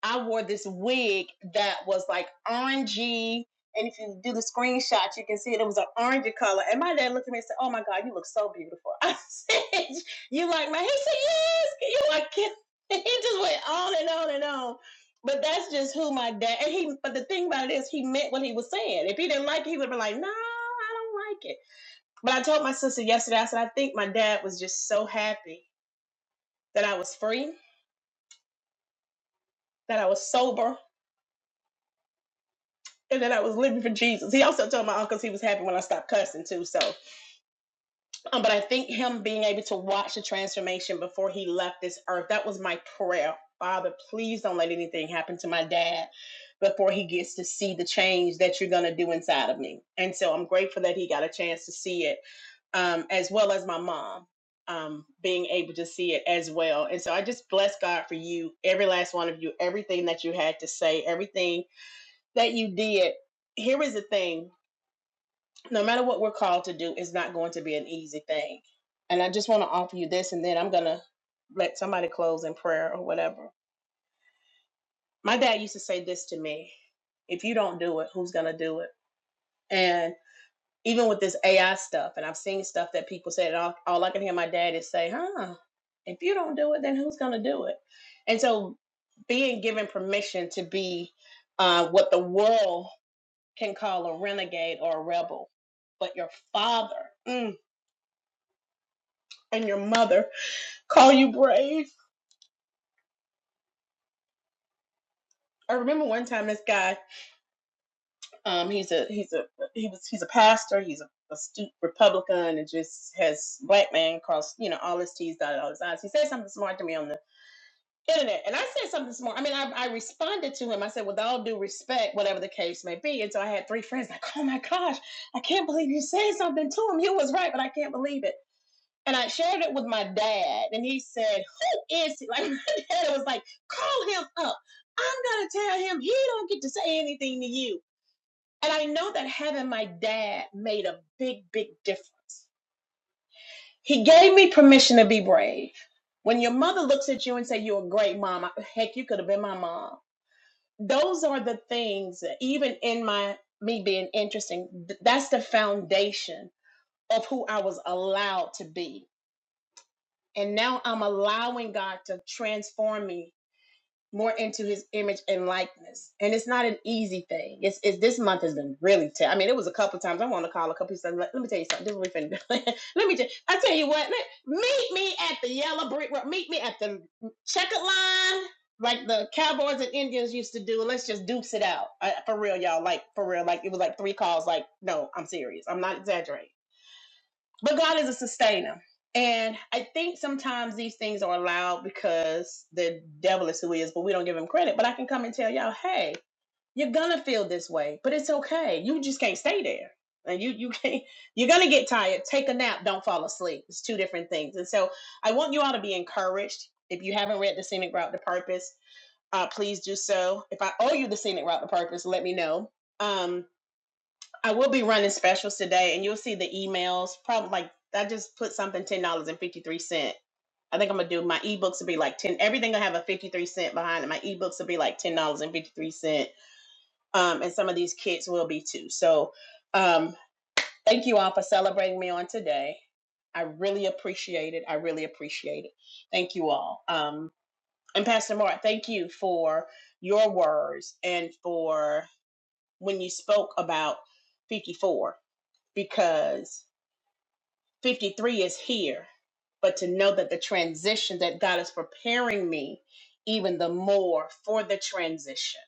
U: I wore this wig that was like orangey. And if you do the screenshot, you can see it, it was an orangey color. And my dad looked at me and said, Oh my God, you look so beautiful. I said, You like my? He said, Yes, you like it. He just went on and on and on. But that's just who my dad and he but the thing about it is he meant what he was saying. If he didn't like it, he would have been like, No, I don't like it. But I told my sister yesterday, I said, I think my dad was just so happy that I was free, that I was sober, and that I was living for Jesus. He also told my uncles he was happy when I stopped cussing too. So, um, but I think him being able to watch the transformation before he left this earth, that was my prayer. Father, please don't let anything happen to my dad before he gets to see the change that you're going to do inside of me. And so I'm grateful that he got a chance to see it, um, as well as my mom um, being able to see it as well. And so I just bless God for you, every last one of you, everything that you had to say, everything that you did. Here is the thing no matter what we're called to do, it's not going to be an easy thing. And I just want to offer you this, and then I'm going to let somebody close in prayer or whatever. My dad used to say this to me if you don't do it, who's going to do it? And even with this AI stuff, and I've seen stuff that people said, and all, all I can hear my dad is say, huh, if you don't do it, then who's going to do it? And so being given permission to be uh, what the world can call a renegade or a rebel, but your father. mm, and your mother call you brave. I remember one time this guy, um, he's a he's a he was he's a pastor, he's a astute Republican, and just has black man cross you know all his T's dotted all his I's. He said something smart to me on the internet, and I said something smart. I mean, I, I responded to him. I said, with all due respect, whatever the case may be. And so I had three friends like, oh my gosh, I can't believe you said something to him. You was right, but I can't believe it. and I shared it with my dad, and he said, "Who is he?" Like my dad was like, "Call him up. I'm gonna tell him he don't get to say anything to you." And I know that having my dad made a big, big difference. He gave me permission to be brave. When your mother looks at you and say you're a great mom, heck, you could have been my mom. Those are the things, even in my me being interesting, that's the foundation of who I was allowed to be And now I'm allowing God to transform me more into his image and likeness. And it's not an easy thing. It's, it's this month has been really tough. I mean, it was a couple of times. I want to call a couple of times. Let, let me tell you something. This is what we finna do. let me tell I tell you what, let- meet me at the yellow brick road. Meet me at the checkered line, like the cowboys and Indians used to do. Let's just dukes it out. I, for real, y'all. Like for real. Like it was like three calls. Like, no, I'm serious. I'm not exaggerating but God is a sustainer. And I think sometimes these things are allowed because the devil is who he is, but we don't give him credit. But I can come and tell y'all, hey, you're gonna feel this way, but it's okay. You just can't stay there. And you you can't you're gonna get tired. Take a nap, don't fall asleep. It's two different things. And so I want you all to be encouraged. If you haven't read The Scenic Route to Purpose, uh, please do so. If I owe you the scenic route to purpose, let me know. Um, I will be running specials today, and you'll see the emails. Probably like I just put something ten dollars and fifty three cent. I think I'm gonna do my ebooks will be like ten. Everything will have a fifty three cent behind it. My ebooks will be like ten dollars and fifty three cent. Um, and some of these kits will be too. So, um, thank you all for celebrating me on today. I really appreciate it. I really appreciate it. Thank you all. Um, and Pastor Mark, thank you for your words and for when you spoke about fifty four because 53 is here, but to know that the transition that God is preparing me even the more for the transition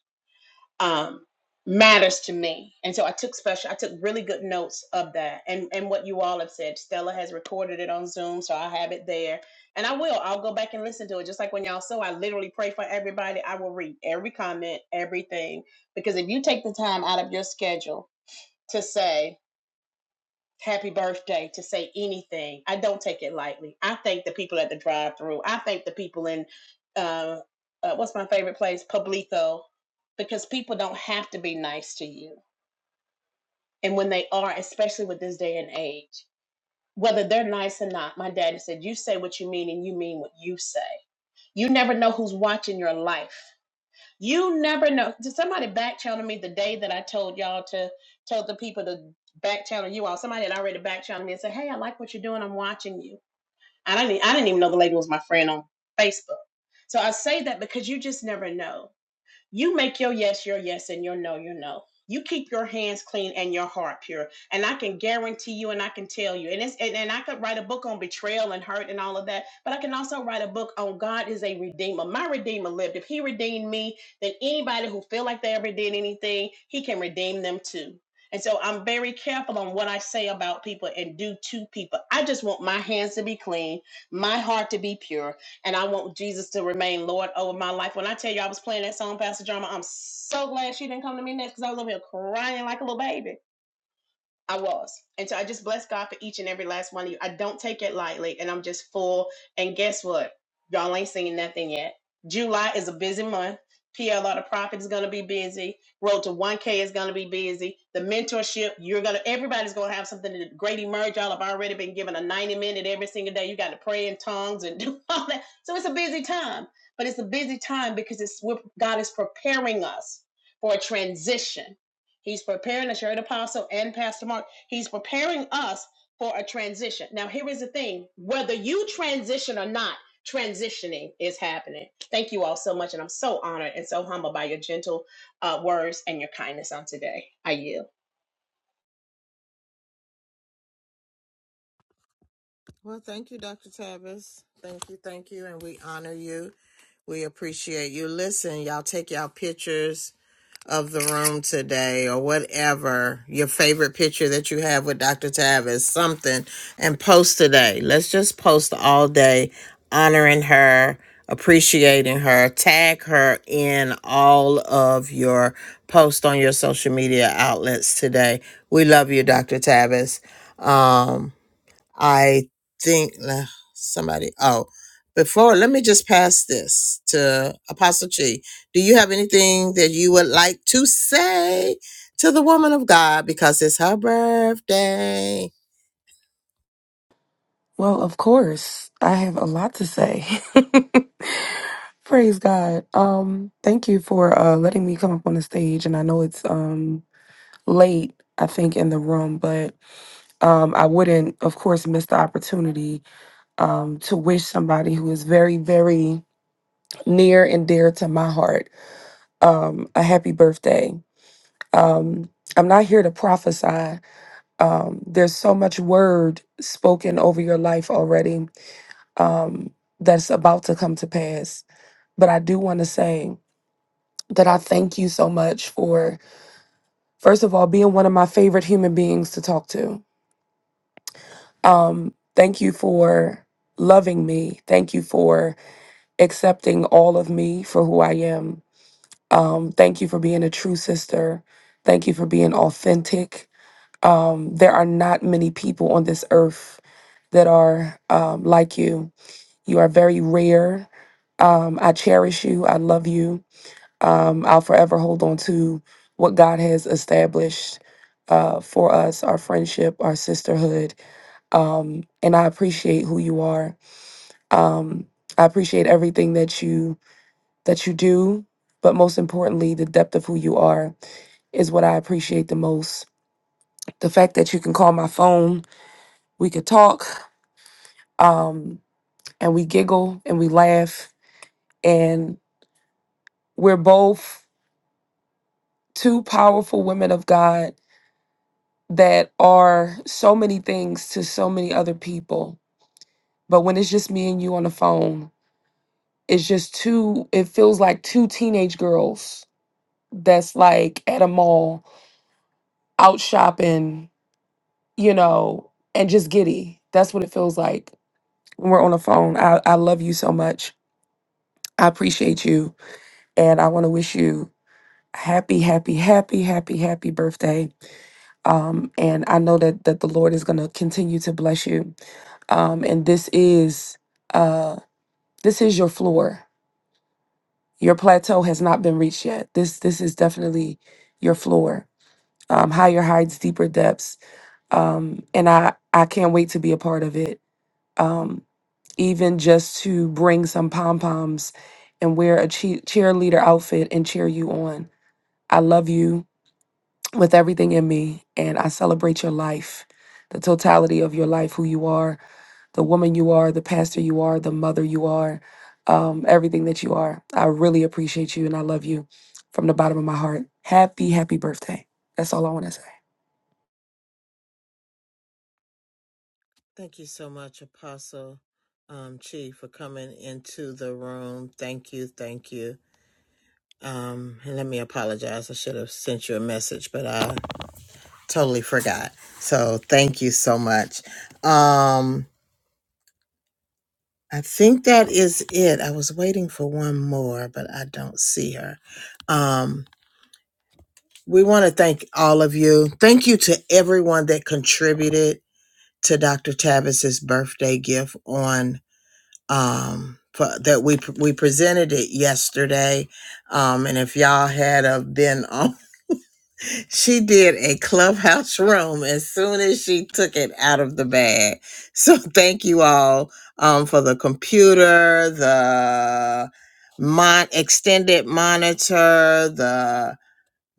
U: um, matters to me. And so I took special, I took really good notes of that and, and what you all have said. Stella has recorded it on Zoom, so I have it there. And I will, I'll go back and listen to it. Just like when y'all saw, I literally pray for everybody. I will read every comment, everything. Because if you take the time out of your schedule to say, happy birthday to say anything. I don't take it lightly. I thank the people at the drive through. I thank the people in uh, uh, what's my favorite place, Publico, because people don't have to be nice to you. And when they are, especially with this day and age, whether they're nice or not, my daddy said, "You say what you mean, and you mean what you say." You never know who's watching your life. You never know. Did somebody back channel me the day that I told y'all to told the people to back channel you all? Somebody had already back channeled me and said, "Hey, I like what you're doing. I'm watching you." I didn't. I didn't even know the lady was my friend on Facebook. So I say that because you just never know. You make your yes your yes and your no your no. You keep your hands clean and your heart pure. And I can guarantee you and I can tell you. And it's and, and I could write a book on betrayal and hurt and all of that, but I can also write a book on God is a redeemer. My redeemer lived. If he redeemed me, then anybody who feel like they ever did anything, he can redeem them too. And so I'm very careful on what I say about people and do to people. I just want my hands to be clean, my heart to be pure, and I want Jesus to remain Lord over my life. When I tell you I was playing that song, Pastor Drama, I'm so glad she didn't come to me next because I was over here crying like a little baby I was. And so I just bless God for each and every last one of you. I don't take it lightly and I'm just full. And guess what? Y'all ain't seen nothing yet. July is a busy month. PLR the Prophet is gonna be busy. Road to 1K is gonna be busy. The mentorship, you're gonna everybody's gonna have something to great emerge. Y'all have already been given a 90 minute every single day. You gotta pray in tongues and do all that. So it's a busy time. But it's a busy time because it's what God is preparing us for a transition He's preparing us. You heard Apostle and Pastor Mark. He's preparing us for a transition. Now, here is the thing whether you transition or not, transitioning is happening. Thank you all so much. And I'm so honored and so humbled by your gentle uh, words and your kindness on today. I yield.
A: Well, thank you, Dr. Tavis. Thank you, thank you, and we honor you. We appreciate you. Listen, y'all take y'all pictures of the room today or whatever your favorite picture that you have with Dr. Tavis, something, and post today. Let's just post all day honoring her, appreciating her, tag her in all of your posts on your social media outlets today. We love you, Dr. Tavis. Um, I think nah, somebody. Oh, before let me just pass this to Apostle Chi. Do you have anything that you would like to say to the woman of God because it's her birthday?
V: Well, of course, I have a lot to say. Praise God. Um, thank you for uh letting me come up on the stage and I know it's um late, I think, in the room, but um I wouldn't, of course, miss the opportunity um to wish somebody who is very, very near and dear to my heart um a happy birthday. Um I'm not here to prophesy. Um, there's so much word spoken over your life already um, that's about to come to pass. But I do want to say that I thank you so much for, first of all, being one of my favorite human beings to talk to. Um, thank you for loving me. Thank you for accepting all of me for who I am. Um, thank you for being a true sister. Thank you for being authentic. Um, there are not many people on this earth that are um, like you. You are very rare. Um, I cherish you. I love you. Um, I'll forever hold on to what God has established uh, for us our friendship, our sisterhood. Um, and I appreciate who you are. Um, I appreciate everything that you that you do, but most importantly, the depth of who you are is what I appreciate the most. The fact that you can call my phone, we could talk, um, and we giggle and we laugh, and we're both two powerful women of God that are so many things to so many other people. But when it's just me and you on the phone, it's just two, it feels like two teenage girls that's like at a mall out shopping, you know, and just giddy. That's what it feels like when we're on the phone. I, I love you so much. I appreciate you. And I want to wish you happy, happy, happy, happy, happy birthday. Um, and I know that that the Lord is going to continue to bless you. Um, and this is uh, this is your floor. Your plateau has not been reached yet. This this is definitely your floor. Um, higher heights, deeper depths. Um, and I I can't wait to be a part of it. Um, even just to bring some pom poms and wear a che- cheerleader outfit and cheer you on. I love you with everything in me. And I celebrate your life, the totality of your life, who you are, the woman you are, the pastor you are, the mother you are, um, everything that you are. I really appreciate you and I love you from the bottom of my heart. Happy, happy birthday. That's all I want to say.
A: Thank you so much, Apostle um, Chief, for coming into the room. Thank you, thank you. Um, and let me apologize. I should have sent you a message, but I totally forgot. So thank you so much. Um, I think that is it. I was waiting for one more, but I don't see her. Um, we want to thank all of you. Thank you to everyone that contributed to Dr. Tavis's birthday gift on um pu- that we pr- we presented it yesterday um and if y'all had uh, been on she did a clubhouse room as soon as she took it out of the bag so thank you all um for the computer the mon extended monitor the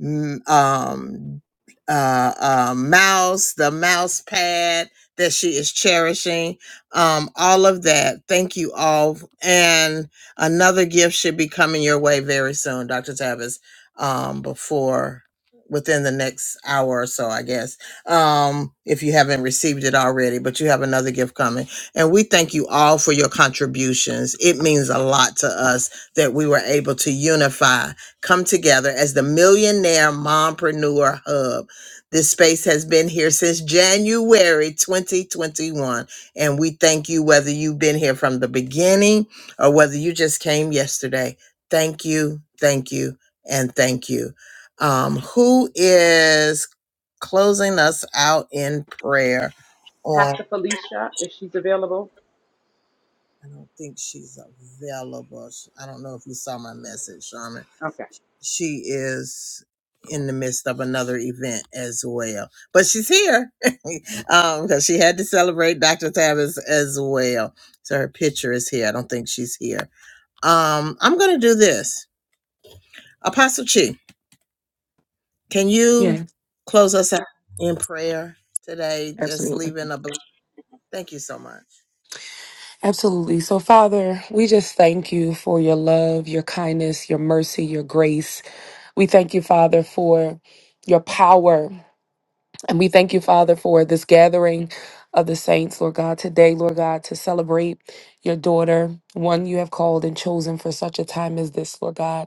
A: m- um, uh, uh, mouse, the mouse pad that she is cherishing, um, all of that. Thank you all. And another gift should be coming your way very soon, Dr. Tavis, um, before within the next hour or so, I guess, um, if you haven't received it already, but you have another gift coming. And we thank you all for your contributions. It means a lot to us that we were able to unify come together as the Millionaire Mompreneur Hub. This space has been here since January 2021, and we thank you whether you've been here from the beginning or whether you just came yesterday. Thank you, thank you, and thank you. Um, who is closing us out in prayer on?
B: Pastor Felicia is available.
A: I don't think she's available. I don't know if you saw my message, Shaman. she is in the midst of another event as well. But she's here um because she had to celebrate Dr. Tavis as well. So her picture is here. I don't think she's here. Um I'm going to do this. Apostle Chi, can you
V: Yeah,
A: close us out in prayer today just
V: absolutely.
A: leaving a bl- thank you so much.
V: Absolutely. So, Father, we just thank you for your love, your kindness, your mercy, your grace. We thank you, Father, for your power And we thank you, Father, for this gathering of the saints, Lord God, today, Lord God, to celebrate your daughter, one you have called and chosen for such a time as this, Lord God.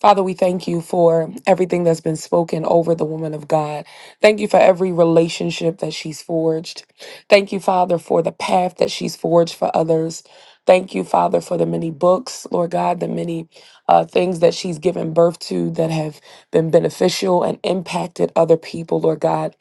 V: Father, we thank you for everything that's been spoken over the woman of God. Thank you for every relationship that she's forged. Thank you, Father, for the path that she's forged for others. Thank you, Father, for the many books, Lord God, the many uh, things that she's given birth to that have been beneficial and impacted other people, Lord God.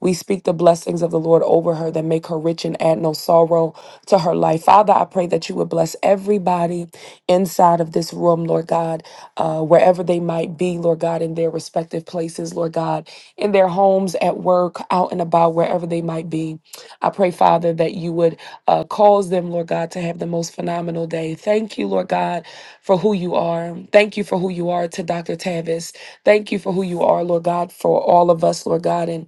V: We speak the blessings of the Lord over her that make her rich and add no sorrow to her life. Father, I pray that you would bless everybody inside of this room, Lord God uh, wherever they might be, Lord God, in their respective places, Lord God, in their homes, at work, out and about, wherever they might be. I pray, Father, that you would uh, cause them, Lord God, to have the most phenomenal day. Thank you, Lord God, for who you are. Thank you for who you are to Dr. Tavis. Thank you for who you are, Lord God, for all of us, Lord God, and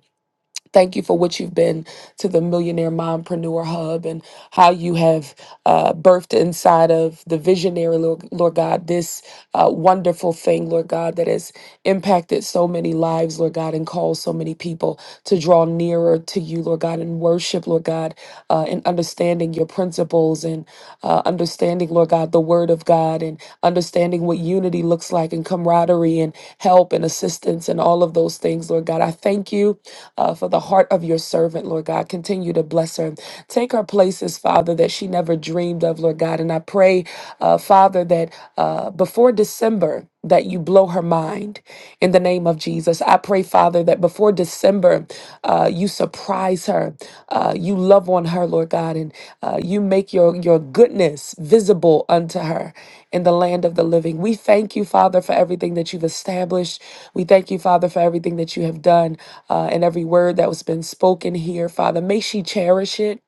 V: Thank you for what you've been to the Millionaire Mompreneur Hub. and how you have uh, birthed inside of the visionary, Lord, Lord God, this uh, wonderful thing, Lord God, that has impacted so many lives, Lord God, and called so many people to draw nearer to you, Lord God, and worship, Lord God, uh, and understanding your principles and uh, understanding, Lord God, the word of God and understanding what unity looks like and camaraderie and help and assistance and all of those things, Lord God. I thank you uh, for the heart of your servant, Lord God. Continue continue to bless her. Take her places, Father, that she never dreamed of, Lord God. And I pray, uh, Father, that uh, before December, that you blow her mind in the name of Jesus. I pray, Father, that before December, uh, you surprise her. Uh, you love on her, Lord God, and uh, you make your, your goodness visible unto her in the land of the living. We thank you, Father, for everything that you've established. We thank you, Father, for everything that you have done uh, and every word that was been spoken here, Father. May she cherish it.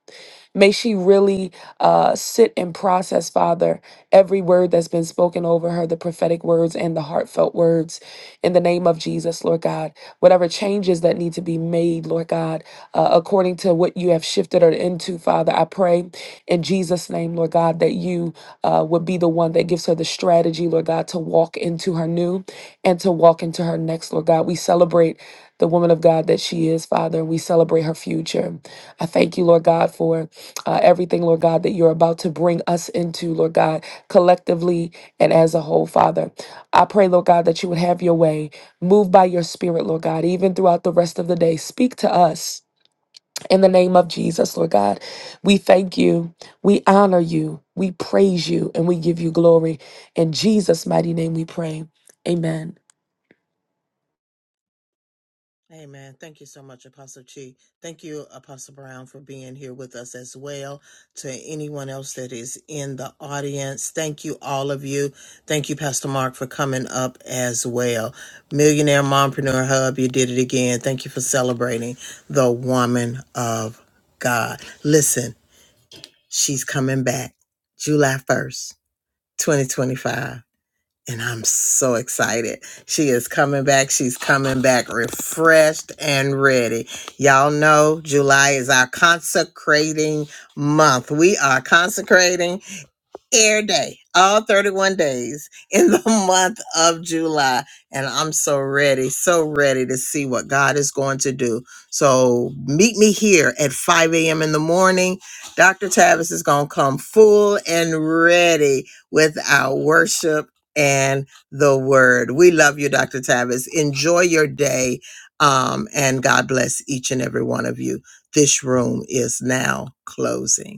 V: May she really uh, sit and process, Father, every word that's been spoken over her, the prophetic words and the heartfelt heartfelt words in the name of Jesus, Lord God. Whatever changes that need to be made, Lord God, uh, according to what you have shifted her into, Father, I pray in Jesus' name, Lord God, that you uh, would be the one that gives her the strategy, Lord God, to walk into her new and to walk into her next, Lord God. We celebrate the woman of God that she is, Father, and we celebrate her future. I thank you, Lord God, for uh, everything, Lord God, that you're about to bring us into, Lord God, collectively and as a whole, Father. I pray, Lord God, that you would have your way. Move by your spirit, Lord God, even throughout the rest of the day. Speak to us in the name of Jesus, Lord God. We thank you. We honor you. We praise you and we give you glory. In Jesus' mighty name we pray. Amen.
A: Amen. Thank you so much, Apostle Chi. Thank you, Apostle Brown, for being here with us as well. To anyone else that is in the audience, thank you, all of you. Thank you, Pastor Mark, for coming up as well. Millionaire Mompreneur Hub, you did it again. Thank you for celebrating the woman of God. Listen, she's coming back July 1st, 2025 and I'm so excited. She is coming back. She's coming back refreshed and ready. Y'all know July is our consecrating month. We are consecrating air day, all 31 days in the month of July. And I'm so ready, so ready to see what God is going to do. So meet me here at 5 a.m. in the morning. Dr. Tavis is going to come full and ready with our worship and the word. We love you, Dr. Tavis. Enjoy your day. Um, and God bless each and every one of you. This room is now closing.